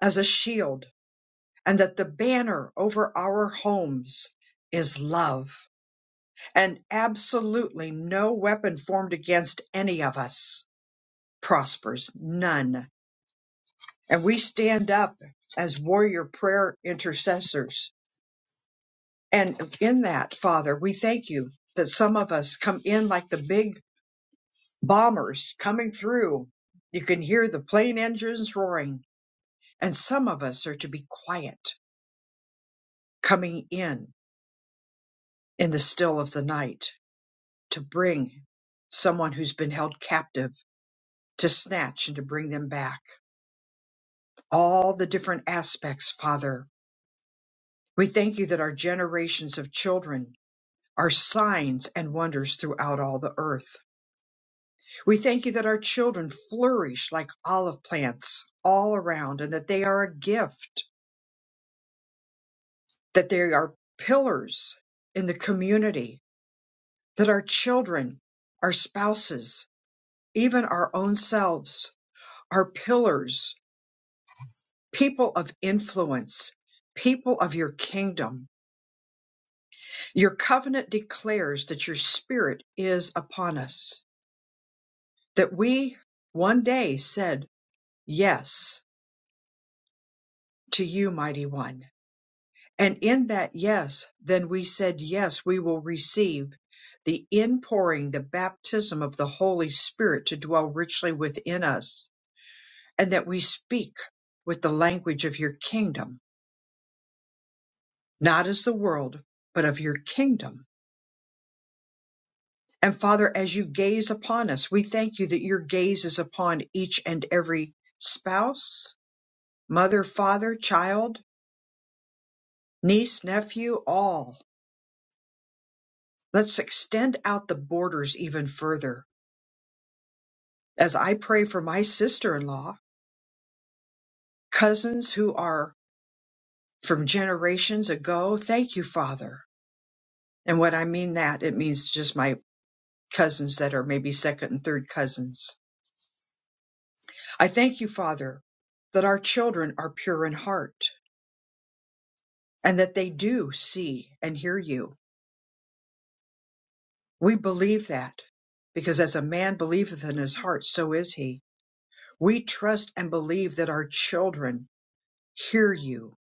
Speaker 1: as a shield and that the banner over our homes is love and absolutely no weapon formed against any of us prospers. None. and we stand up as warrior prayer intercessors. And in that, Father, we thank you that some of us come in like the big bombers coming through. You can hear the plane engines roaring, and some of us are to be quiet coming in in the still of the night to bring someone who's been held captive to snatch and to bring them back. All the different aspects, Father. We thank you that our generations of children are signs and wonders throughout all the earth. We thank you that our children flourish like olive plants all around and that they are a gift, that they are pillars in the community, that our children, our spouses, even our own selves are pillars, people of influence, people of your kingdom. Your covenant declares that your spirit is upon us, that we one day said, Yes. to you, mighty one. And in that yes, then we said, yes, we will receive the inpouring, the baptism of the Holy Spirit to dwell richly within us, and that we speak with the language of your kingdom, not as the world, but of your kingdom. And Father, as you gaze upon us, we thank you that your gaze is upon each and every spouse, mother, father, child, niece, nephew, all Let's extend out the borders even further. As I pray for my sister in law, cousins who are from generations ago, thank you, Father. And what I mean that, it means just my cousins that are maybe second and third cousins. I thank you, Father, that our children are pure in heart and that they do see and hear you. We believe that because as a man believeth in his heart, so is he. We trust and believe that our children hear you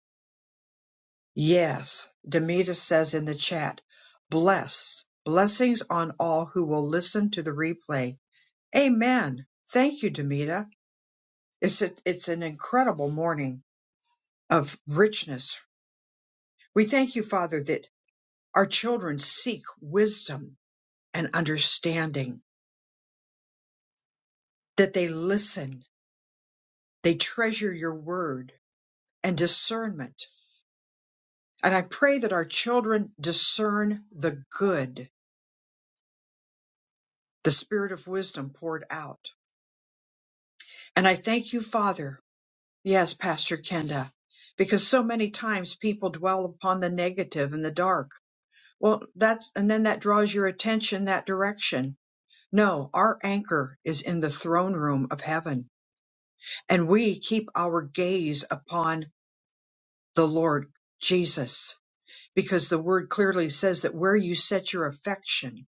Speaker 1: Yes, Demita says in the chat, bless, blessings on all who will listen to the replay. Amen. Thank you, Demita. It's, a- it's an incredible morning of richness. We thank you, Father, that our children seek wisdom and understanding, that they listen, they treasure your word and discernment. And I pray that our children discern the good, the spirit of wisdom poured out And I thank you, Father. Yes, Pastor Kenda, because so many times people dwell upon the negative and the dark. Well, that's, and then that draws your attention that direction. No, our anchor is in the throne room of heaven, and we keep our gaze upon the Lord Jesus, because the word clearly says that where you set your affection,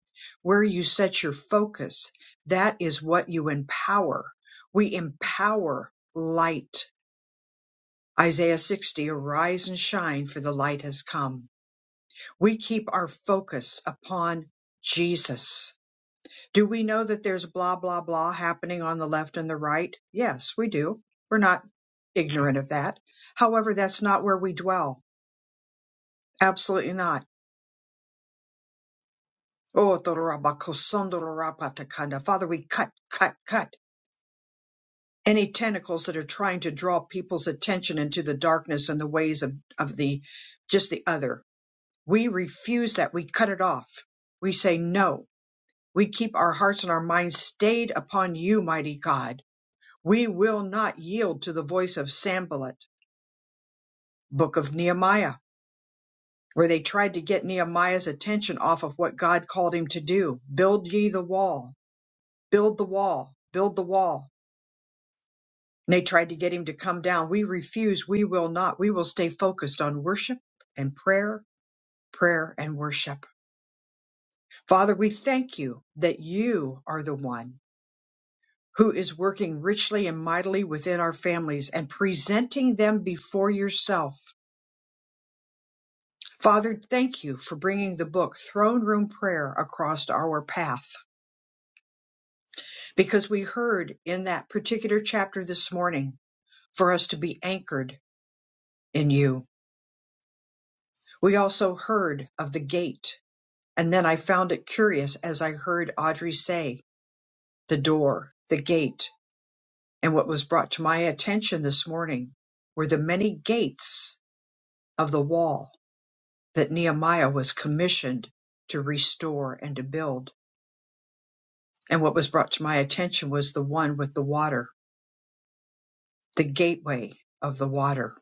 Speaker 1: where you set your focus, that is what you empower. We empower light Isaiah 60, arise and shine for the light has come. We keep our focus upon Jesus. Do we know that there's blah, blah, blah happening on the left and the right? Yes, we do. We're not ignorant of that. However, that's not where we dwell. Absolutely not. Oh, Torabakosondorapatakonda. Father, we cut, cut, cut any tentacles that are trying to draw people's attention into the darkness and the ways of, of the just the other We refuse that. We cut it off. We say no. We keep our hearts and our minds stayed upon you, mighty God. We will not yield to the voice of Sambalat, book of Nehemiah, where they tried to get Nehemiah's attention off of what God called him to do. Build ye the wall, build the wall, build the wall. And they tried to get him to come down. We refuse. We will not. We will stay focused on worship and prayer, prayer and worship. Father, we thank you that you are the one. who is working richly and mightily within our families and presenting them before yourself. Father, thank you for bringing the book Throne Room Prayer across our path because we heard in that particular chapter this morning for us to be anchored in you. We also heard of the gate. And then I found it curious as I heard Audrey say the door, the gate. And what was brought to my attention this morning were the many gates of the wall that Nehemiah was commissioned to restore and to build. And what was brought to my attention was the one with the water, the gateway of the water.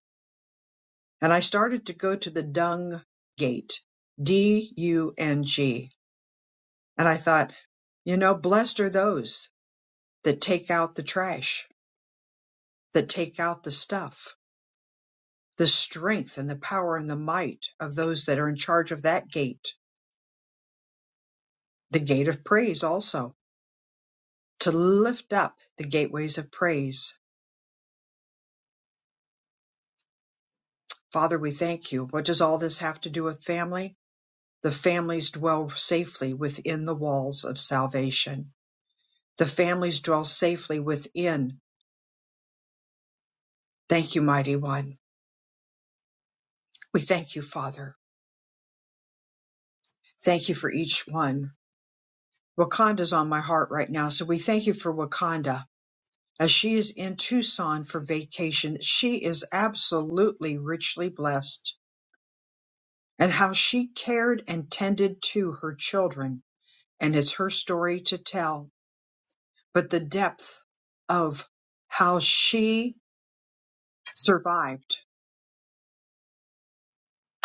Speaker 1: And I started to go to the dung gate, D U N G. And I thought, you know, blessed are those that take out the trash, that take out the stuff, the strength and the power and the might of those that are in charge of that gate, the gate of praise also, to lift up the gateways of praise Father, we thank you. What does all this have to do with family? The families dwell safely within the walls of salvation. The families dwell safely within. Thank you, mighty one. We thank you, Father. Thank you for each one. Wakanda's on my heart right now, so we thank you for Wakanda. As she is in Tucson for vacation, she is absolutely richly blessed. And how she cared and tended to her children, and it's her story to tell but the depth of how she survived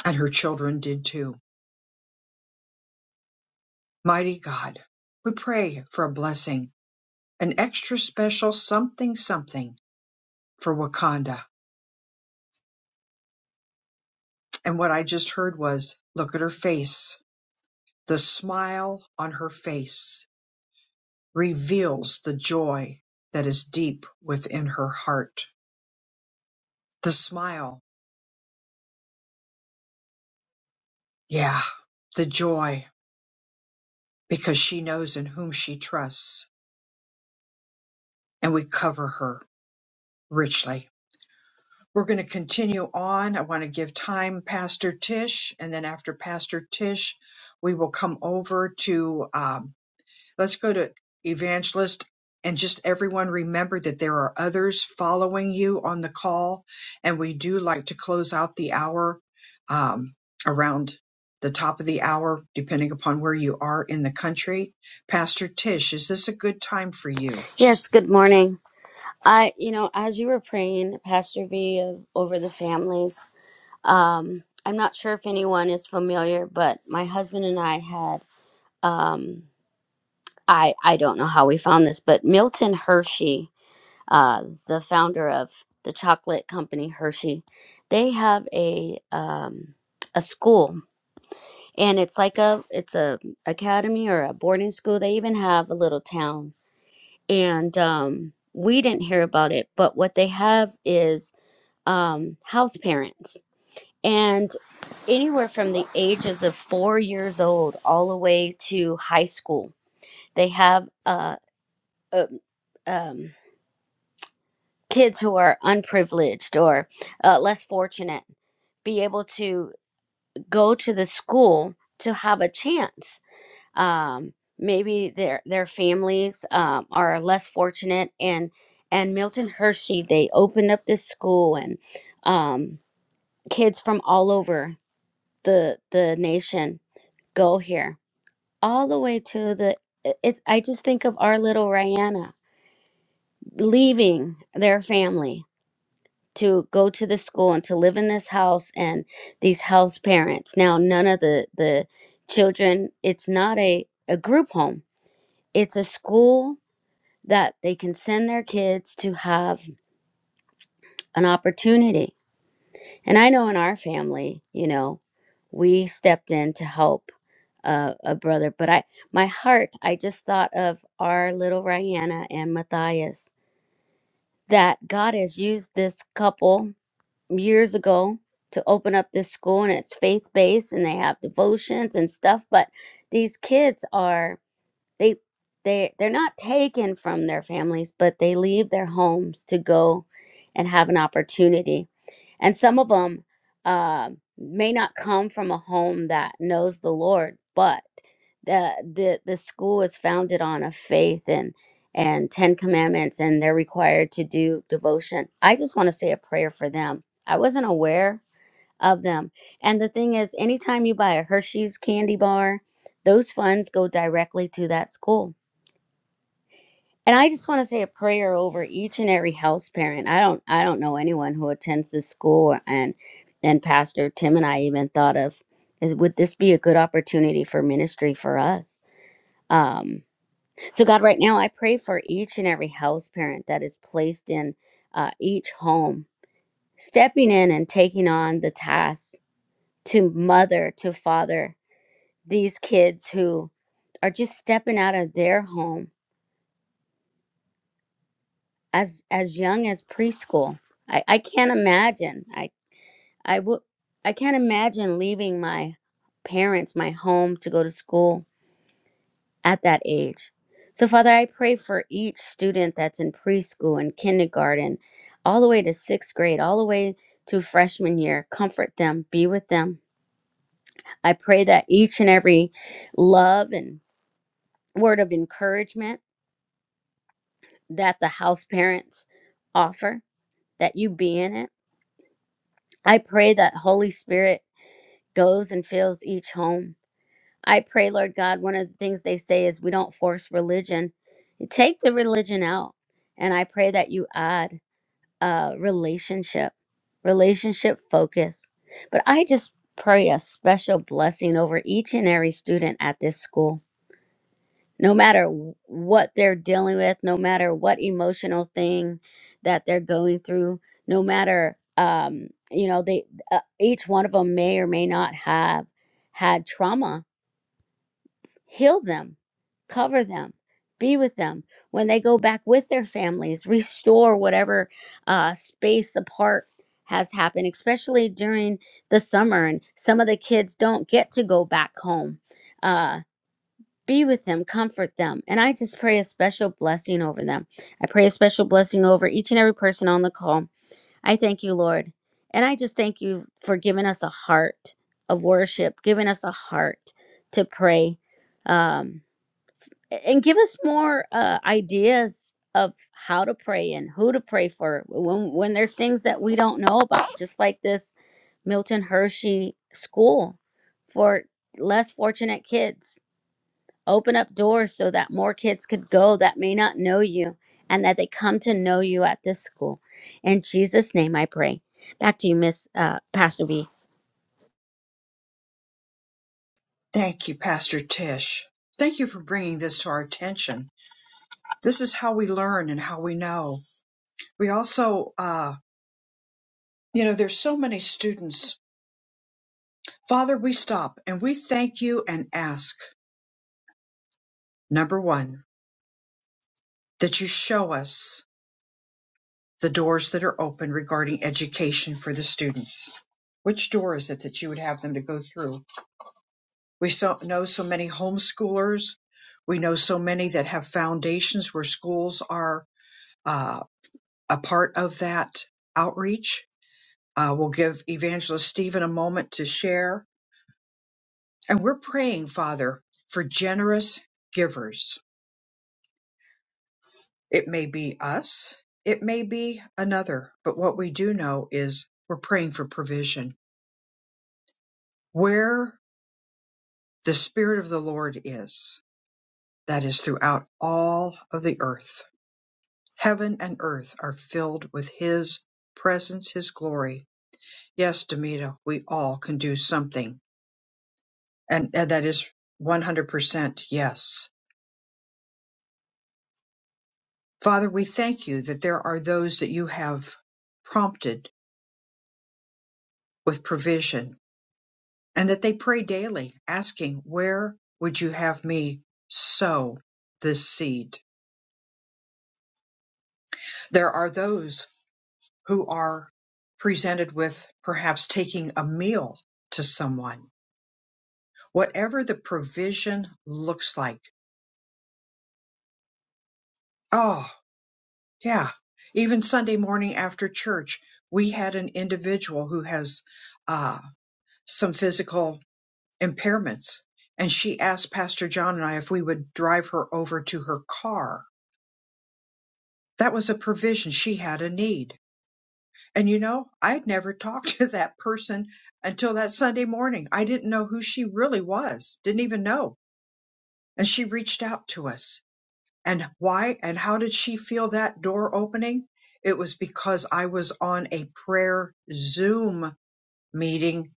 Speaker 1: and her children did too. Mighty God, we pray for a blessing, an extra special something something for Wakanda. And what I just heard was look at her face. The smile on her face reveals the joy that is deep within her heart. The smile, yeah, the joy, because she knows in whom she trusts, and we cover her richly. We're going to continue on. I want to give time, Pastor Tish, and then after Pastor Tish, we will come over to, um, let's go to Evangelist and just everyone remember that there are others following you on the call. And we do like to close out the hour, um, around the top of the hour, depending upon where you are in the country. Pastor Tish, is this a good time for you?
Speaker 7: Yes, good morning. I, you know, as you were praying, Pastor V, uh, over the families, um, I'm not sure if anyone is familiar, but my husband and I had, um, I, I don't know how we found this, but Milton Hershey, uh, the founder of the chocolate company Hershey, they have a, um, a school and it's like a it's a academy or a boarding school they even have a little town and um, we didn't hear about it. But what they have is um, house parents, and anywhere from the ages of four years old all the way to high school, they have uh, uh, um, kids who are unprivileged or uh, less fortunate be able to go to the school to have a chance. um, maybe their their families um, are less fortunate and and milton hershey they opened up this school and um, kids from all over the the nation go here all the way to the it's i just think of our little rihanna leaving their family to go to the school and to live in this house and these house parents now none of the the children it's not a a group home it's a school that they can send their kids to have an opportunity. And I know in our family, you know, we stepped in to help uh, a brother, but I, my heart, I just thought of our little Rihanna and Matthias that God has used this couple years ago to open up this school and it's faith based and they have devotions and stuff, but these kids are. they they they're not taken from their families but they leave their homes to go and have an opportunity and some of them uh, may not come from a home that knows the lord but the the the school is founded on a faith and and 10 commandments and they're required to do devotion i just want to say a prayer for them i wasn't aware of them and the thing is anytime you buy a hershey's candy bar those funds go directly to that school and I just want to say a prayer over each and every house parent. I don't I don't know anyone who attends this school and and Pastor Tim and I even thought of is would this be a good opportunity for ministry for us? Um, so God, right now I pray for each and every house parent that is placed in uh, each home, stepping in and taking on the task to mother to father these kids who are just stepping out of their home as as young as preschool. I I can't imagine. I I would I can't imagine leaving my parents, my home to go to school at that age. So Father, I pray for each student that's in preschool and kindergarten, all the way to 6th grade, all the way to freshman year. Comfort them, be with them. I pray that each and every love and word of encouragement that the house parents offer that you be in it I pray that Holy Spirit goes and fills each home. I pray, Lord God, one of the things they say is we don't force religion. You take the religion out. And I pray that you add uh, relationship, relationship focus. But I just pray a special blessing over each and every student at this school no matter what they're dealing with, no matter what emotional thing that they're going through, no matter um, you know they uh, each one of them may or may not have had trauma. Heal them, cover them, be with them when they go back with their families. Restore whatever uh, space apart has happened, especially during the summer, and some of the kids don't get to go back home. Uh, be with them, comfort them. And I just pray a special blessing over them. I pray a special blessing over each and every person on the call. I thank you, Lord. And I just thank you for giving us a heart of worship, giving us a heart to pray. Um, and give us more uh, ideas of how to pray and who to pray for when, when there's things that we don't know about, just like this Milton Hershey school for less fortunate kids Open up doors so that more kids could go that may not know you and that they come to know you at this school. In Jesus' name I pray. Back to you, Miss uh, Pastor B.
Speaker 1: Thank you, Pastor Tish. Thank you for bringing this to our attention. This is how we learn and how we know. We also, uh, you know, there's so many students. Father, we stop and we thank you and ask, number one, that you show us the doors that are open regarding education for the students. Which door is it that you would have them to go through? We so, know so many homeschoolers. We know so many that have foundations where schools are uh, a part of that outreach. Uh, we'll give Evangelist Stephen a moment to share. And we're praying, Father, for generous givers. It may be us, it may be another, but what we do know is we're praying for provision. Where the Spirit of the Lord is, that is throughout all of the earth. Heaven and earth are filled with His presence, His glory. Yes, Demita, we all can do something And, and that is 100% yes. Father, we thank you that there are those that you have prompted with provision and that they pray daily asking, where would you have me sow this seed? There are those who are presented with perhaps taking a meal to someone, whatever the provision looks like. Oh. Yeah. Even Sunday morning after church, we had an individual who has uh, some physical impairments. And she asked Pastor John and I if we would drive her over to her car. That was a provision. She had a need. And you know, I'd never talked to that person until that Sunday morning. I didn't know who she really was, didn't even know. And she reached out to us And why and how did she feel that door opening? It was because I was on a prayer Zoom meeting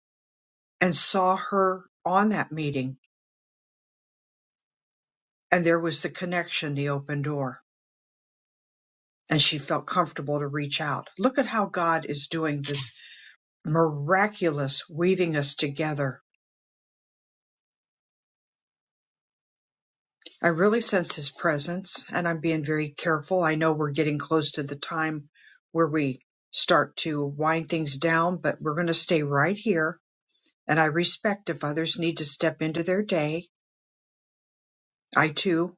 Speaker 1: and saw her on that meeting. And there was the connection, the open door. And she felt comfortable to reach out. Look at how God is doing this miraculous weaving us together. I really sense his presence and I'm being very careful. I know we're getting close to the time where we start to wind things down, but we're going to stay right here And I respect if others need to step into their day. I too,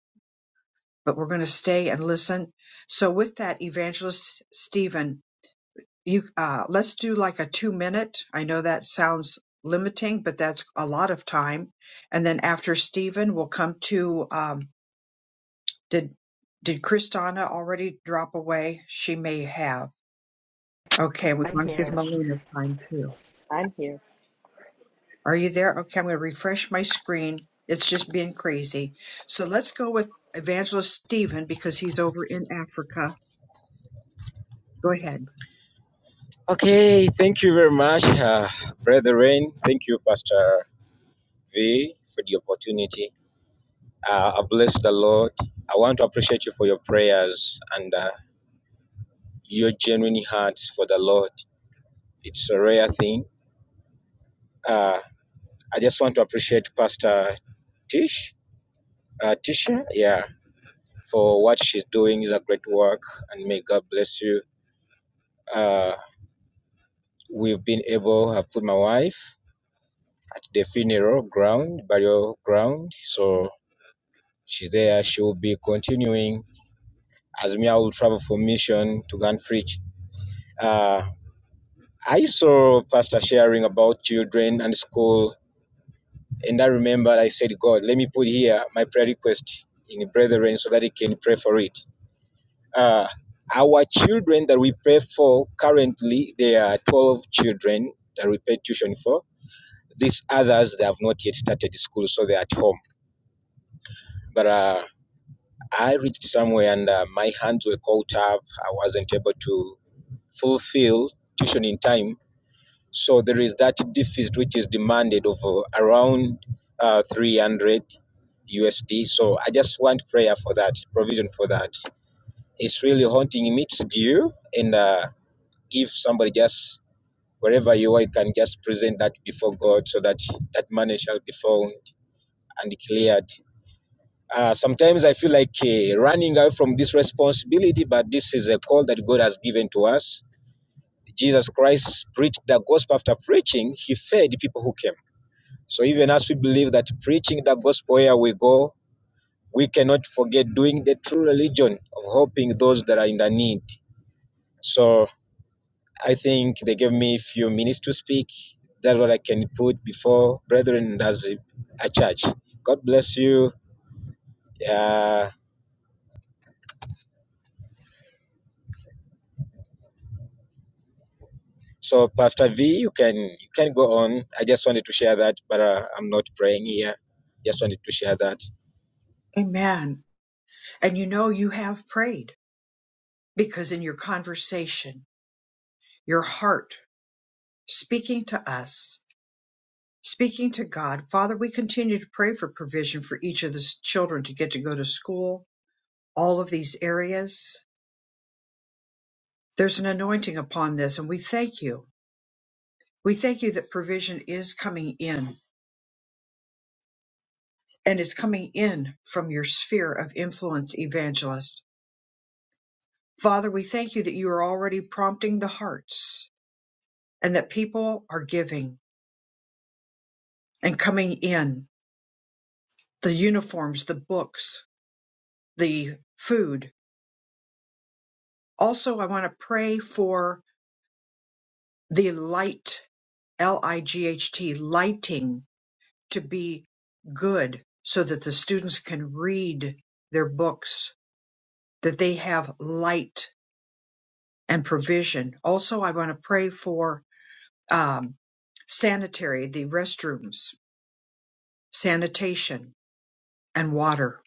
Speaker 1: but we're going to stay and listen. So with that, Evangelist Stephen, you uh, let's do like a two minute. I know that sounds limiting, but that's a lot of time. And then after Stephen, we'll come to um, did did Kristana already drop away? She may have. Okay, we
Speaker 8: I'm
Speaker 1: want to give
Speaker 8: here.
Speaker 1: Melina time too.
Speaker 8: I'm here.
Speaker 1: Are you there? Okay, I'm going to refresh my screen. It's just being crazy. So let's go with Evangelist Stephen because he's over in Africa. Go ahead.
Speaker 9: Okay, thank you very much, uh, Brother Rain. Thank you, Pastor V, for the opportunity. Uh, I bless the Lord. I want to appreciate you for your prayers and uh, your genuine hearts for the Lord. It's a rare thing. Uh, I just want to appreciate Pastor Tish, uh, Tisha, yeah, for what she's doing. It's a great work, and may God bless you. Uh, we've been able, I've put my wife at the funeral ground, burial ground, so She's there. She will be continuing. as Azumia will travel for mission to go and preach. Uh, I saw Pastor sharing about children and school, and I remembered I said, God, let me put here my prayer request in the brethren so that he can pray for it. Uh, our children that we pray for currently, there are 12 children that we pay tuition for. These others, they have not yet started school, so they're at home. But uh, I reached somewhere and uh, my hands were caught up. I wasn't able to fulfill tuition in time. So there is that deficit which is demanded of uh, around uh, 300 USD. So I just want prayer for that, provision for that. It's really haunting me. It's due. And uh, if somebody just, wherever you are, you can just present that before God so that that money shall be found and cleared. Uh, sometimes I feel like uh, running away from this responsibility, but this is a call that God has given to us Jesus Christ preached the gospel after preaching, he fed the people who came. So even as we believe that preaching the gospel where we go, we cannot forget doing the true religion of helping those that are in the need. So I think they gave me a few minutes to speak. That's what I can put before brethren as a, church. God bless you. Yeah. So Pastor V, you can you can go on. I just wanted to share that, but uh, I'm not praying here. Just wanted to share that.
Speaker 1: Amen. And you know you have prayed because in your conversation, your heart speaking to us, speaking to God, Father, we continue to pray for provision for each of the children to get to go to school, all of these areas. There's an anointing upon this, and we thank you. We thank you that provision is coming in and is coming in from your sphere of influence, evangelist. Father, we thank you that you are already prompting the hearts and that people are giving and coming in the uniforms, the books, the food. Also, I want to pray for the light, L I G H T, lighting to be good so that the students can read their books, that they have light and provision. Also, I want to pray for um, sanitary, the restrooms, sanitation, and water.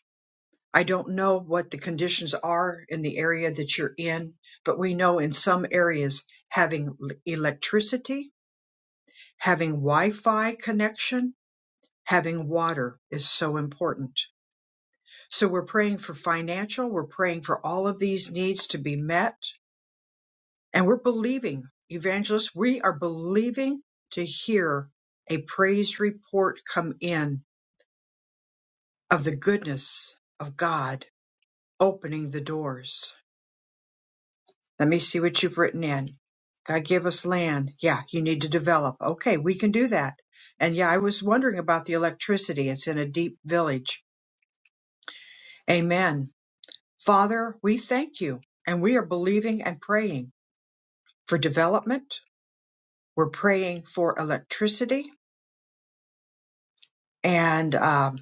Speaker 1: I don't know what the conditions are in the area that you're in, but we know in some areas having l- electricity, having Wi Fi connection, having water is so important. So we're praying for financial, we're praying for all of these needs to be met, and we're believing, evangelists, we are believing to hear a praise report come in of the goodness of God opening the doors. Let me see what you've written in. God gave us land. Yeah, you need to develop. Okay, we can do that. And yeah, I was wondering about the electricity. It's in a deep village. Amen. Father, we thank you and we are believing and praying for development. We're praying for electricity and um,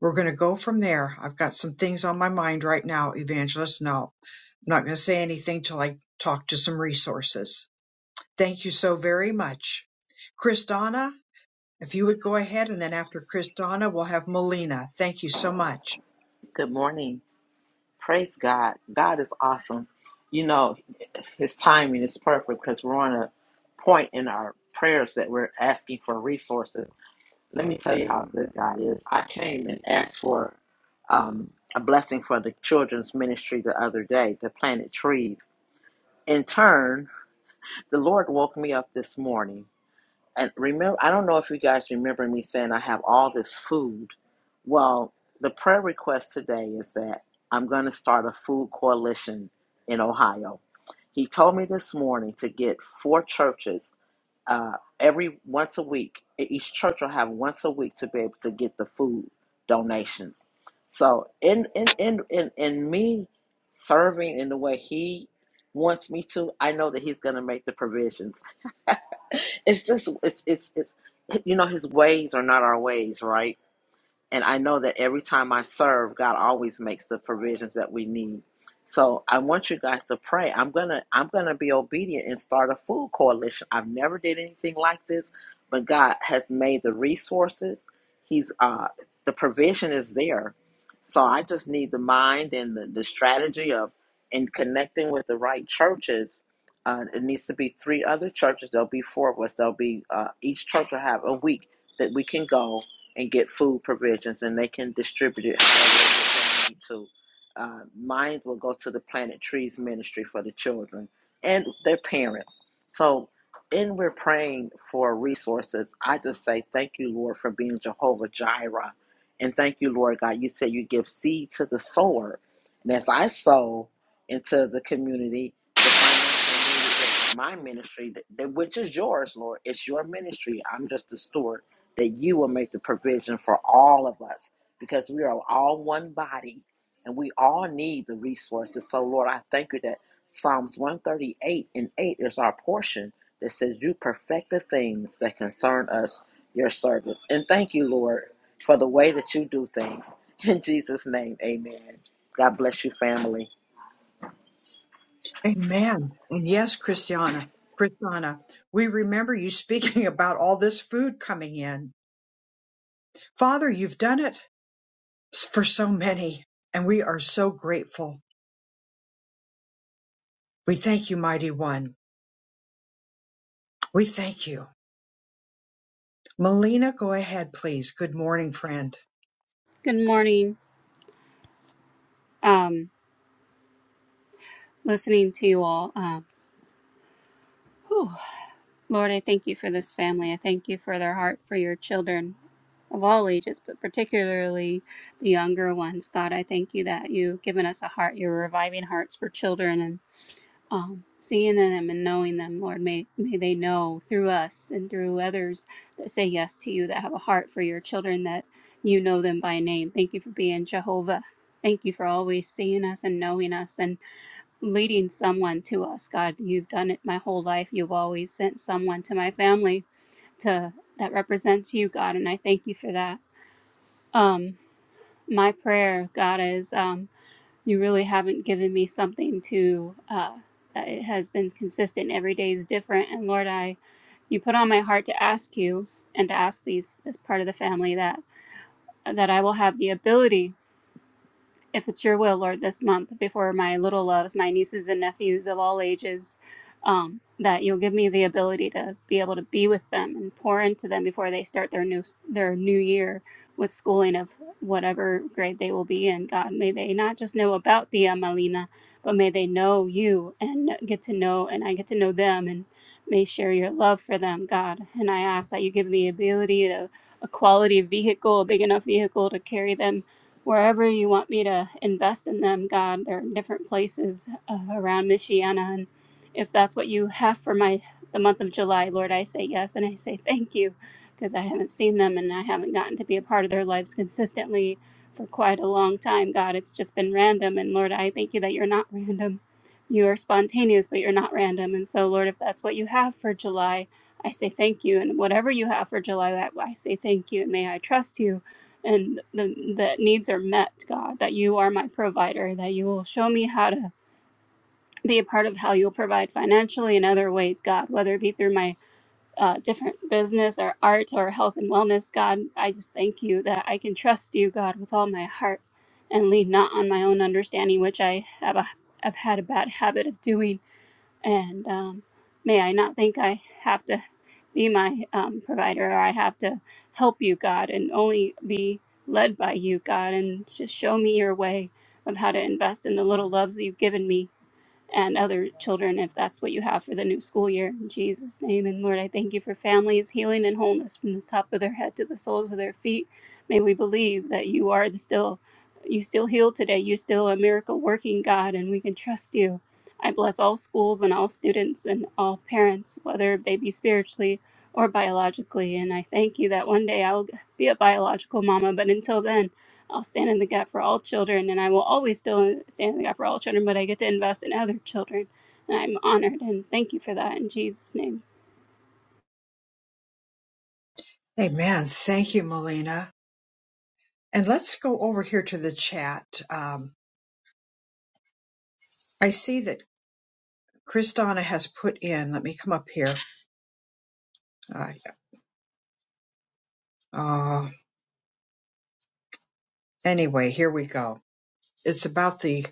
Speaker 1: We're going to go from there. I've got some things on my mind right now, Evangelist. No, I'm not going to say anything till I talk to some resources. Thank you so very much. Kristana, if you would go ahead, and then after Kristana, we'll have Melina. Thank you so much.
Speaker 8: Good morning. Praise God. God is awesome. You know, His timing is perfect because we're on a point in our prayers that we're asking for resources. Let me tell you how good God is. I came and asked for um, a blessing for the children's ministry the other day, the planted trees. In turn, the Lord woke me up this morning and remember i don't know if you guys remember me saying i have all this food well the prayer request today is that i'm going to start a food coalition in ohio he told me this morning to get four churches uh, every once a week E- each church will have once a week to be able to get the food donations so in in in in, in me serving in the way he wants me to i know that he's going to make the provisions it's just it's it's it's you know his ways are not our ways, right? And I know that every time I serve, God always makes the provisions that we need. So I want you guys to pray. I'm gonna I'm gonna be obedient and start a food coalition. I've never did anything like this, but God has made the resources. He's uh the provision is there. So I just need the mind and the, the strategy of in connecting with the right churches. Uh, it needs to be three other churches. There'll be four of us. There'll be uh, each church will have a week that we can go and get food provisions, and they can distribute it however they need to. Uh, mine will go to the Planet Trees Ministry for the children and their parents. So, in we're praying for resources, I just say thank you, Lord, for being Jehovah Jireh, and thank you, Lord God. You said you give seed to the sower, and as I sow into the community, the financial needs of my ministry, that, that- which is yours, Lord, it's your ministry. I'm just a steward that you will make the provision for all of us because we are all one body and we all need the resources. So, Lord, I thank you that Psalms 138 and 8 is our portion that says, You perfect the things that concern us, your servants. And thank you, Lord, for the way that you do things. In Jesus' name, amen. God bless you, family.
Speaker 1: Amen. And yes, Christiana, Kristana, we remember you speaking about all this food coming in. Father, you've done it for so many, and we are so grateful. We thank you, Mighty One. We thank you. Melina, go ahead, please. Good morning, friend.
Speaker 10: Good morning. Um, listening to you all. Um, whew. Lord, I thank you for this family. I thank you for their heart for your children of all ages, but particularly the younger ones. God, I thank you that you've given us a heart. You're reviving hearts for children and um, seeing them and knowing them, Lord. May, may they know through us and through others that say yes to you, that have a heart for your children, that you know them by name. Thank you for being Jehovah. Thank you for always seeing us and knowing us. And leading someone to us. God, you've done it my whole life. You've always sent someone to my family to that represents you, God, and I thank you for that. Um, my prayer, God, is um, you really haven't given me something to. Uh, it has been consistent. Every day is different, and Lord, I, you put on my heart to ask you and to ask these as part of the family that that I will have the ability if it's your will, Lord, this month before my little loves, my nieces and nephews of all ages, um, that you'll give me the ability to be able to be with them and pour into them before they start their new their new year with schooling of whatever grade they will be in. God, may they not just know about Dia Malina, but may they know you and get to know, and I get to know them, and may share your love for them, God. And I ask that you give me the ability to a quality vehicle, a big enough vehicle to carry them wherever you want me to invest in them, God. They're in different places uh, around Michiana, and if that's what you have for my the month of July, Lord, I say yes and I say thank you because I haven't seen them and I haven't gotten to be a part of their lives consistently for quite a long time, God. It's just been random, and Lord, I thank you that you're not random. You are spontaneous, but you're not random. And so, Lord, if that's what you have for July, I say thank you. And whatever you have for July, I I say thank you. And may I trust you and the, the needs are met, God, that you are my provider, that you will show me how to be a part of how you'll provide financially in other ways, God, whether it be through my uh, different business or art or health and wellness, God. I just thank you that I can trust you, God, with all my heart and lean not on my own understanding, which I have, a, have had a bad habit of doing and um, may I not think I have to be my um, provider or I have to help you, God, and only be led by you, God, and just show me your way of how to invest in the little loves that you've given me and other children if that's what you have for the new school year. In Jesus' name. And Lord, I thank you for families, healing, and wholeness from the top of their head to the soles of their feet. May we believe that you are the still, you still heal today. You're still a miracle working God, and we can trust you. I bless all schools and all students and all parents, whether they be spiritually or biologically. And I thank you that one day I'll be a biological mama. But until then, I'll stand in the gap for all children, and I will always still stand in the gap for all children, but I get to invest in other children. And I'm honored and thank you for that in Jesus' name.
Speaker 1: Amen. Thank you, Melina. And let's go over here to the chat. Um, I see that Kristana has put in, let me come up here. Uh, uh, anyway, here we go. It's about the,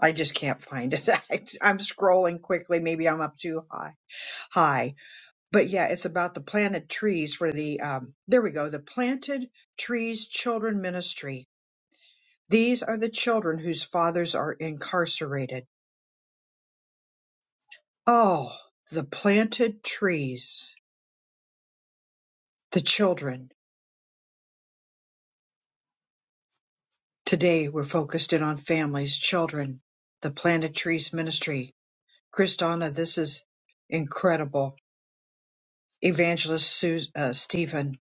Speaker 1: I just can't find it. I, I'm scrolling quickly. Maybe I'm up too high. high. But yeah, it's about the planted trees for the, um, there we go, the Planted Trees Children Ministry. These are the children whose fathers are incarcerated Oh, the planted trees, the children. Today we're focused in on families, children, the planted trees ministry. Kristana, this is incredible. Evangelist Su- uh, Stephen,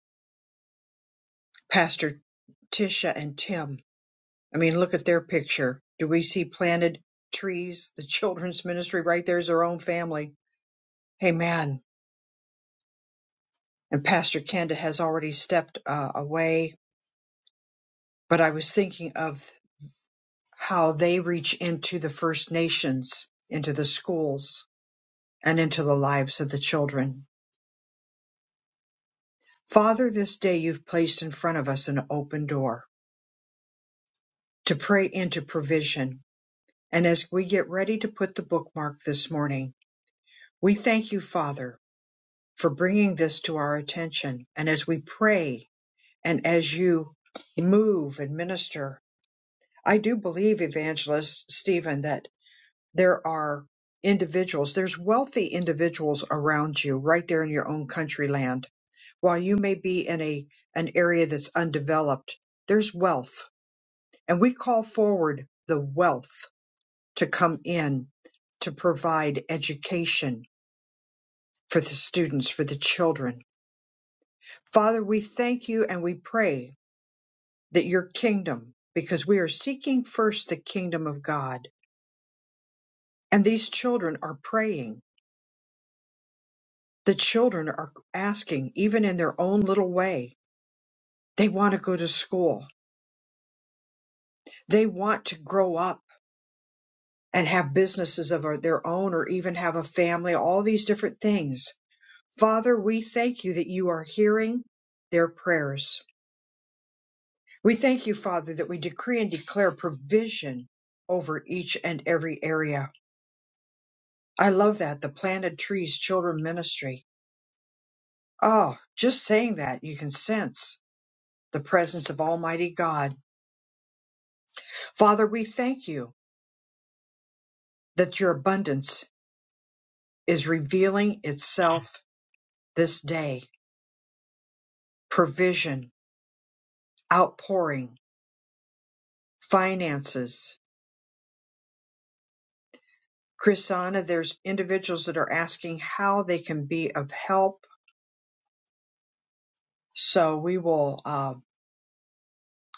Speaker 1: Pastor Tisha and Tim. I mean, look at their picture. Do we see planted trees? The children's ministry right there is their own family. Amen. And Pastor Kenda has already stepped uh, away, but I was thinking of how they reach into the First Nations, into the schools, and into the lives of the children. Father, this day you've placed in front of us an open door to pray into provision. And as we get ready to put the bookmark this morning, we thank you, Father, for bringing this to our attention. And as we pray and as you move and minister, I do believe, Evangelist Stephen, that there are individuals, there's wealthy individuals around you right there in your own country land. While you may be in a, an area that's undeveloped, there's wealth. And we call forward the wealth to come in to provide education for the students, for the children. Father, we thank you and we pray that your kingdom, because we are seeking first the kingdom of God, and these children are praying The children are asking, even in their own little way, they want to go to school. They want to grow up and have businesses of their own or even have a family, all these different things. Father, we thank you that you are hearing their prayers. We thank you, Father, that we decree and declare provision over each and every area. I love that, the planted trees children ministry. Oh, just saying that, you can sense the presence of Almighty God. Father, we thank you. that your abundance is revealing itself this day provision, outpouring, finances. Chrisana, there's individuals that are asking how they can be of help. So we will uh,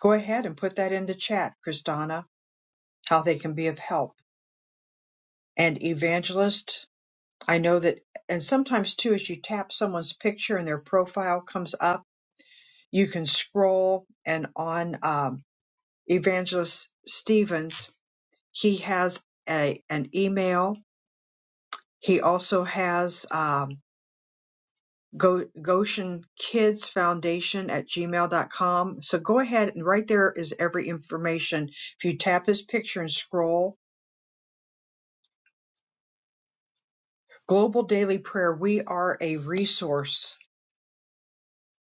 Speaker 1: go ahead and put that in the chat, Chrisana, how they can be of help. And evangelist, I know that, and sometimes too, as you tap someone's picture and their profile comes up, you can scroll and on um, evangelist Stevens He has a an email. He also has um, Go, Goshen Kids Foundation at gmail.com. So go ahead and right there is every information. If you tap his picture and scroll, Global Daily Prayer, we are a resource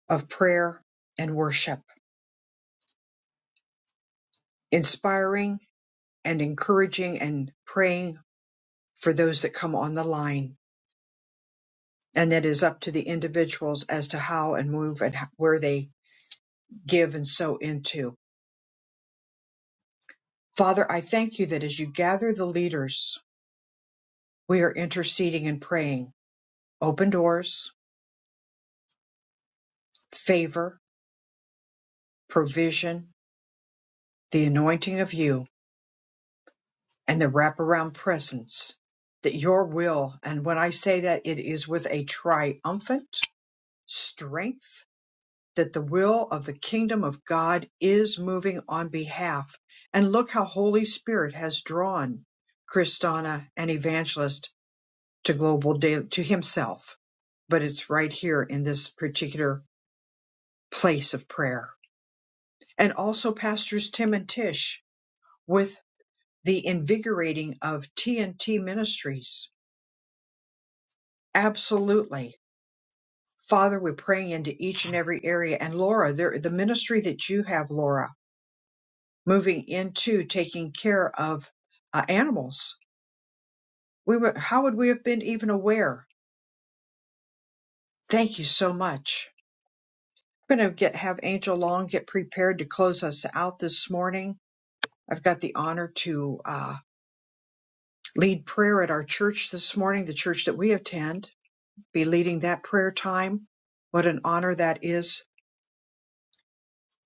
Speaker 1: of prayer and worship, inspiring and encouraging and praying for those that come on the line. And that is up to the individuals as to how and move and where they give and sow into. Father, I thank you that as you gather the leaders, we are interceding and praying. Open doors, favor, provision, the anointing of you, and the wraparound presence. That your will, and when I say that, it is with a triumphant strength, that the will of the kingdom of God is moving on behalf. And look how Holy Spirit has drawn Christana and Evangelist to global daily, to himself, but it's right here in this particular place of prayer. And also pastors Tim and Tish with the invigorating of TNT Ministries. Absolutely. Father, we're praying into each and every area. And Laura, there, the ministry that you have, Laura, moving into taking care of uh, animals. We were, how would we have been even aware? Thank you so much We're going to get have Angel Long get prepared to close us out this morning. I've got the honor to uh, lead prayer at our church this morning, the church that we attend. Be leading that prayer time. What an honor that is!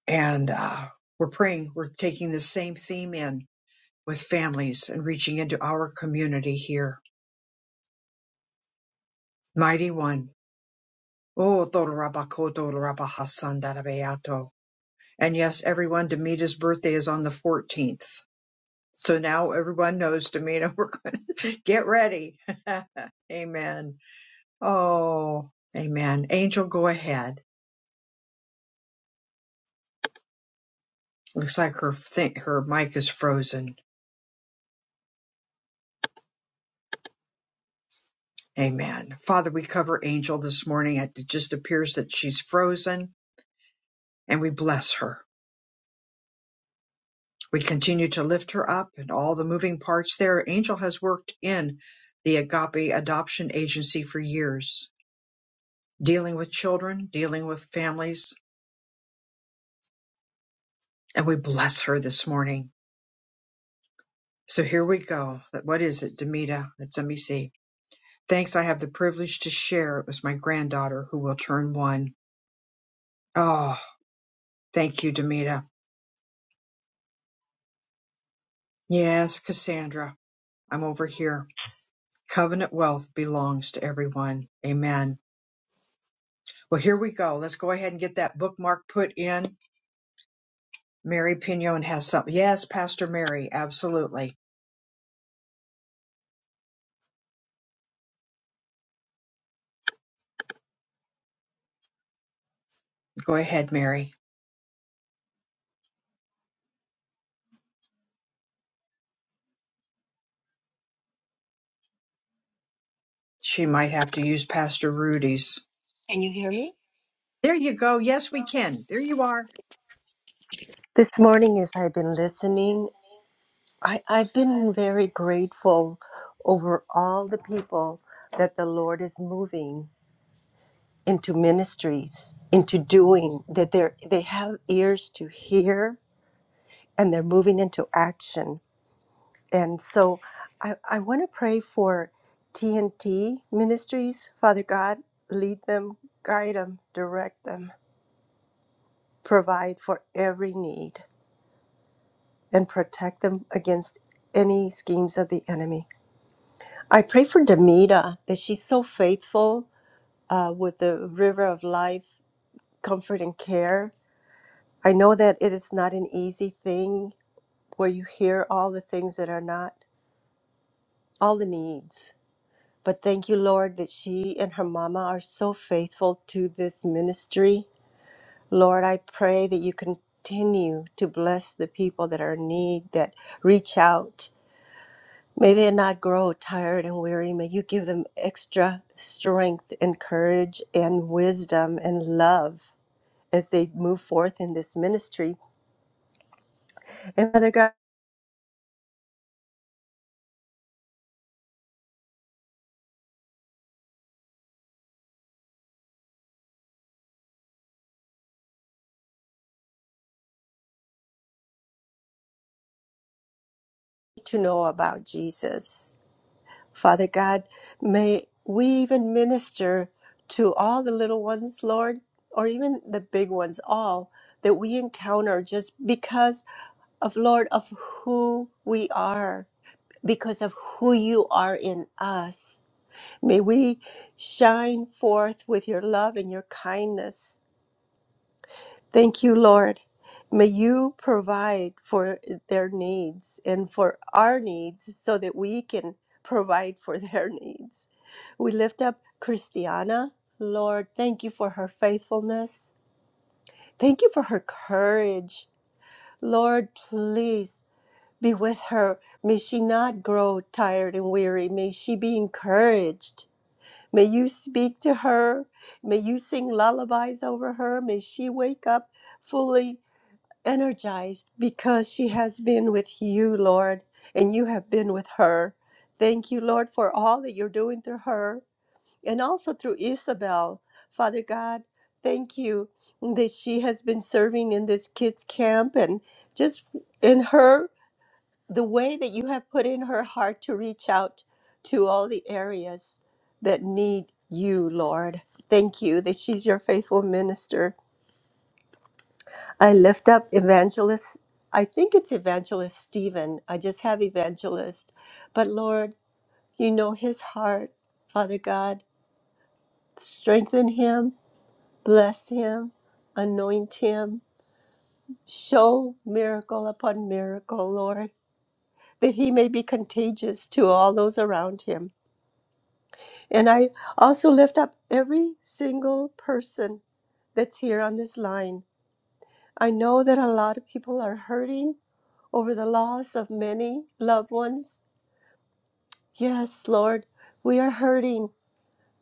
Speaker 1: And uh, we're praying. We're taking the same theme in with families and reaching into our community here. Mighty One. Oh, Dorabakoto Rabahasan Darabayato. And yes, everyone, Demita's birthday is on the 14th. So now everyone knows, Demina, we're going to get ready. amen. Oh, amen. Angel, go ahead. Looks like her thing, her mic is frozen. Amen. Father, we cover Angel this morning. It just appears that she's frozen, and we bless her. We continue to lift her up and all the moving parts there. Angel has worked in the Agape Adoption Agency for years, dealing with children, dealing with families, and we bless her this morning So here we go. What is it, Demita? Let's let me see. Thanks, I have the privilege to share. It was my granddaughter who will turn one. Oh, thank you, Demita. Yes, Cassandra. I'm over here. Covenant wealth belongs to everyone. Amen. Well, here we go. Let's go ahead and get that bookmark put in. Mary Pignon has something. Yes, Pastor Mary. Absolutely. Go ahead, Mary. She might have to use Pastor Rudy's.
Speaker 11: Can you hear me?
Speaker 1: There you go. Yes, we can. There you are.
Speaker 11: This morning, as I've been listening, I, I've been very grateful over all the people that the Lord is moving into ministries, into doing, that they're, they have ears to hear and they're moving into action. And so I, I want to pray for TNT ministries. Father God, lead them, guide them, direct them, provide for every need. and protect them against any schemes of the enemy. I pray for Demita that she's so faithful uh, with the river of life, comfort, and care. I know that it is not an easy thing where you hear all the things that are not, all the needs. But thank you, Lord, that she and her mama are so faithful to this ministry. Lord, I pray that you continue to bless the people that are in need, that reach out May they not grow tired and weary. May you give them extra strength and courage and wisdom and love as they move forth in this ministry. And Father God, to know about Jesus. Father God, may we even minister to all the little ones, Lord, or even the big ones, all that we encounter just because of, Lord, of who we are, because of who you are in us. May we shine forth with your love and your kindness. Thank you, Lord. May you provide for their needs and for our needs so that we can provide for their needs. We lift up Christiana. Lord, thank you for her faithfulness. Thank you for her courage. Lord, please be with her. May she not grow tired and weary. May she be encouraged May you speak to her. May you sing lullabies over her. May she wake up fully energized because she has been with you, Lord, and you have been with her. Thank you, Lord, for all that you're doing through her and also through Isabel. Father God, thank you that she has been serving in this kids' camp and just in her the way that you have put in her heart to reach out to all the areas that need you, Lord. Thank you that she's your faithful minister. I lift up evangelist, I think it's evangelist Stephen. I just have evangelist. But Lord, you know his heart. Father God, strengthen him, bless him, anoint him, show miracle upon miracle, Lord, that he may be contagious to all those around him. And I also lift up every single person that's here on this line. I know that a lot of people are hurting over the loss of many loved ones. Yes, Lord, we are hurting,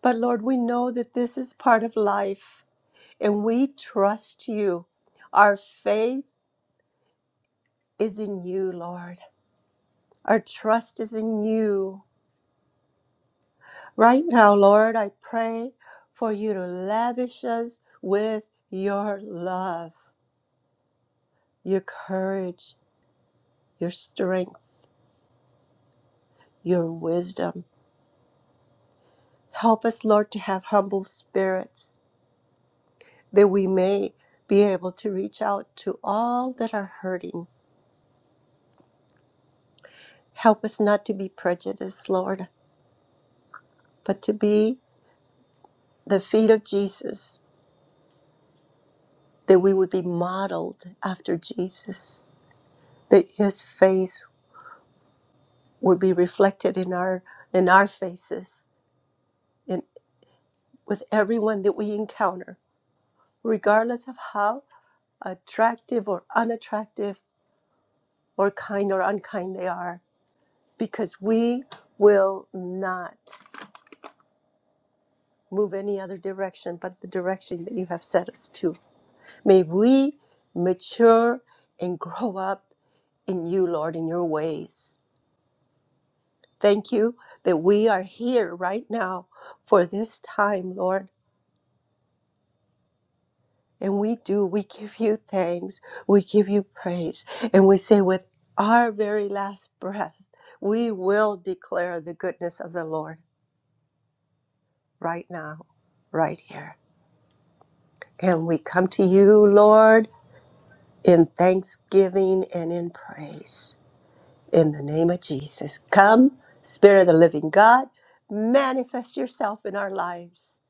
Speaker 11: but Lord, we know that this is part of life and we trust you. Our faith is in you, Lord. Our trust is in you. Right now, Lord, I pray for you to lavish us with your love. your courage, your strength, your wisdom. Help us, Lord, to have humble spirits that we may be able to reach out to all that are hurting. Help us not to be prejudiced, Lord, but to be the feet of Jesus, that we would be modeled after Jesus, that his face would be reflected in our in our faces, in with everyone that we encounter, regardless of how attractive or unattractive, or kind or unkind they are, because we will not move any other direction but the direction that you have set us to. May we mature and grow up in you, Lord, in your ways. Thank you that we are here right now for this time, Lord And we do, we give you thanks, we give you praise, and we say with our very last breath, we will declare the goodness of the Lord right now, right here. And we come to you, Lord, in thanksgiving and in praise. In the name of Jesus, come, Spirit of the living God, manifest yourself in our lives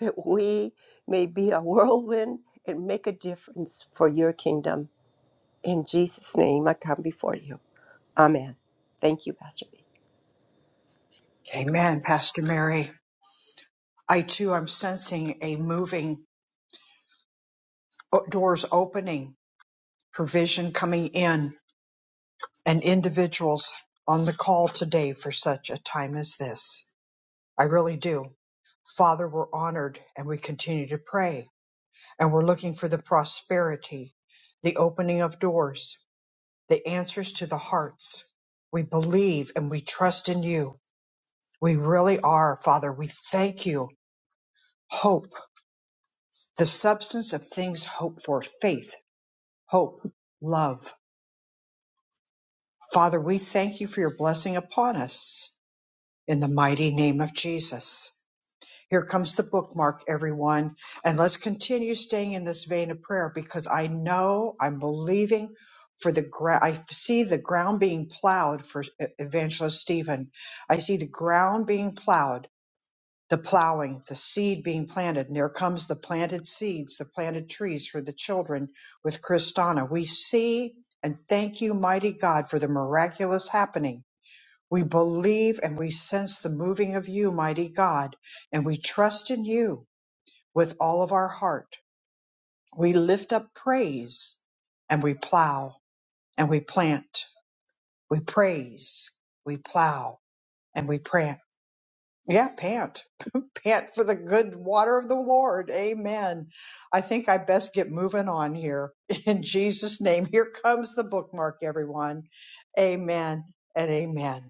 Speaker 11: that we may be a whirlwind and make a difference for your kingdom. In Jesus' name, I come before you. Amen. Thank you, Pastor B.
Speaker 1: Amen, Pastor Mary. I too am sensing a moving o- doors opening, provision coming in, and individuals on the call today for such a time as this. I really do. Father, we're honored and we continue to pray and we're looking for the prosperity, the opening of doors, the answers to the hearts. We believe and we trust in you. We really are, Father. We thank you. Hope, the substance of things hoped for, faith hope, love. Father, we thank you for your blessing upon us in the mighty name of Jesus. Here comes the bookmark, everyone. And let's continue staying in this vein of prayer because I know I'm believing for the ground. I see the ground being plowed for E-, Evangelist Stephen. I see the ground being plowed the plowing, the seed being planted, and there comes the planted seeds, the planted trees for the children with Kristana. We see and thank you, mighty God, for the miraculous happening. We believe and we sense the moving of you, mighty God, and we trust in you with all of our heart. We lift up praise and we plow and we plant. We praise, we plow, and we plant. Yeah, pant pant for the good water of the Lord. Amen. I think I best get moving on here. In Jesus' name, here comes the bookmark, everyone. Amen and amen.